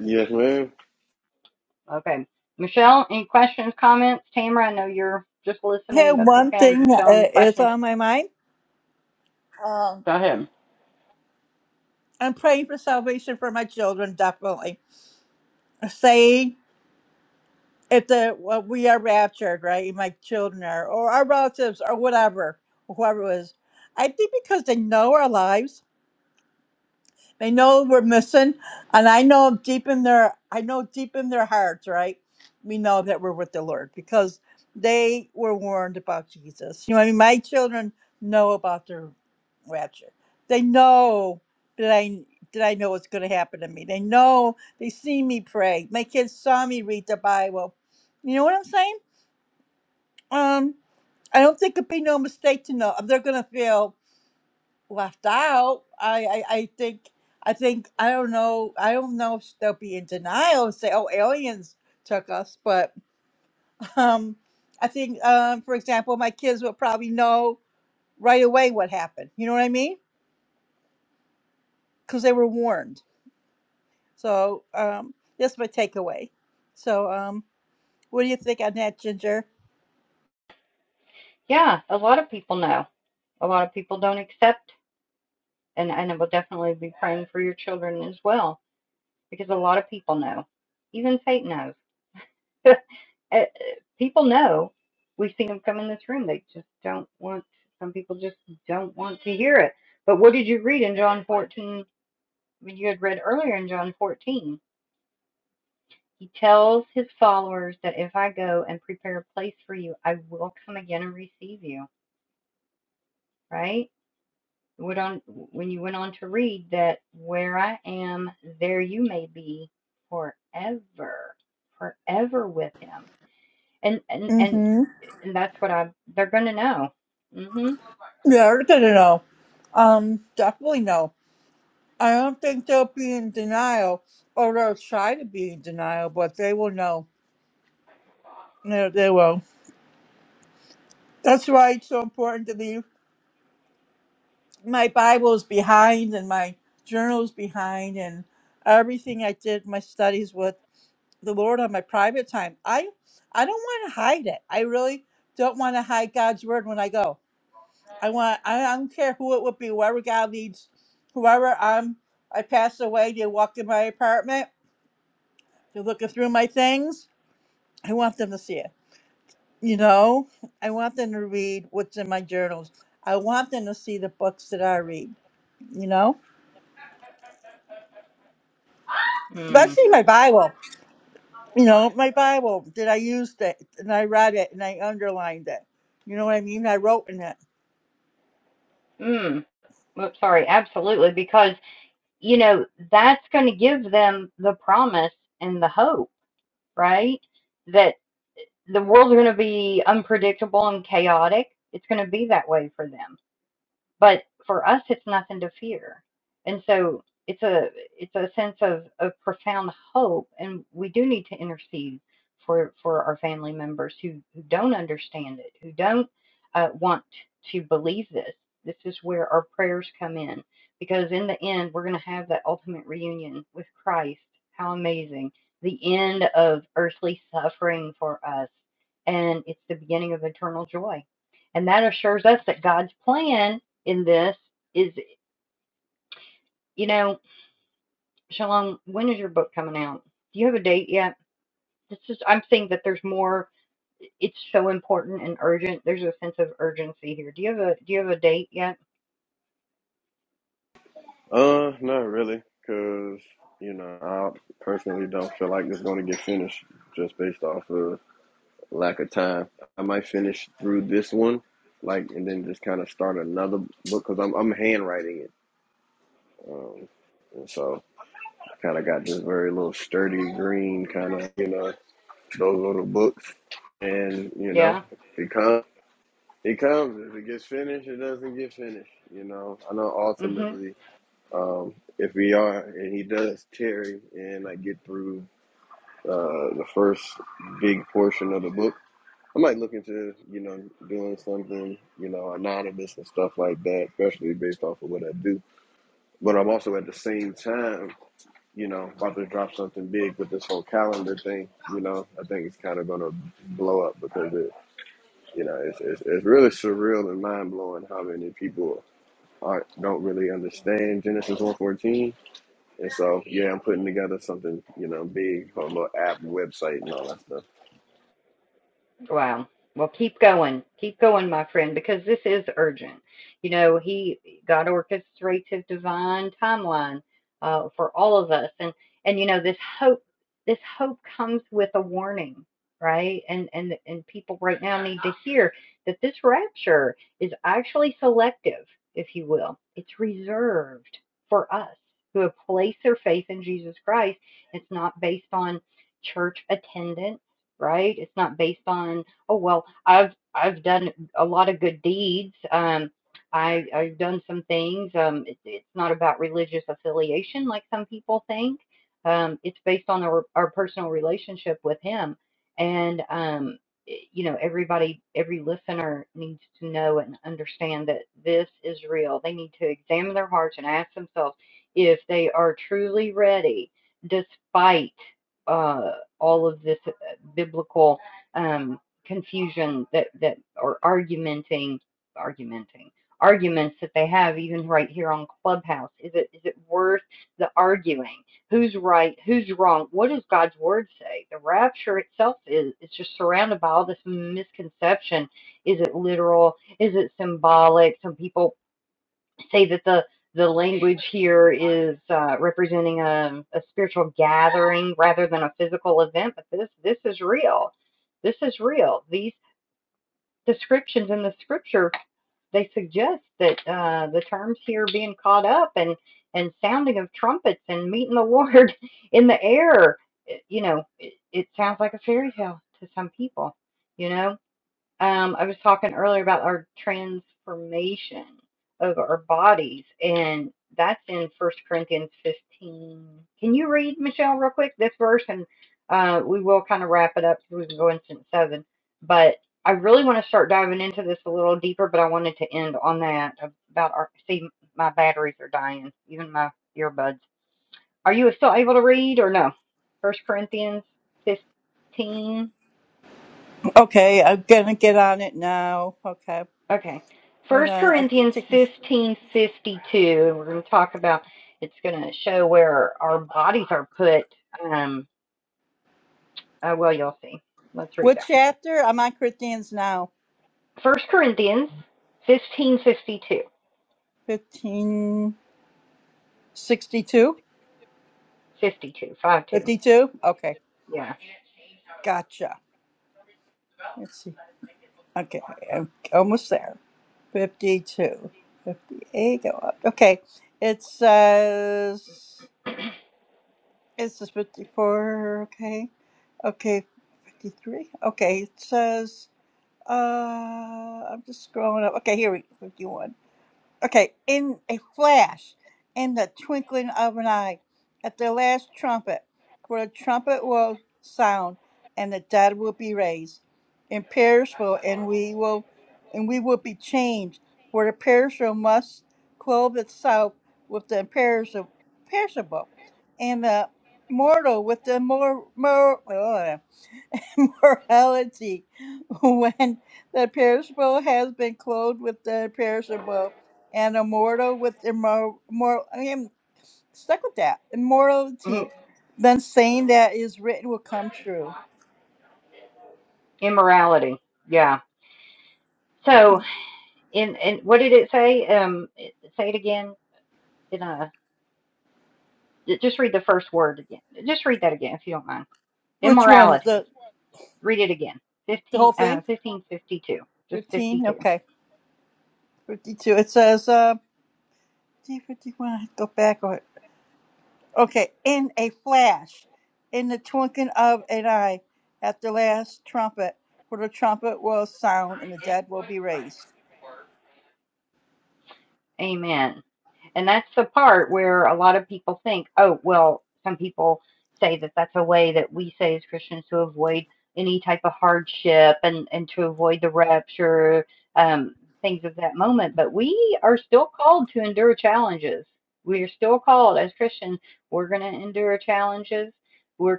S6: Yes, man.
S3: Hey, one thing uh, is on my mind. Um, I'm praying for salvation for my children, definitely. Say if the well, we are raptured, right? My children are, or our relatives, or whatever, whoever it is. I think because they know our lives. They know we're missing, and I know deep in their, I know deep in their hearts, right? We know that we're with the Lord because they were warned about Jesus. You know, what I mean, my children know about their rapture. They know that I that I know what's going to happen to me. They know they see me pray. My kids saw me read the Bible. You know what I'm saying? Um, I don't think it'd be no mistake to know they're going to fail left out. I, I, I think I think I don't know I don't know if they'll be in denial and say, Oh, aliens took us but um I think um for example my kids will probably know right away what happened. You know what I mean? Because they were warned. So um that's my takeaway. So um what do you think on that, Ginger? Mm-hmm. Yeah, they're gonna know. Um, definitely no. I don't think they'll be in denial, or they'll try to be in denial, but they will know. No, they will. That's why it's so important to leave my Bible's behind and my journals behind and everything I did my studies with the Lord on my private time. I I don't want to hide it. I really don't want to hide God's word when I go. I want I, I don't care who it would be, whoever God leads, whoever I'm I pass away, they walk in my apartment, they're looking through my things. I want them to see it. You know, I want them to read what's in my journals. I want them to see the books that I read, you know, especially my Bible. You know, my Bible that I used it and I read it and I underlined it. You know what I mean? I wrote in it.
S6: Uh, not really, cause you know I personally don't feel like it's gonna get finished just based off of lack of time. I might finish through this one, like, and then just kind of start another book because I'm I'm handwriting it, um, and so I kind of got this very little sturdy green kind of you know those little books, and you know it comes it comes if it gets finished it doesn't get finished. You know I know ultimately um, if we are and he does Terry and I get through uh, the first big portion of the book I might look into, you know, doing something, you know, anonymous and stuff like that, especially based off of what I do. But I'm also at the same time, you know, about to drop something big with this whole calendar thing. You know, I think it's kind of going to blow up because it, you know, it's, it's it's really surreal and mind blowing how many people are don't really understand Genesis 114. And so, yeah, I'm putting together something, you know, big, a little app, website, and all that stuff.
S3: Okay, I'm gonna get on it now. Okay, hold on. I can take me. What chapter? I'm on Corinthians now. 1562? 52? Okay, gotcha. Let's see. Okay, I'm almost there. 52, 58, go up. Okay, it says, it says 54, okay. Okay, 53, okay, it says, uh, I'm just scrolling up. Okay, here we 51. Okay, in a flash, in the twinkling of an eye, at the last trumpet, for the trumpet will sound, and the dead will be raised, imperishable, and we will, and we will be changed. For the perishable must clothe itself with the imperishable, perishable, and the mortal with the more, morality when the perishable has been clothed with the perishable and immortal with immor- immor- I am stuck with that immortality then saying that is written will come true which one the the whole thing 15 okay 52 it says uh 51 I have to go back Okay, in a flash, in the twinkling of an eye, at the last trumpet, for the trumpet will sound and the dead will be raised.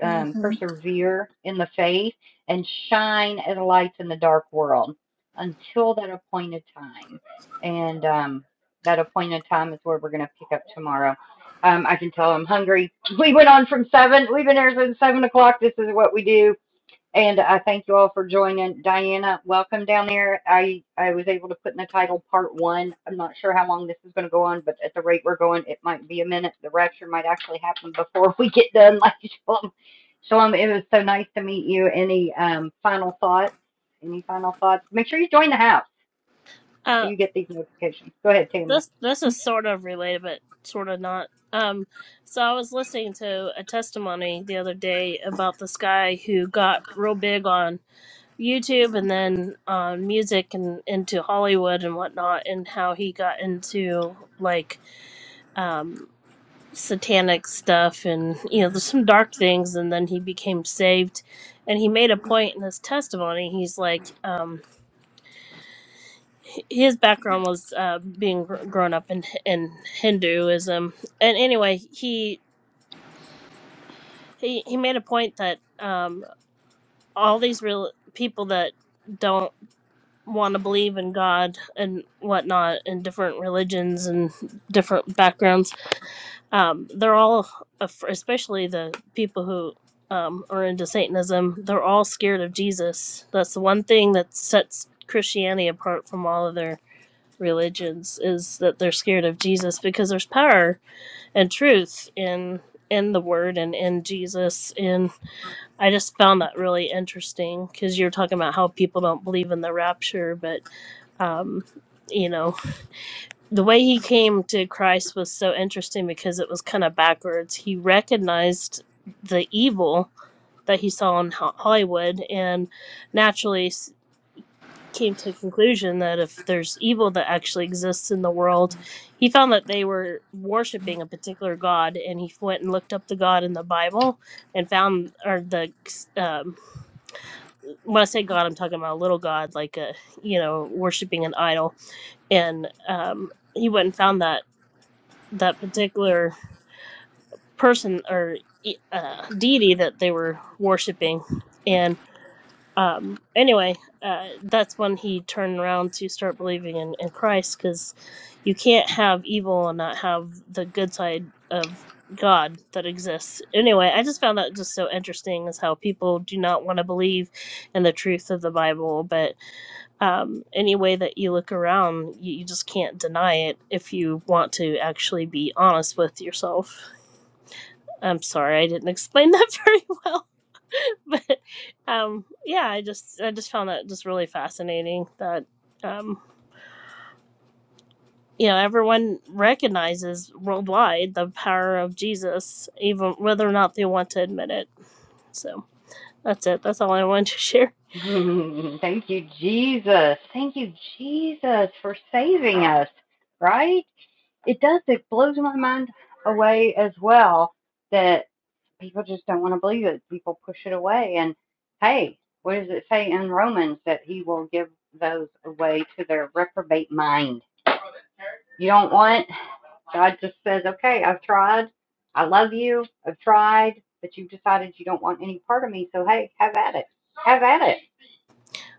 S3: hmm
S4: this this is sort of related but sort of not um so i was listening to a testimony the other day about this guy who got real big on youtube and then on music and into hollywood and whatnot and how he got into like um satanic stuff and you know there's some dark things and then he became saved and he made a point in his testimony he's like um, his background was uh, being gr- grown up in in Hinduism, and anyway, he he he made a point that um, all these real people that don't want to believe in God and whatnot in different religions and different backgrounds, um, they're all, af- especially the people who. Um, are into Satanism. They're all scared of Jesus. That's the one thing that sets Christianity apart from all of their religions is that they're scared of Jesus because there's power and truth in in the word and in Jesus and I just found that really interesting cuz you're talking about how people don't believe in the rapture but um you know the way he came to Christ was so interesting because it was kind of backwards he recognized the evil that he saw in Ho- Hollywood and naturally came to the conclusion that if there's evil that actually exists in the world, he found that they were worshiping a particular god, and he went and looked up the god in the Bible and found, or the, um, when I say god, I'm talking about a little god, like a, you know, worshiping an idol, and um, he went and found that that particular person or e, uh, deity that they were worshiping, and. Um, anyway, uh, that's when he turned around to start believing in, in Christ because you can't have evil and not have the good side of God that exists. Anyway, I just found that just so interesting is how people do not want to believe in the truth of the Bible, but um, any way that you look around, you, you just can't deny it if you want to actually be honest with yourself. I'm sorry, I didn't explain that very well. but um yeah i just i just found that just really fascinating that um you know everyone recognizes worldwide the power of jesus even whether or not they want to admit it so that's it that's all i wanted to share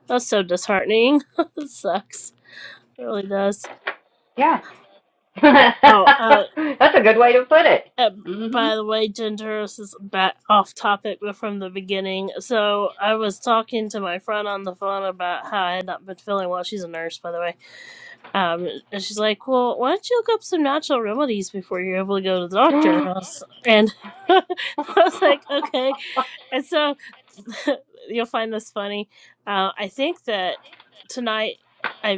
S4: that's so disheartening it sucks it really does oh uh uh, by the way, Ginger, this is back off topic, but from the beginning. So I was talking to my friend on the phone about how I had not been feeling well. She's a nurse, by the way Um, and she's like, "Well, why don't you look up some natural remedies before you're able to go to the doctor?" And I was, and I was like, "Okay." And so you'll find this funny. Uh, I think that tonight. I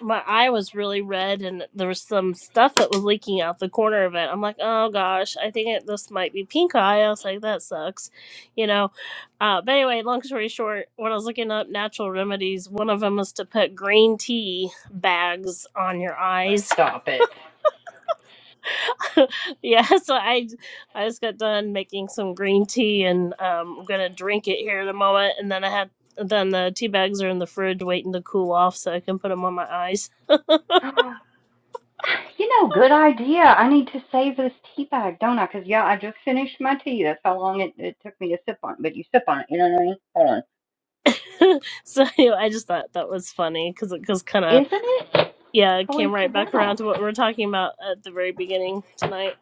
S4: my eye was really red and there was some stuff that was leaking out the corner of it. I'm like, oh gosh, I think it, this might be pink eye. I was like, that sucks, you know. Uh, but anyway, long story short, when I was looking up natural remedies, one of them was to put green tea bags on your eyes. yeah, so I I just got done making some green tea and um, I'm gonna drink it here in a moment, and then I had. Then the tea bags are in the fridge waiting to cool off so I can put them on my eyes. so anyway, I just thought that was funny because it cause kind of yeah it came right back around to what we were talking about at the very beginning tonight.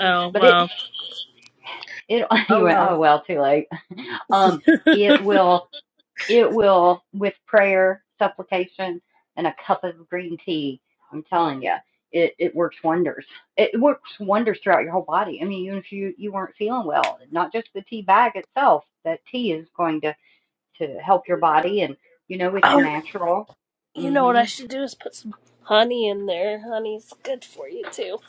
S4: Oh well. Oh well. oh, you know what I should do is put some honey in there. Honey's good for you too.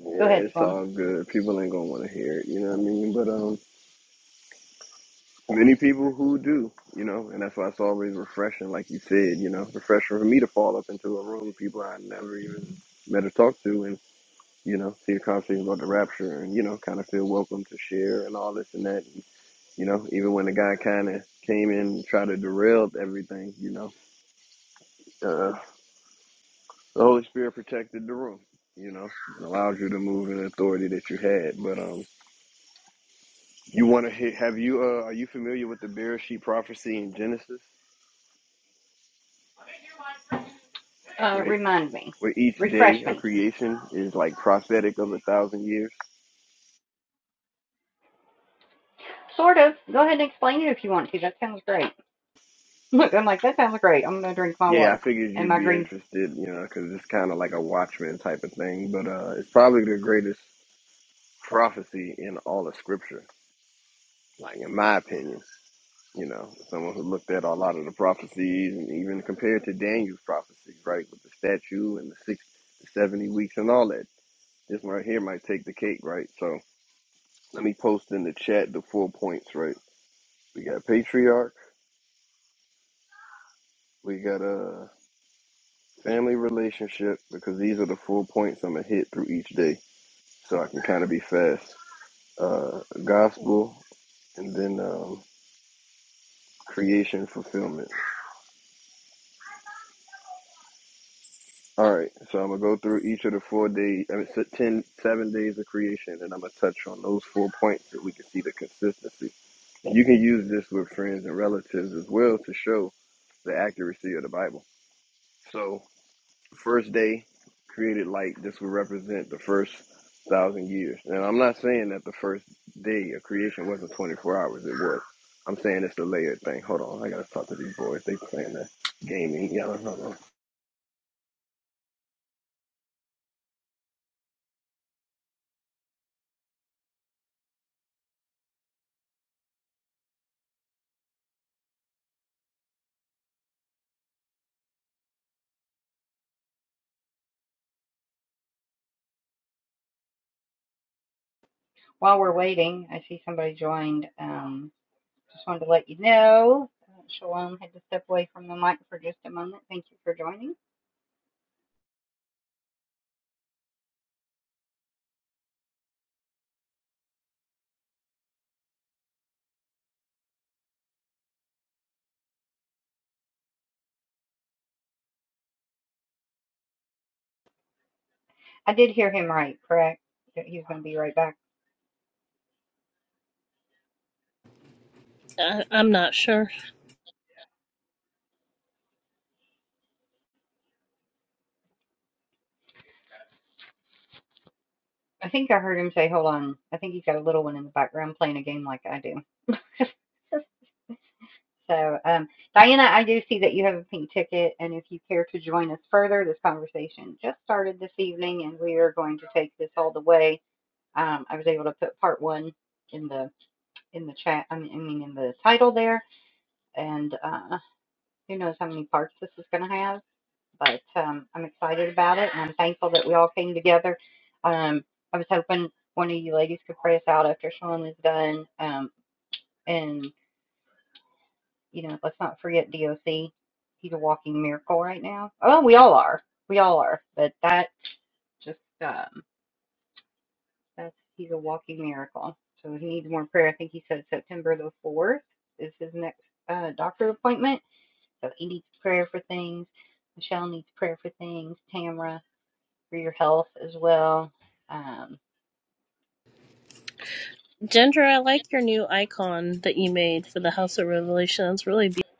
S6: Yeah, it's all good. People ain't gonna want to hear it, you know what I mean? But um, many people who do, you know, and that's why it's always refreshing, like you said, you know, refreshing for me to fall up into a room with people I never even met or talked to, and you know, see a conversation about the rapture, and you know, kind of feel welcome to share and all this and that. And, you know, even when the guy kind of came in and tried to derail everything, you know, uh, the Holy Spirit protected the room, you know, and allowed you to move in authority that you had, but um. You want to hit? Have you? Uh, are you familiar with the Bereshit prophecy in Genesis, where where each day a creation is like prophetic of a thousand years? Yeah, I figured you'd be interested, you know, because it's kind of like a Watchman type of thing. But uh, it's probably the greatest prophecy in all of Scripture, like in my opinion. You know, someone who looked at a lot of the prophecies and even compared to Daniel's prophecy, right, with the statue and the six, the seventy weeks and all that. This one right here might take the cake, right? So. Let me post in the chat the four points, right? We got patriarch, we got a uh, family relationship, because these are the four points I'm gonna hit through each day, so I can kind of be fast. Uh, gospel, and then um, creation fulfillment. All right, so I'm gonna go through each of the four days, I mean, se- ten, seven days of creation, and I'm gonna touch on those four points so we can see the consistency. You can use this with friends and relatives as well to show the accuracy of the Bible. So The first day created light. This would represent the first thousand years. And I'm not saying that the first day of creation wasn't 24 hours. It was. I'm saying it's the layered thing. Hold on, I gotta talk to these boys. They playing that gaming. Yeah, hold on.
S4: I, I'm not sure. Ginger, I like your new icon that you made for the House of Revelation. It's really beautiful.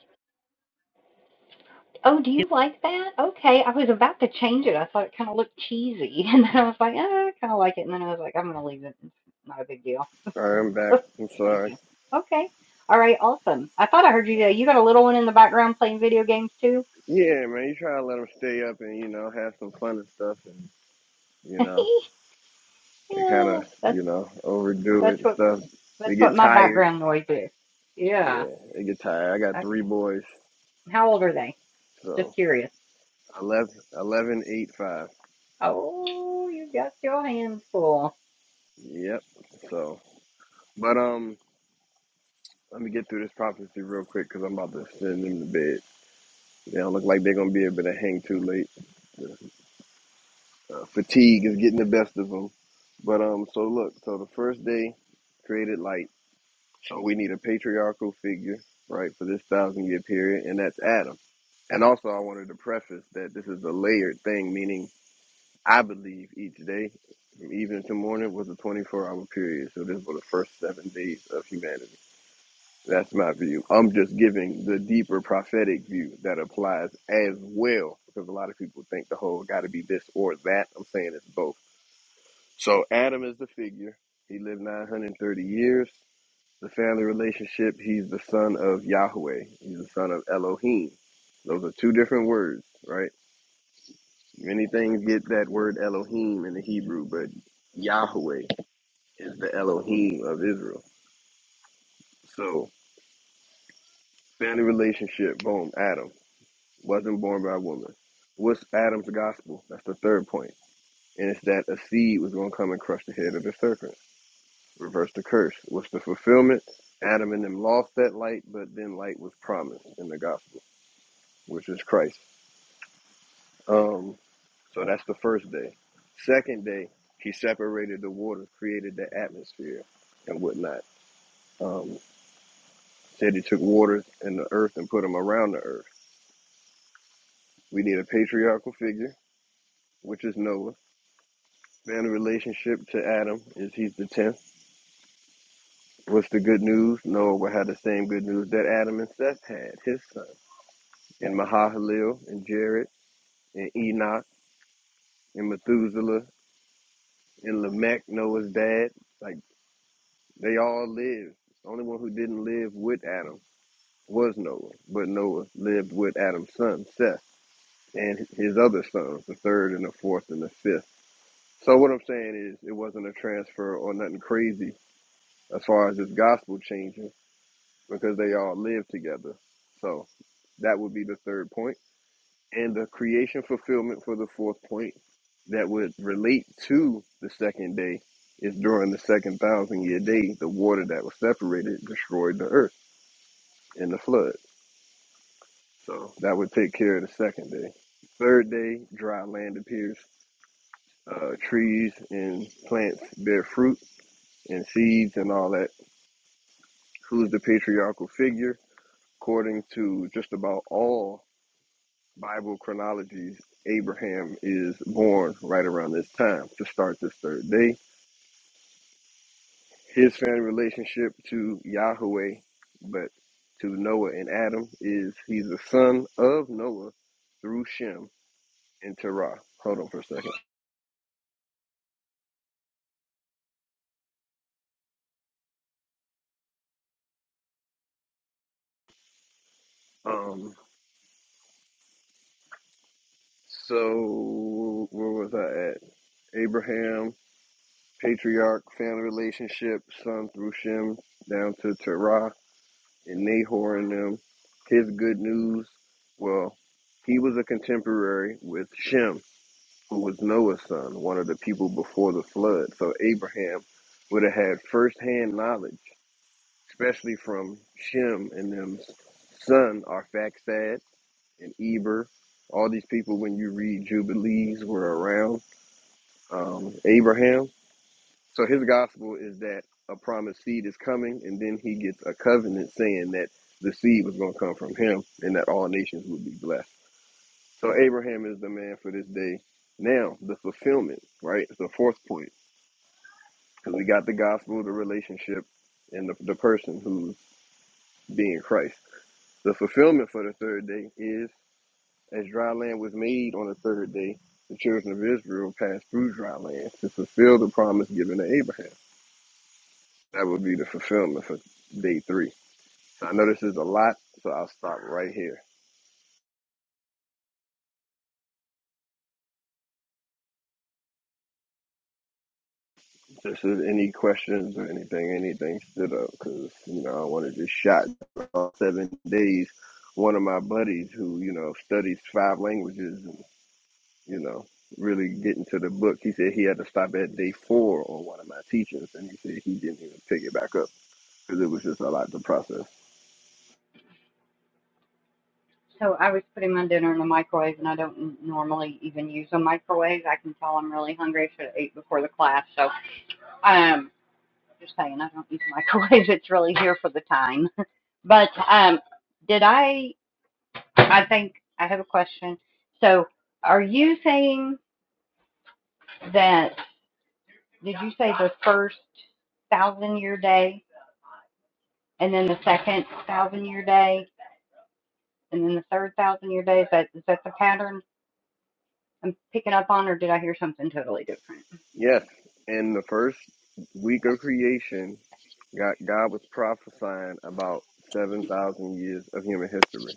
S6: All right, I'm back. I'm sorry. Yeah, man, you try to let them stay up and you know have some fun and stuff, and you know they kind of you know overdo it and stuff. They get tired. Yeah, they get tired. I got three boys, so 11, 11, 8, 5. Yep. So, but um, let me get through this prophecy real quick because I'm about to send them to bed. They don't look like they're gonna be able to hang too late. uh, fatigue is getting the best of them. But um, so look, so the first day created light. So we need a patriarchal figure, right, for this thousand year period, and that's Adam. And also, I wanted to preface that this is a layered thing, meaning I believe each day, from evening to morning, was a 24 hour period. So this was the first seven days of humanity. That's my view. I'm just giving the deeper prophetic view that applies as well because a lot of people think the whole got to be this or that. I'm saying it's both. So Adam is the figure. He lived 930 years. The family relationship, he's the son of Yahweh. He's the son of Elohim. Those are two different words, right? Many things get that word Elohim in the Hebrew, but Yahweh is the Elohim of Israel. So family relationship, boom, Adam. wasn't born by a woman. What's Adam's gospel? That's the third point. And it's that a seed was going to come and crush the head of the serpent, reverse the curse. What's the fulfillment? Adam and them lost that light, but then light was promised in the gospel, which is Christ. Um, so that's the first day. Second day, he separated the waters, created the atmosphere and whatnot. Um, said he took waters and the earth and put them around the earth. We need a patriarchal figure, which is Noah Man, the relationship to Adam is he's the tenth. What's the good news? Noah will have the same good news that Adam and Seth had, his son. And Mahalalel and Jared and Enoch and Methuselah and Lamech, Noah's dad. Like they all lived. The only one who didn't live with Adam was Noah. But Noah lived with Adam's son, Seth, and his other sons, the third and the fourth and the fifth. So what I'm saying is it wasn't a transfer or nothing crazy as far as this gospel changing. because they all live together. So that would be the third point. And the creation fulfillment for the fourth point that would relate to the second day is during the second thousand year day, the water that was separated destroyed the earth in the flood. So that would take care of the second day. Third day, dry land appears. Uh, trees and plants bear fruit and seeds and all that. Who's the patriarchal figure? According to just about all Bible chronologies, Abraham is born right around this time to start this third day. His family relationship to Yahweh, but to Noah and Adam, is he's the son of Noah through Shem and Terah. Hold on for a second. Um, so where was I at? Abraham, patriarch, family relationship, son through Shem down to Terah. and Nahor and them, his good news, well, he was a contemporary with Shem, who was Noah's son, one of the people before the flood. So Abraham would have had firsthand knowledge, especially from Shem and them's son, Arphaxad and Eber. All these people, when you read Jubilees, were around um, Abraham. So his gospel is that a promised seed is coming, and then he gets a covenant saying that the seed was going to come from him and that all nations would be blessed. So Abraham is the man for this day. Now, the fulfillment, right? It's the fourth point because we got the gospel, the relationship, and the, the person who's being Christ. The fulfillment for the third day is as dry land was made on the third day, the children of Israel passed through dry land to fulfill the promise given to Abraham. That would be the fulfillment for day three. I know this is a lot, so I'll stop right here. Just if any questions or anything, anything stood up, because, you know, I want to just shot all seven days. One of my buddies who, you know, studies five languages and, you know, really getting to the book, he said he had to stop at day four on one of my teachings, and he said he didn't even pick it back up because it was just a lot to process. Yes, in the first week of creation, God, God was prophesying about 7,000 years of human history.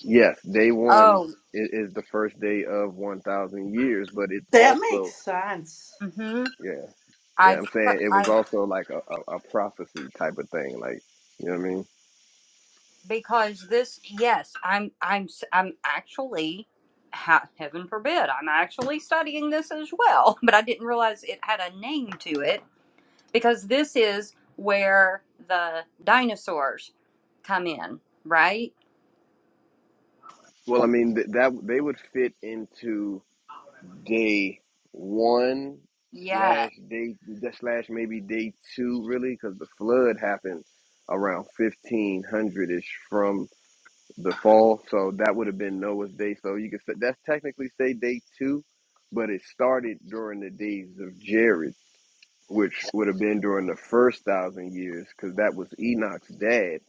S6: Yes, day one i- is the first day of 1,000 years, but it's
S3: That
S6: also,
S3: makes sense.
S6: yeah, yeah, I'm saying it was also like a, a, a prophecy type of thing. Like, you know what I mean? Well, I mean, th- that they would fit into day one slash day slash maybe day two, really, because the flood happened around 1500 ish from. the fall. So that would have been Noah's day. So you could say that's technically say day two, but it started during the days of Jared, which would have been during the first thousand years, because that was Enoch's dad.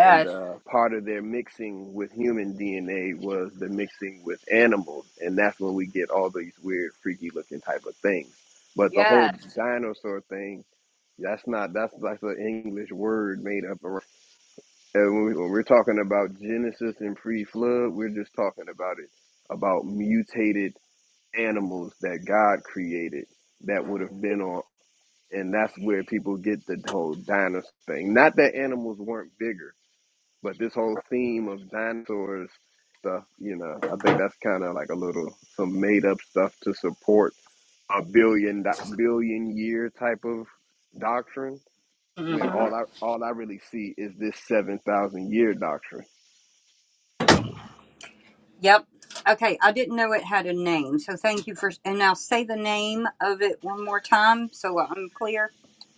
S6: And uh, part of their mixing with human DNA was the mixing with animals, and that's when we get all these weird, freaky-looking type of things. But the whole dinosaur thing—that's not—that's that's that's an English word made up around. And when, we, when we're talking about Genesis and pre-flood, we're just talking about it, about mutated animals that God created that would have been on, and that's where people get the whole dinosaur thing. Not that animals weren't bigger, but this whole theme of dinosaurs stuff, you know, I think that's kind of like a little some made-up stuff to support a billion billion year type of doctrine. When all I all I really see is this seven thousand year doctrine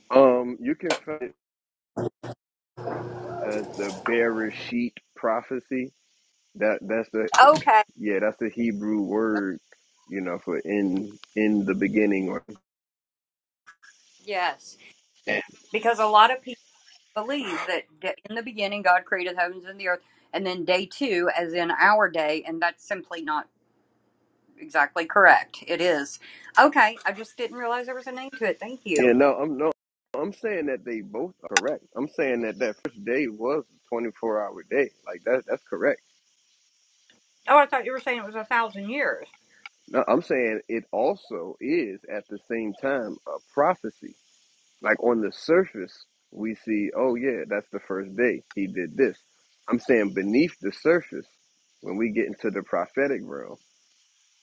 S6: Um, you can find it as the Bereshit prophecy. That that's the yeah, that's the Hebrew word, you know, for in in the beginning or yeah. No, I'm no, I'm saying that they both are correct. I'm saying that that first day was a 24 hour day. Like that that's correct. No, I'm saying it also is at the same time a prophecy. Like on the surface, we see, oh yeah, that's the first day he did this. I'm saying beneath the surface, when we get into the prophetic realm,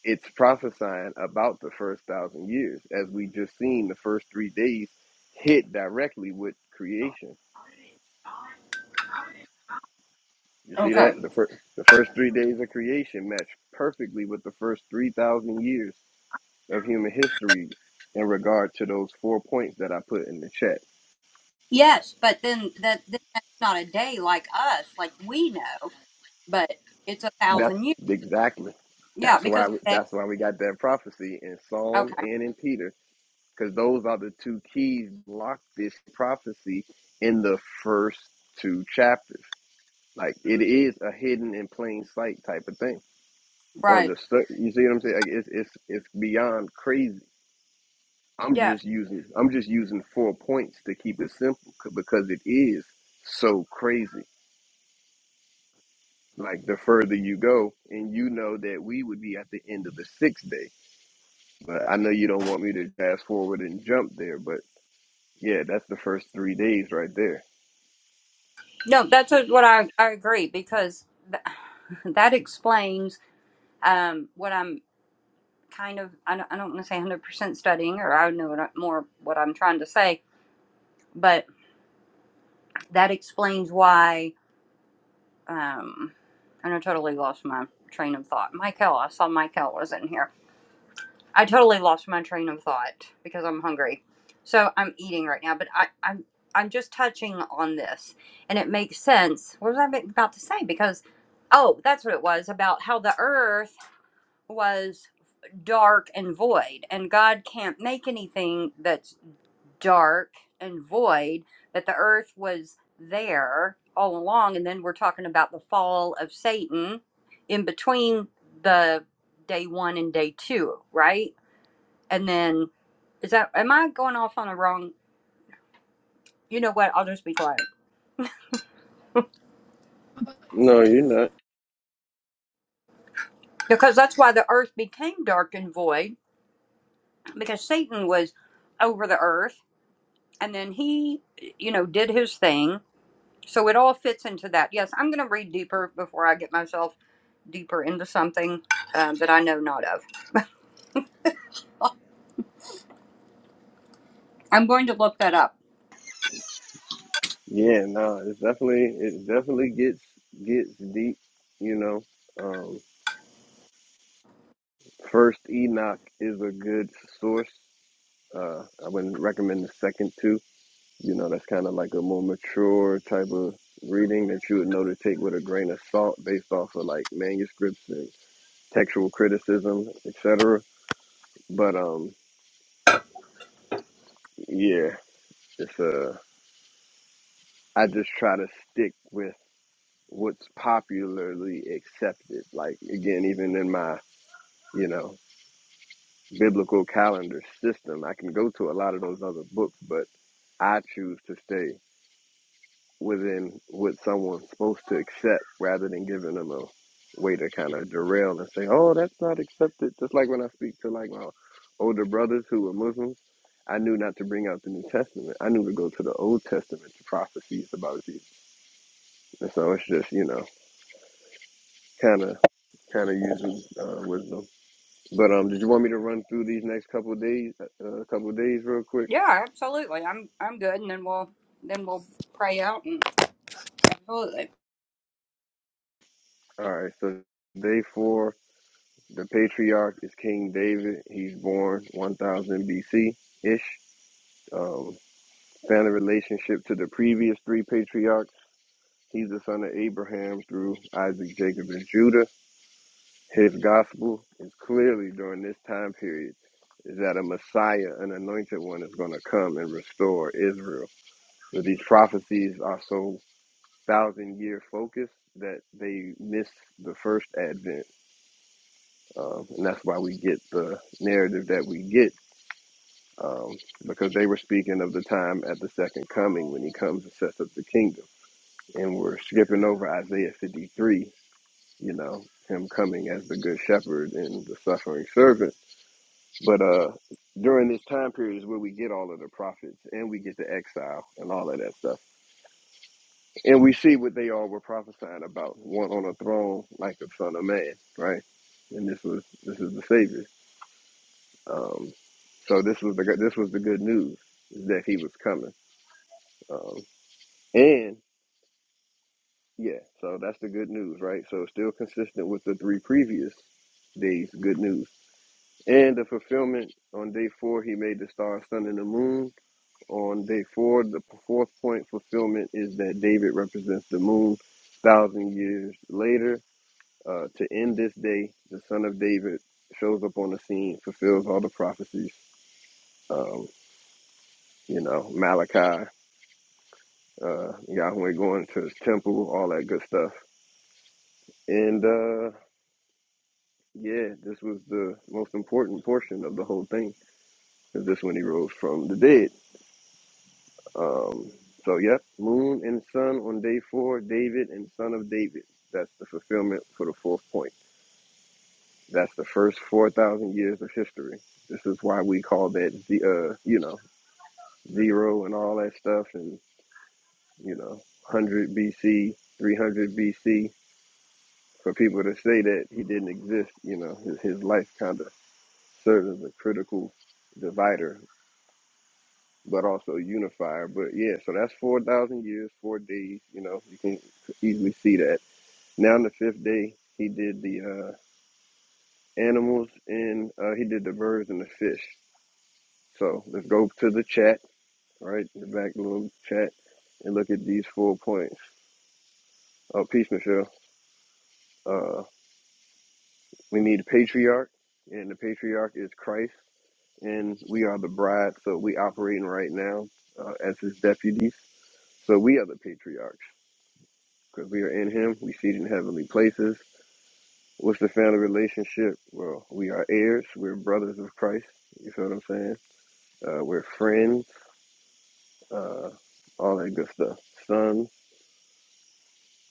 S6: it's prophesying about the first thousand years, as we just seen the first three days hit directly with creation. You see that the first the first three days of creation match perfectly with the first three thousand years of human history in regard to those four points that I put in the chat. That's exactly. That's why we, that's why we got that prophecy in Psalm and in Peter, because those are the two keys lock this prophecy in the first two chapters. Like it is a hidden in plain sight type of thing. On the sur- you see what I'm saying? Like, it's it's it's beyond crazy. I'm just using I'm just using four points to keep it simple c- because it is so crazy. Like the further you go, and you know that we would be at the end of the sixth day. But I know you don't want me to fast forward and jump there, but yeah, that's the first three days right there. No, you're not. Yeah, no, it's definitely it definitely gets gets deep, you know. Um first Enoch is a good source. Uh I wouldn't recommend the second two. You know, that's kinda like a more mature type of reading that you would know to take with a grain of salt based off of like manuscripts and textual criticism, etc. But um yeah, it's a I just try to stick with what's popularly accepted. Like again, even in my, you know, biblical calendar system, I can go to a lot of those other books, but I choose to stay within what someone's supposed to accept rather than giving them a way to kind of derail and say, oh, that's not accepted. Just like when I speak to like my older brothers who were Muslims, I knew not to bring out the New Testament. I knew to go to the Old Testament, to prophecies about Jesus. And so it's just, you know, kind of kind of using uh, wisdom. But um, did you want me to run through these next couple of days, uh, a couple of days real quick? All right. So day four, the patriarch is King David. He's born 1000 BC ish. Um, found a relationship to the previous three patriarchs. He's the son of Abraham through Isaac, Jacob, and Judah. His gospel is clearly during this time period is that a Messiah, an anointed one, is going to come and restore Israel. So these prophecies are so thousand year focus that they miss the first advent. Um, and that's why we get the narrative that we get um, because they were speaking of the time at the second coming when he comes and sets up the kingdom. And we're skipping over Isaiah 53, you know, him coming as the good shepherd and the suffering servant. But uh, during this time period is where we get all of the prophets and we get the exile and all of that stuff. And we see what they all were prophesying about. One on a throne like the Son of Man, right? And this was this is the Savior. Um, so this was the this was the good news is that he was coming. Um, and yeah, so that's the good news, right? So it's still consistent with the three previous days good news. And the fulfillment on day four, he made the stars, sun, and the moon. On day four, the fourth point fulfillment is that David represents the moon thousand years later Uh, to end this day, the son of David shows up on the scene, fulfills all the prophecies. Um, you know, Malachi, uh, Yahweh going to his temple, all that good stuff. And uh, yeah, this was the most important portion of the whole thing, is this when he rose from the dead. Um, so, yep, moon and sun on day four, David and son of David. That's the fulfillment for the fourth point. That's the first 4,000 years of history. This is why we call that, the, uh, you know, zero and all that stuff, and you know, 100 BC, 300 BC. For people to say that he didn't exist, you know, his, his life kind of serves as a critical divider, but also unifier. But yeah, so that's 4,000 years, four days. You know, you can easily see that. Now, on the fifth day, he did the uh, animals and uh, he did the birds and the fish. So let's go to the chat, right? The back little chat and look at these four points. Oh, peace, Michelle. Uh, we need a patriarch, and the patriarch is Christ, and we are the bride. So we operating right now uh, as his deputies. So we are the patriarchs because we are in him. We seated in heavenly places. What's the family relationship? Well, we are heirs. We're brothers of Christ. You feel what I'm saying? Uh, we're friends. Uh, all that good stuff. Sons.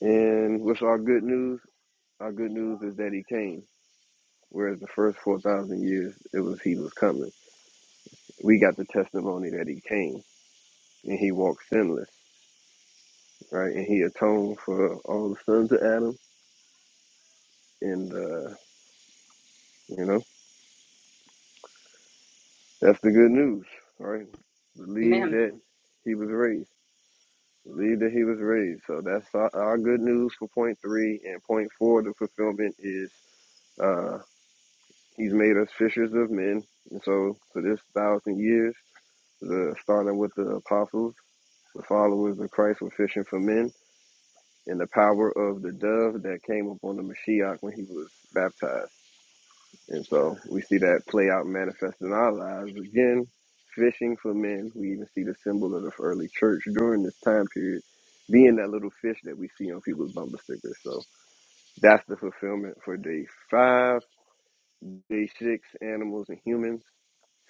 S6: And what's our good news? Our good news is that he came. Whereas the first 4,000 years, it was he was coming. we got the testimony that he came and he walked sinless, right? And he atoned for all the sons of Adam. And, uh, you know, that's the good news, right? Believe that he was raised. Believe that he was raised. So that's our, our good news for point three. And point four, the fulfillment is uh, he's made us fishers of men. And so for this thousand years, the starting with the apostles, the followers of Christ were fishing for men and the power of the dove that came upon the Mashiach when he was baptized. And so we see that play out manifest in our lives. Again, fishing for men. We even see the symbol of the early church during this time period being that little fish that we see on people's bumper stickers. So that's the fulfillment for day five. Day six, animals and humans.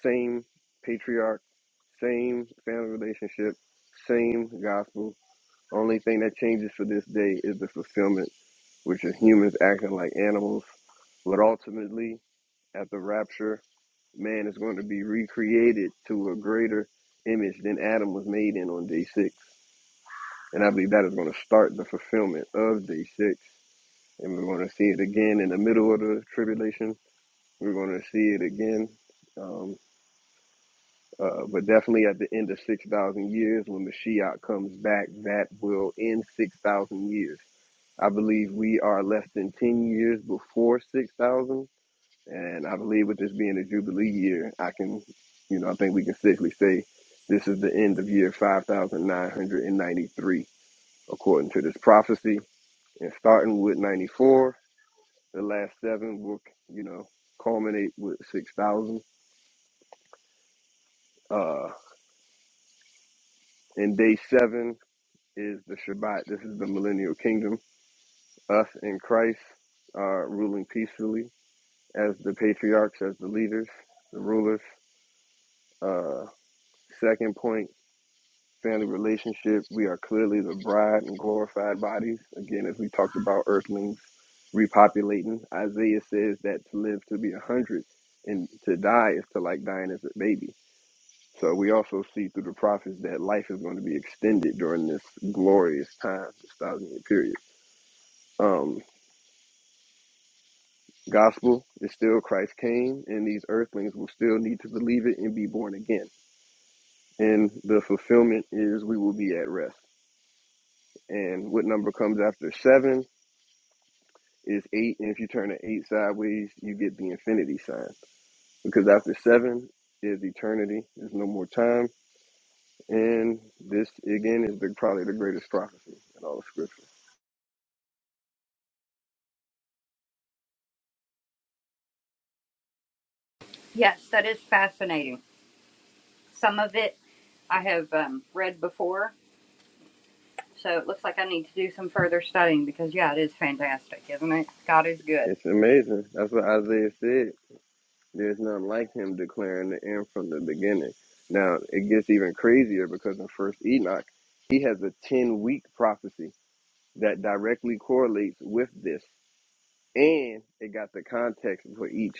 S6: Same patriarch, same family relationship, same gospel, only thing that changes for this day is the fulfillment, which is humans acting like animals. But ultimately, at the rapture, man is going to be recreated to a greater image than Adam was made in on day six. And I believe that is going to start the fulfillment of day six. And we're going to see it again in the middle of the tribulation. We're going to see it again. Um, uh, but definitely at the end of 6,000 years, when Mashiach comes back, that will end 6,000 years. I believe we are less than 10 years before 6,000. And I believe with this being a Jubilee year, I can, you know, I think we can safely say this is the end of year 5,993, according to this prophecy. And starting with 94, the last seven will, you know, culminate with 6,000. Uh, and day seven is the Shabbat. This is the millennial kingdom. Us in Christ are ruling peacefully as the patriarchs, as the leaders, the rulers. Uh, second point, family relationship. We are clearly the bride and glorified bodies. Again, as we talked about earthlings repopulating, Isaiah says that to live to be a hundred and to die is to like dying as a baby. So we also see through the prophets that life is going to be extended during this glorious time, this thousand year period. Um, gospel is still Christ came, and these earthlings will still need to believe it and be born again and the fulfillment is we will be at rest. And what number comes after seven is eight, and if you turn the eight sideways, you get the infinity sign. Because after seven is eternity, there's no more time, and this again is the, probably the greatest prophecy in all of Scripture. It's amazing. That's what Isaiah said. There's none like him declaring the end from the beginning. Now it gets even crazier because in First Enoch, he has a ten-week prophecy that directly correlates with this. and it got the context for each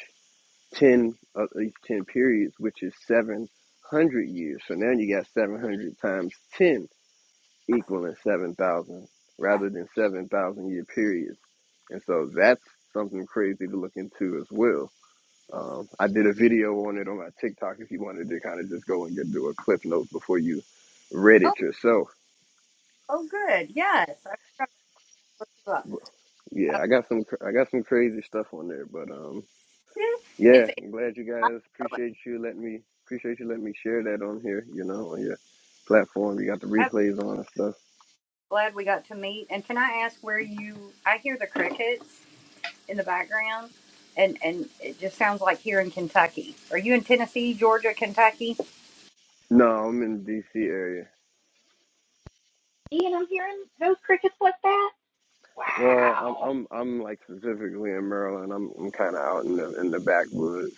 S6: ten of uh, each ten periods, which is seven hundred years. So now you got seven hundred times ten equaling seven thousand, rather than seven thousand year periods. And so that's something crazy to look into as well. Um, I did a video on it on my TikTok. If you wanted to kind of just go and get do a clip notes before you read it yourself. Yeah, I got some I got some crazy stuff on there, but um. Yeah, I'm glad you guys appreciate you letting me appreciate you letting me share that on here, you know, on your platform. You got the replays on and stuff. No, I'm in the DC area. Well, I'm I'm I'm like specifically in Maryland. I'm I'm kinda out in the in the backwoods.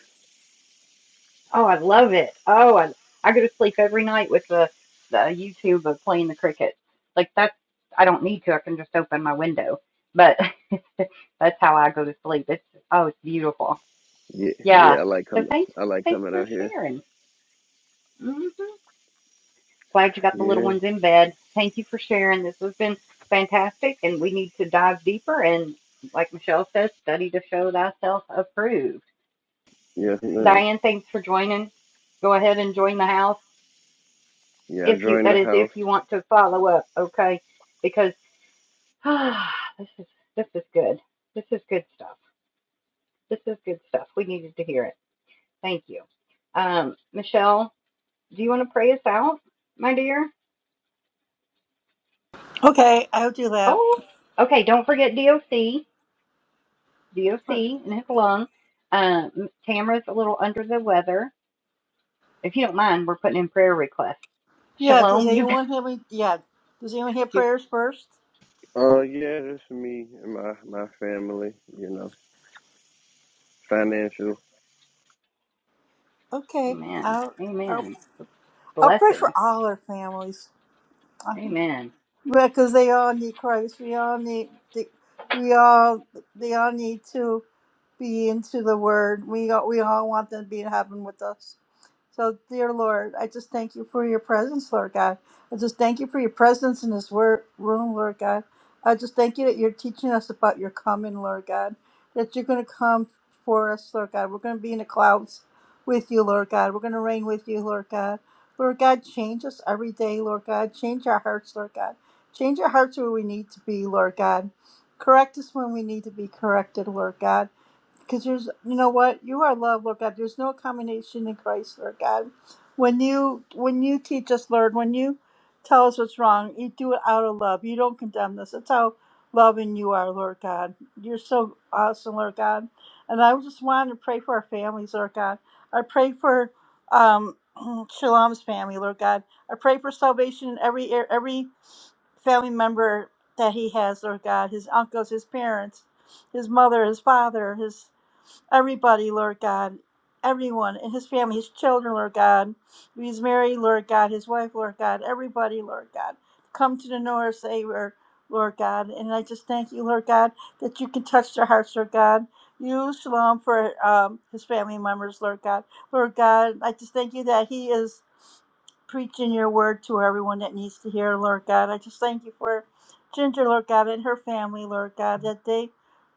S6: Yeah, yeah, I like coming I like coming out here. Yeah, yes ma'am. Yeah, I joined the house.
S3: Okay, I'll do that. Yeah, does anyone have any? Yeah, does anyone have prayers first?
S6: Uh yeah, just me and my my family, you know. Financial
S3: Okay, I'll I'll, I'll pray for all our families. because they all need Christ. We all need the, we all they all need to be into the Word. We all, we all want them to be in heaven with us. So, dear Lord, I just thank you for your presence, Lord God. I just thank you for your presence in this word room, Lord God. I just thank you that you're teaching us about your coming, Lord God. That you're going to come for us, Lord God. We're going to be in the clouds with you, Lord God. We're going to reign with you, Lord God. Lord God, change us every day, Lord God. Change our hearts, Lord God. Change our hearts where we need to be, Lord God. Correct us when we need to be corrected, Lord God. Because there's, you know what, you are love, Lord God. There's no accommodation in Christ, Lord God. When you when you teach us, Lord, when you tell us what's wrong, you do it out of love. You don't condemn us. That's how loving you are, Lord God. You're so awesome, Lord God. And I just want to pray for our families, Lord God. I pray for um, Shalom's family, Lord God. I pray for salvation in every area, every family member that he has, Lord God, his uncles, his parents, his mother, his father, his everybody, Lord God, everyone in his family, his children, Lord God, if he's married, Lord God, his wife, Lord God, everybody, Lord God, come to the Lord, Savior, Lord God, and I just thank you, Lord God, that you can touch their hearts, Lord God. You shalom for um, his family members, Lord God, Lord God, I just thank you that he is preaching your word to everyone that needs to hear, Lord God. I just thank you for Ginger, Lord God, and her family, Lord God, that they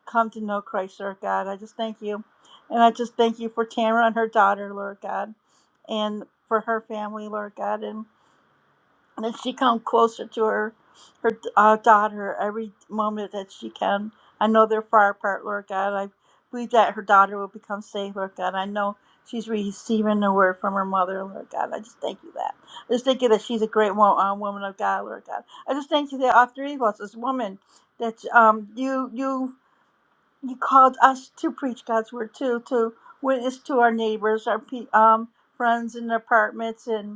S3: come to know Christ, Lord God. I just thank you. And I just thank you for Tamara and her daughter, Lord God, and for her family, Lord God. and. And that she come closer to her her uh, daughter every moment that she can. I know they're far apart, Lord God. I believe that her daughter will become saved, Lord God. I know she's receiving the word from her mother, Lord God. I just thank you that. I just thank you that she's a great wo- uh, woman of God, Lord God. I just thank you that all three of us, this woman, that um you you you called us to preach God's word too, to witness to our neighbors, our pe- um friends in apartments and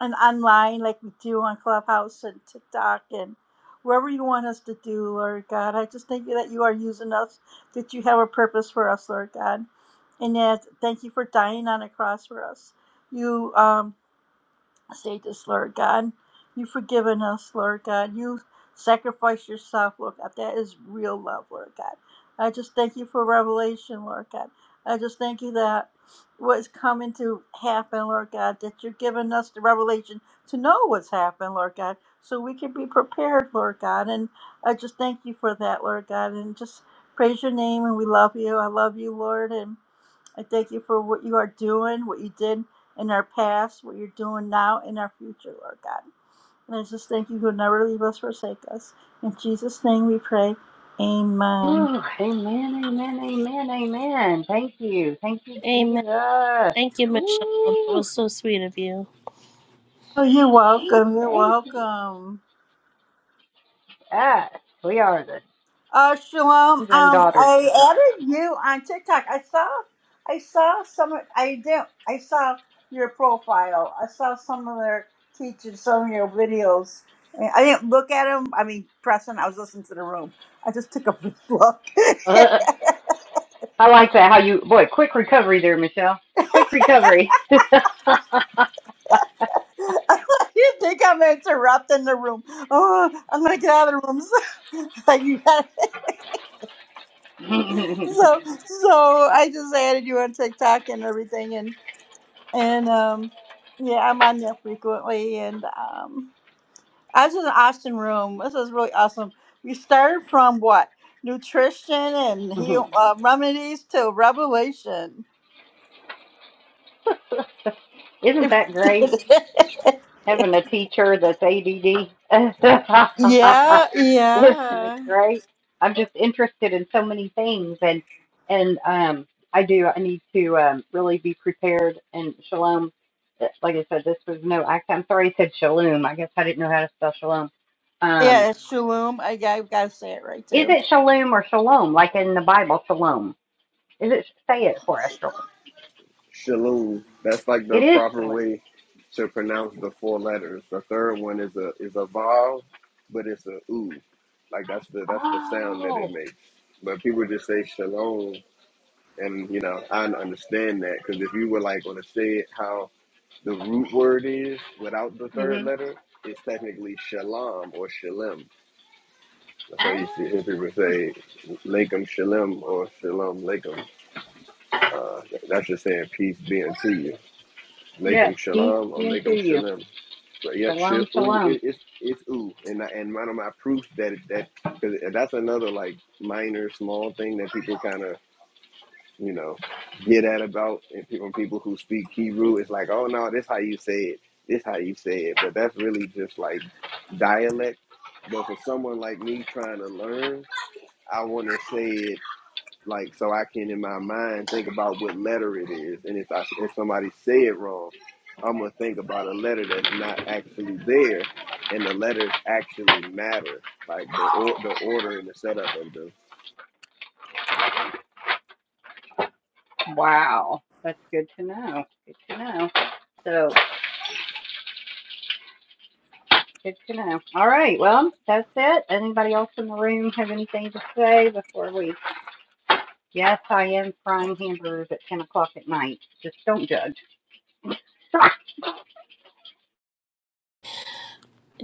S3: and online like we do on Clubhouse and TikTok and wherever you want us to do, Lord God. I just thank you that you are using us, that you have a purpose for us, Lord God. And that thank you for dying on a cross for us. You um Say this, Lord God. You've forgiven us, Lord God. You sacrificed yourself, Lord God. That is real love, Lord God. I just thank you for revelation, Lord God. I just thank you that what's coming to happen, Lord God, that you're giving us the revelation to know what's happened, Lord God, so we can be prepared, Lord God. And I just thank you for that, Lord God. And just praise your name, and we love you. I love you, Lord. and. I thank you for what you are doing, what you did in our past, what you're doing now, in our future, Lord God. And I just thank you who never leave us, forsake us. In Jesus' name we pray. Amen.
S4: Amen. Thank you, Michelle. That was so sweet of you.
S3: Oh, you're welcome. You're welcome. Uh, Shalom. Um, I added you on TikTok. I saw, I saw some. I did. I saw your profile. I saw some of their teachers, some of your videos. And I didn't look at them. I mean, Preston. I was listening to the room. I just took a brief look. you think I'm interrupting the room? Oh, I'm gonna get out of the room. So, you got- so, so I just added you on TikTok and everything, and um, yeah, I'm on there frequently. And um, I was in the Austin room. This is really awesome. We started from what nutrition and heal uh, remedies to revelation. If we did it. yeah, yeah, yeah. It's shalom. I, I gotta say it right too.
S6: Shalom. That's like the proper way to pronounce the four letters. The third one is a is a vowel, but it's a ooh. Like that's the that's the sound that it makes. But people just say shalom, and you know I understand that because if you were like going to say it how the root word is without the third letter, it's technically shalom or shalem. That's why you see hear people say lakem shalem or shalom lakem. Uh, that's just saying peace be unto you. Lakem Shalom or Lakem Shalem. But yep, shil, ooh, it, it's it's ooh, and I, and one of my proofs that that because that's another like minor small thing that people kind of you know get at about and people people who speak Hebrew it's like oh no this how you say it this how you say it but that's really just like dialect. But for someone like me trying to learn, I want to say it like so I can in my mind think about what letter it is, and if I if somebody say it wrong, I'm gonna think about a letter that's not actually there, and the letters actually matter, like the or, the order and the setup of them.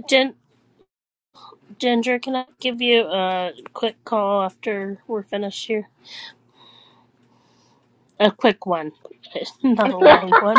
S4: Gen- Ginger, can I give you a quick call after we're finished here? A quick one, not a long one.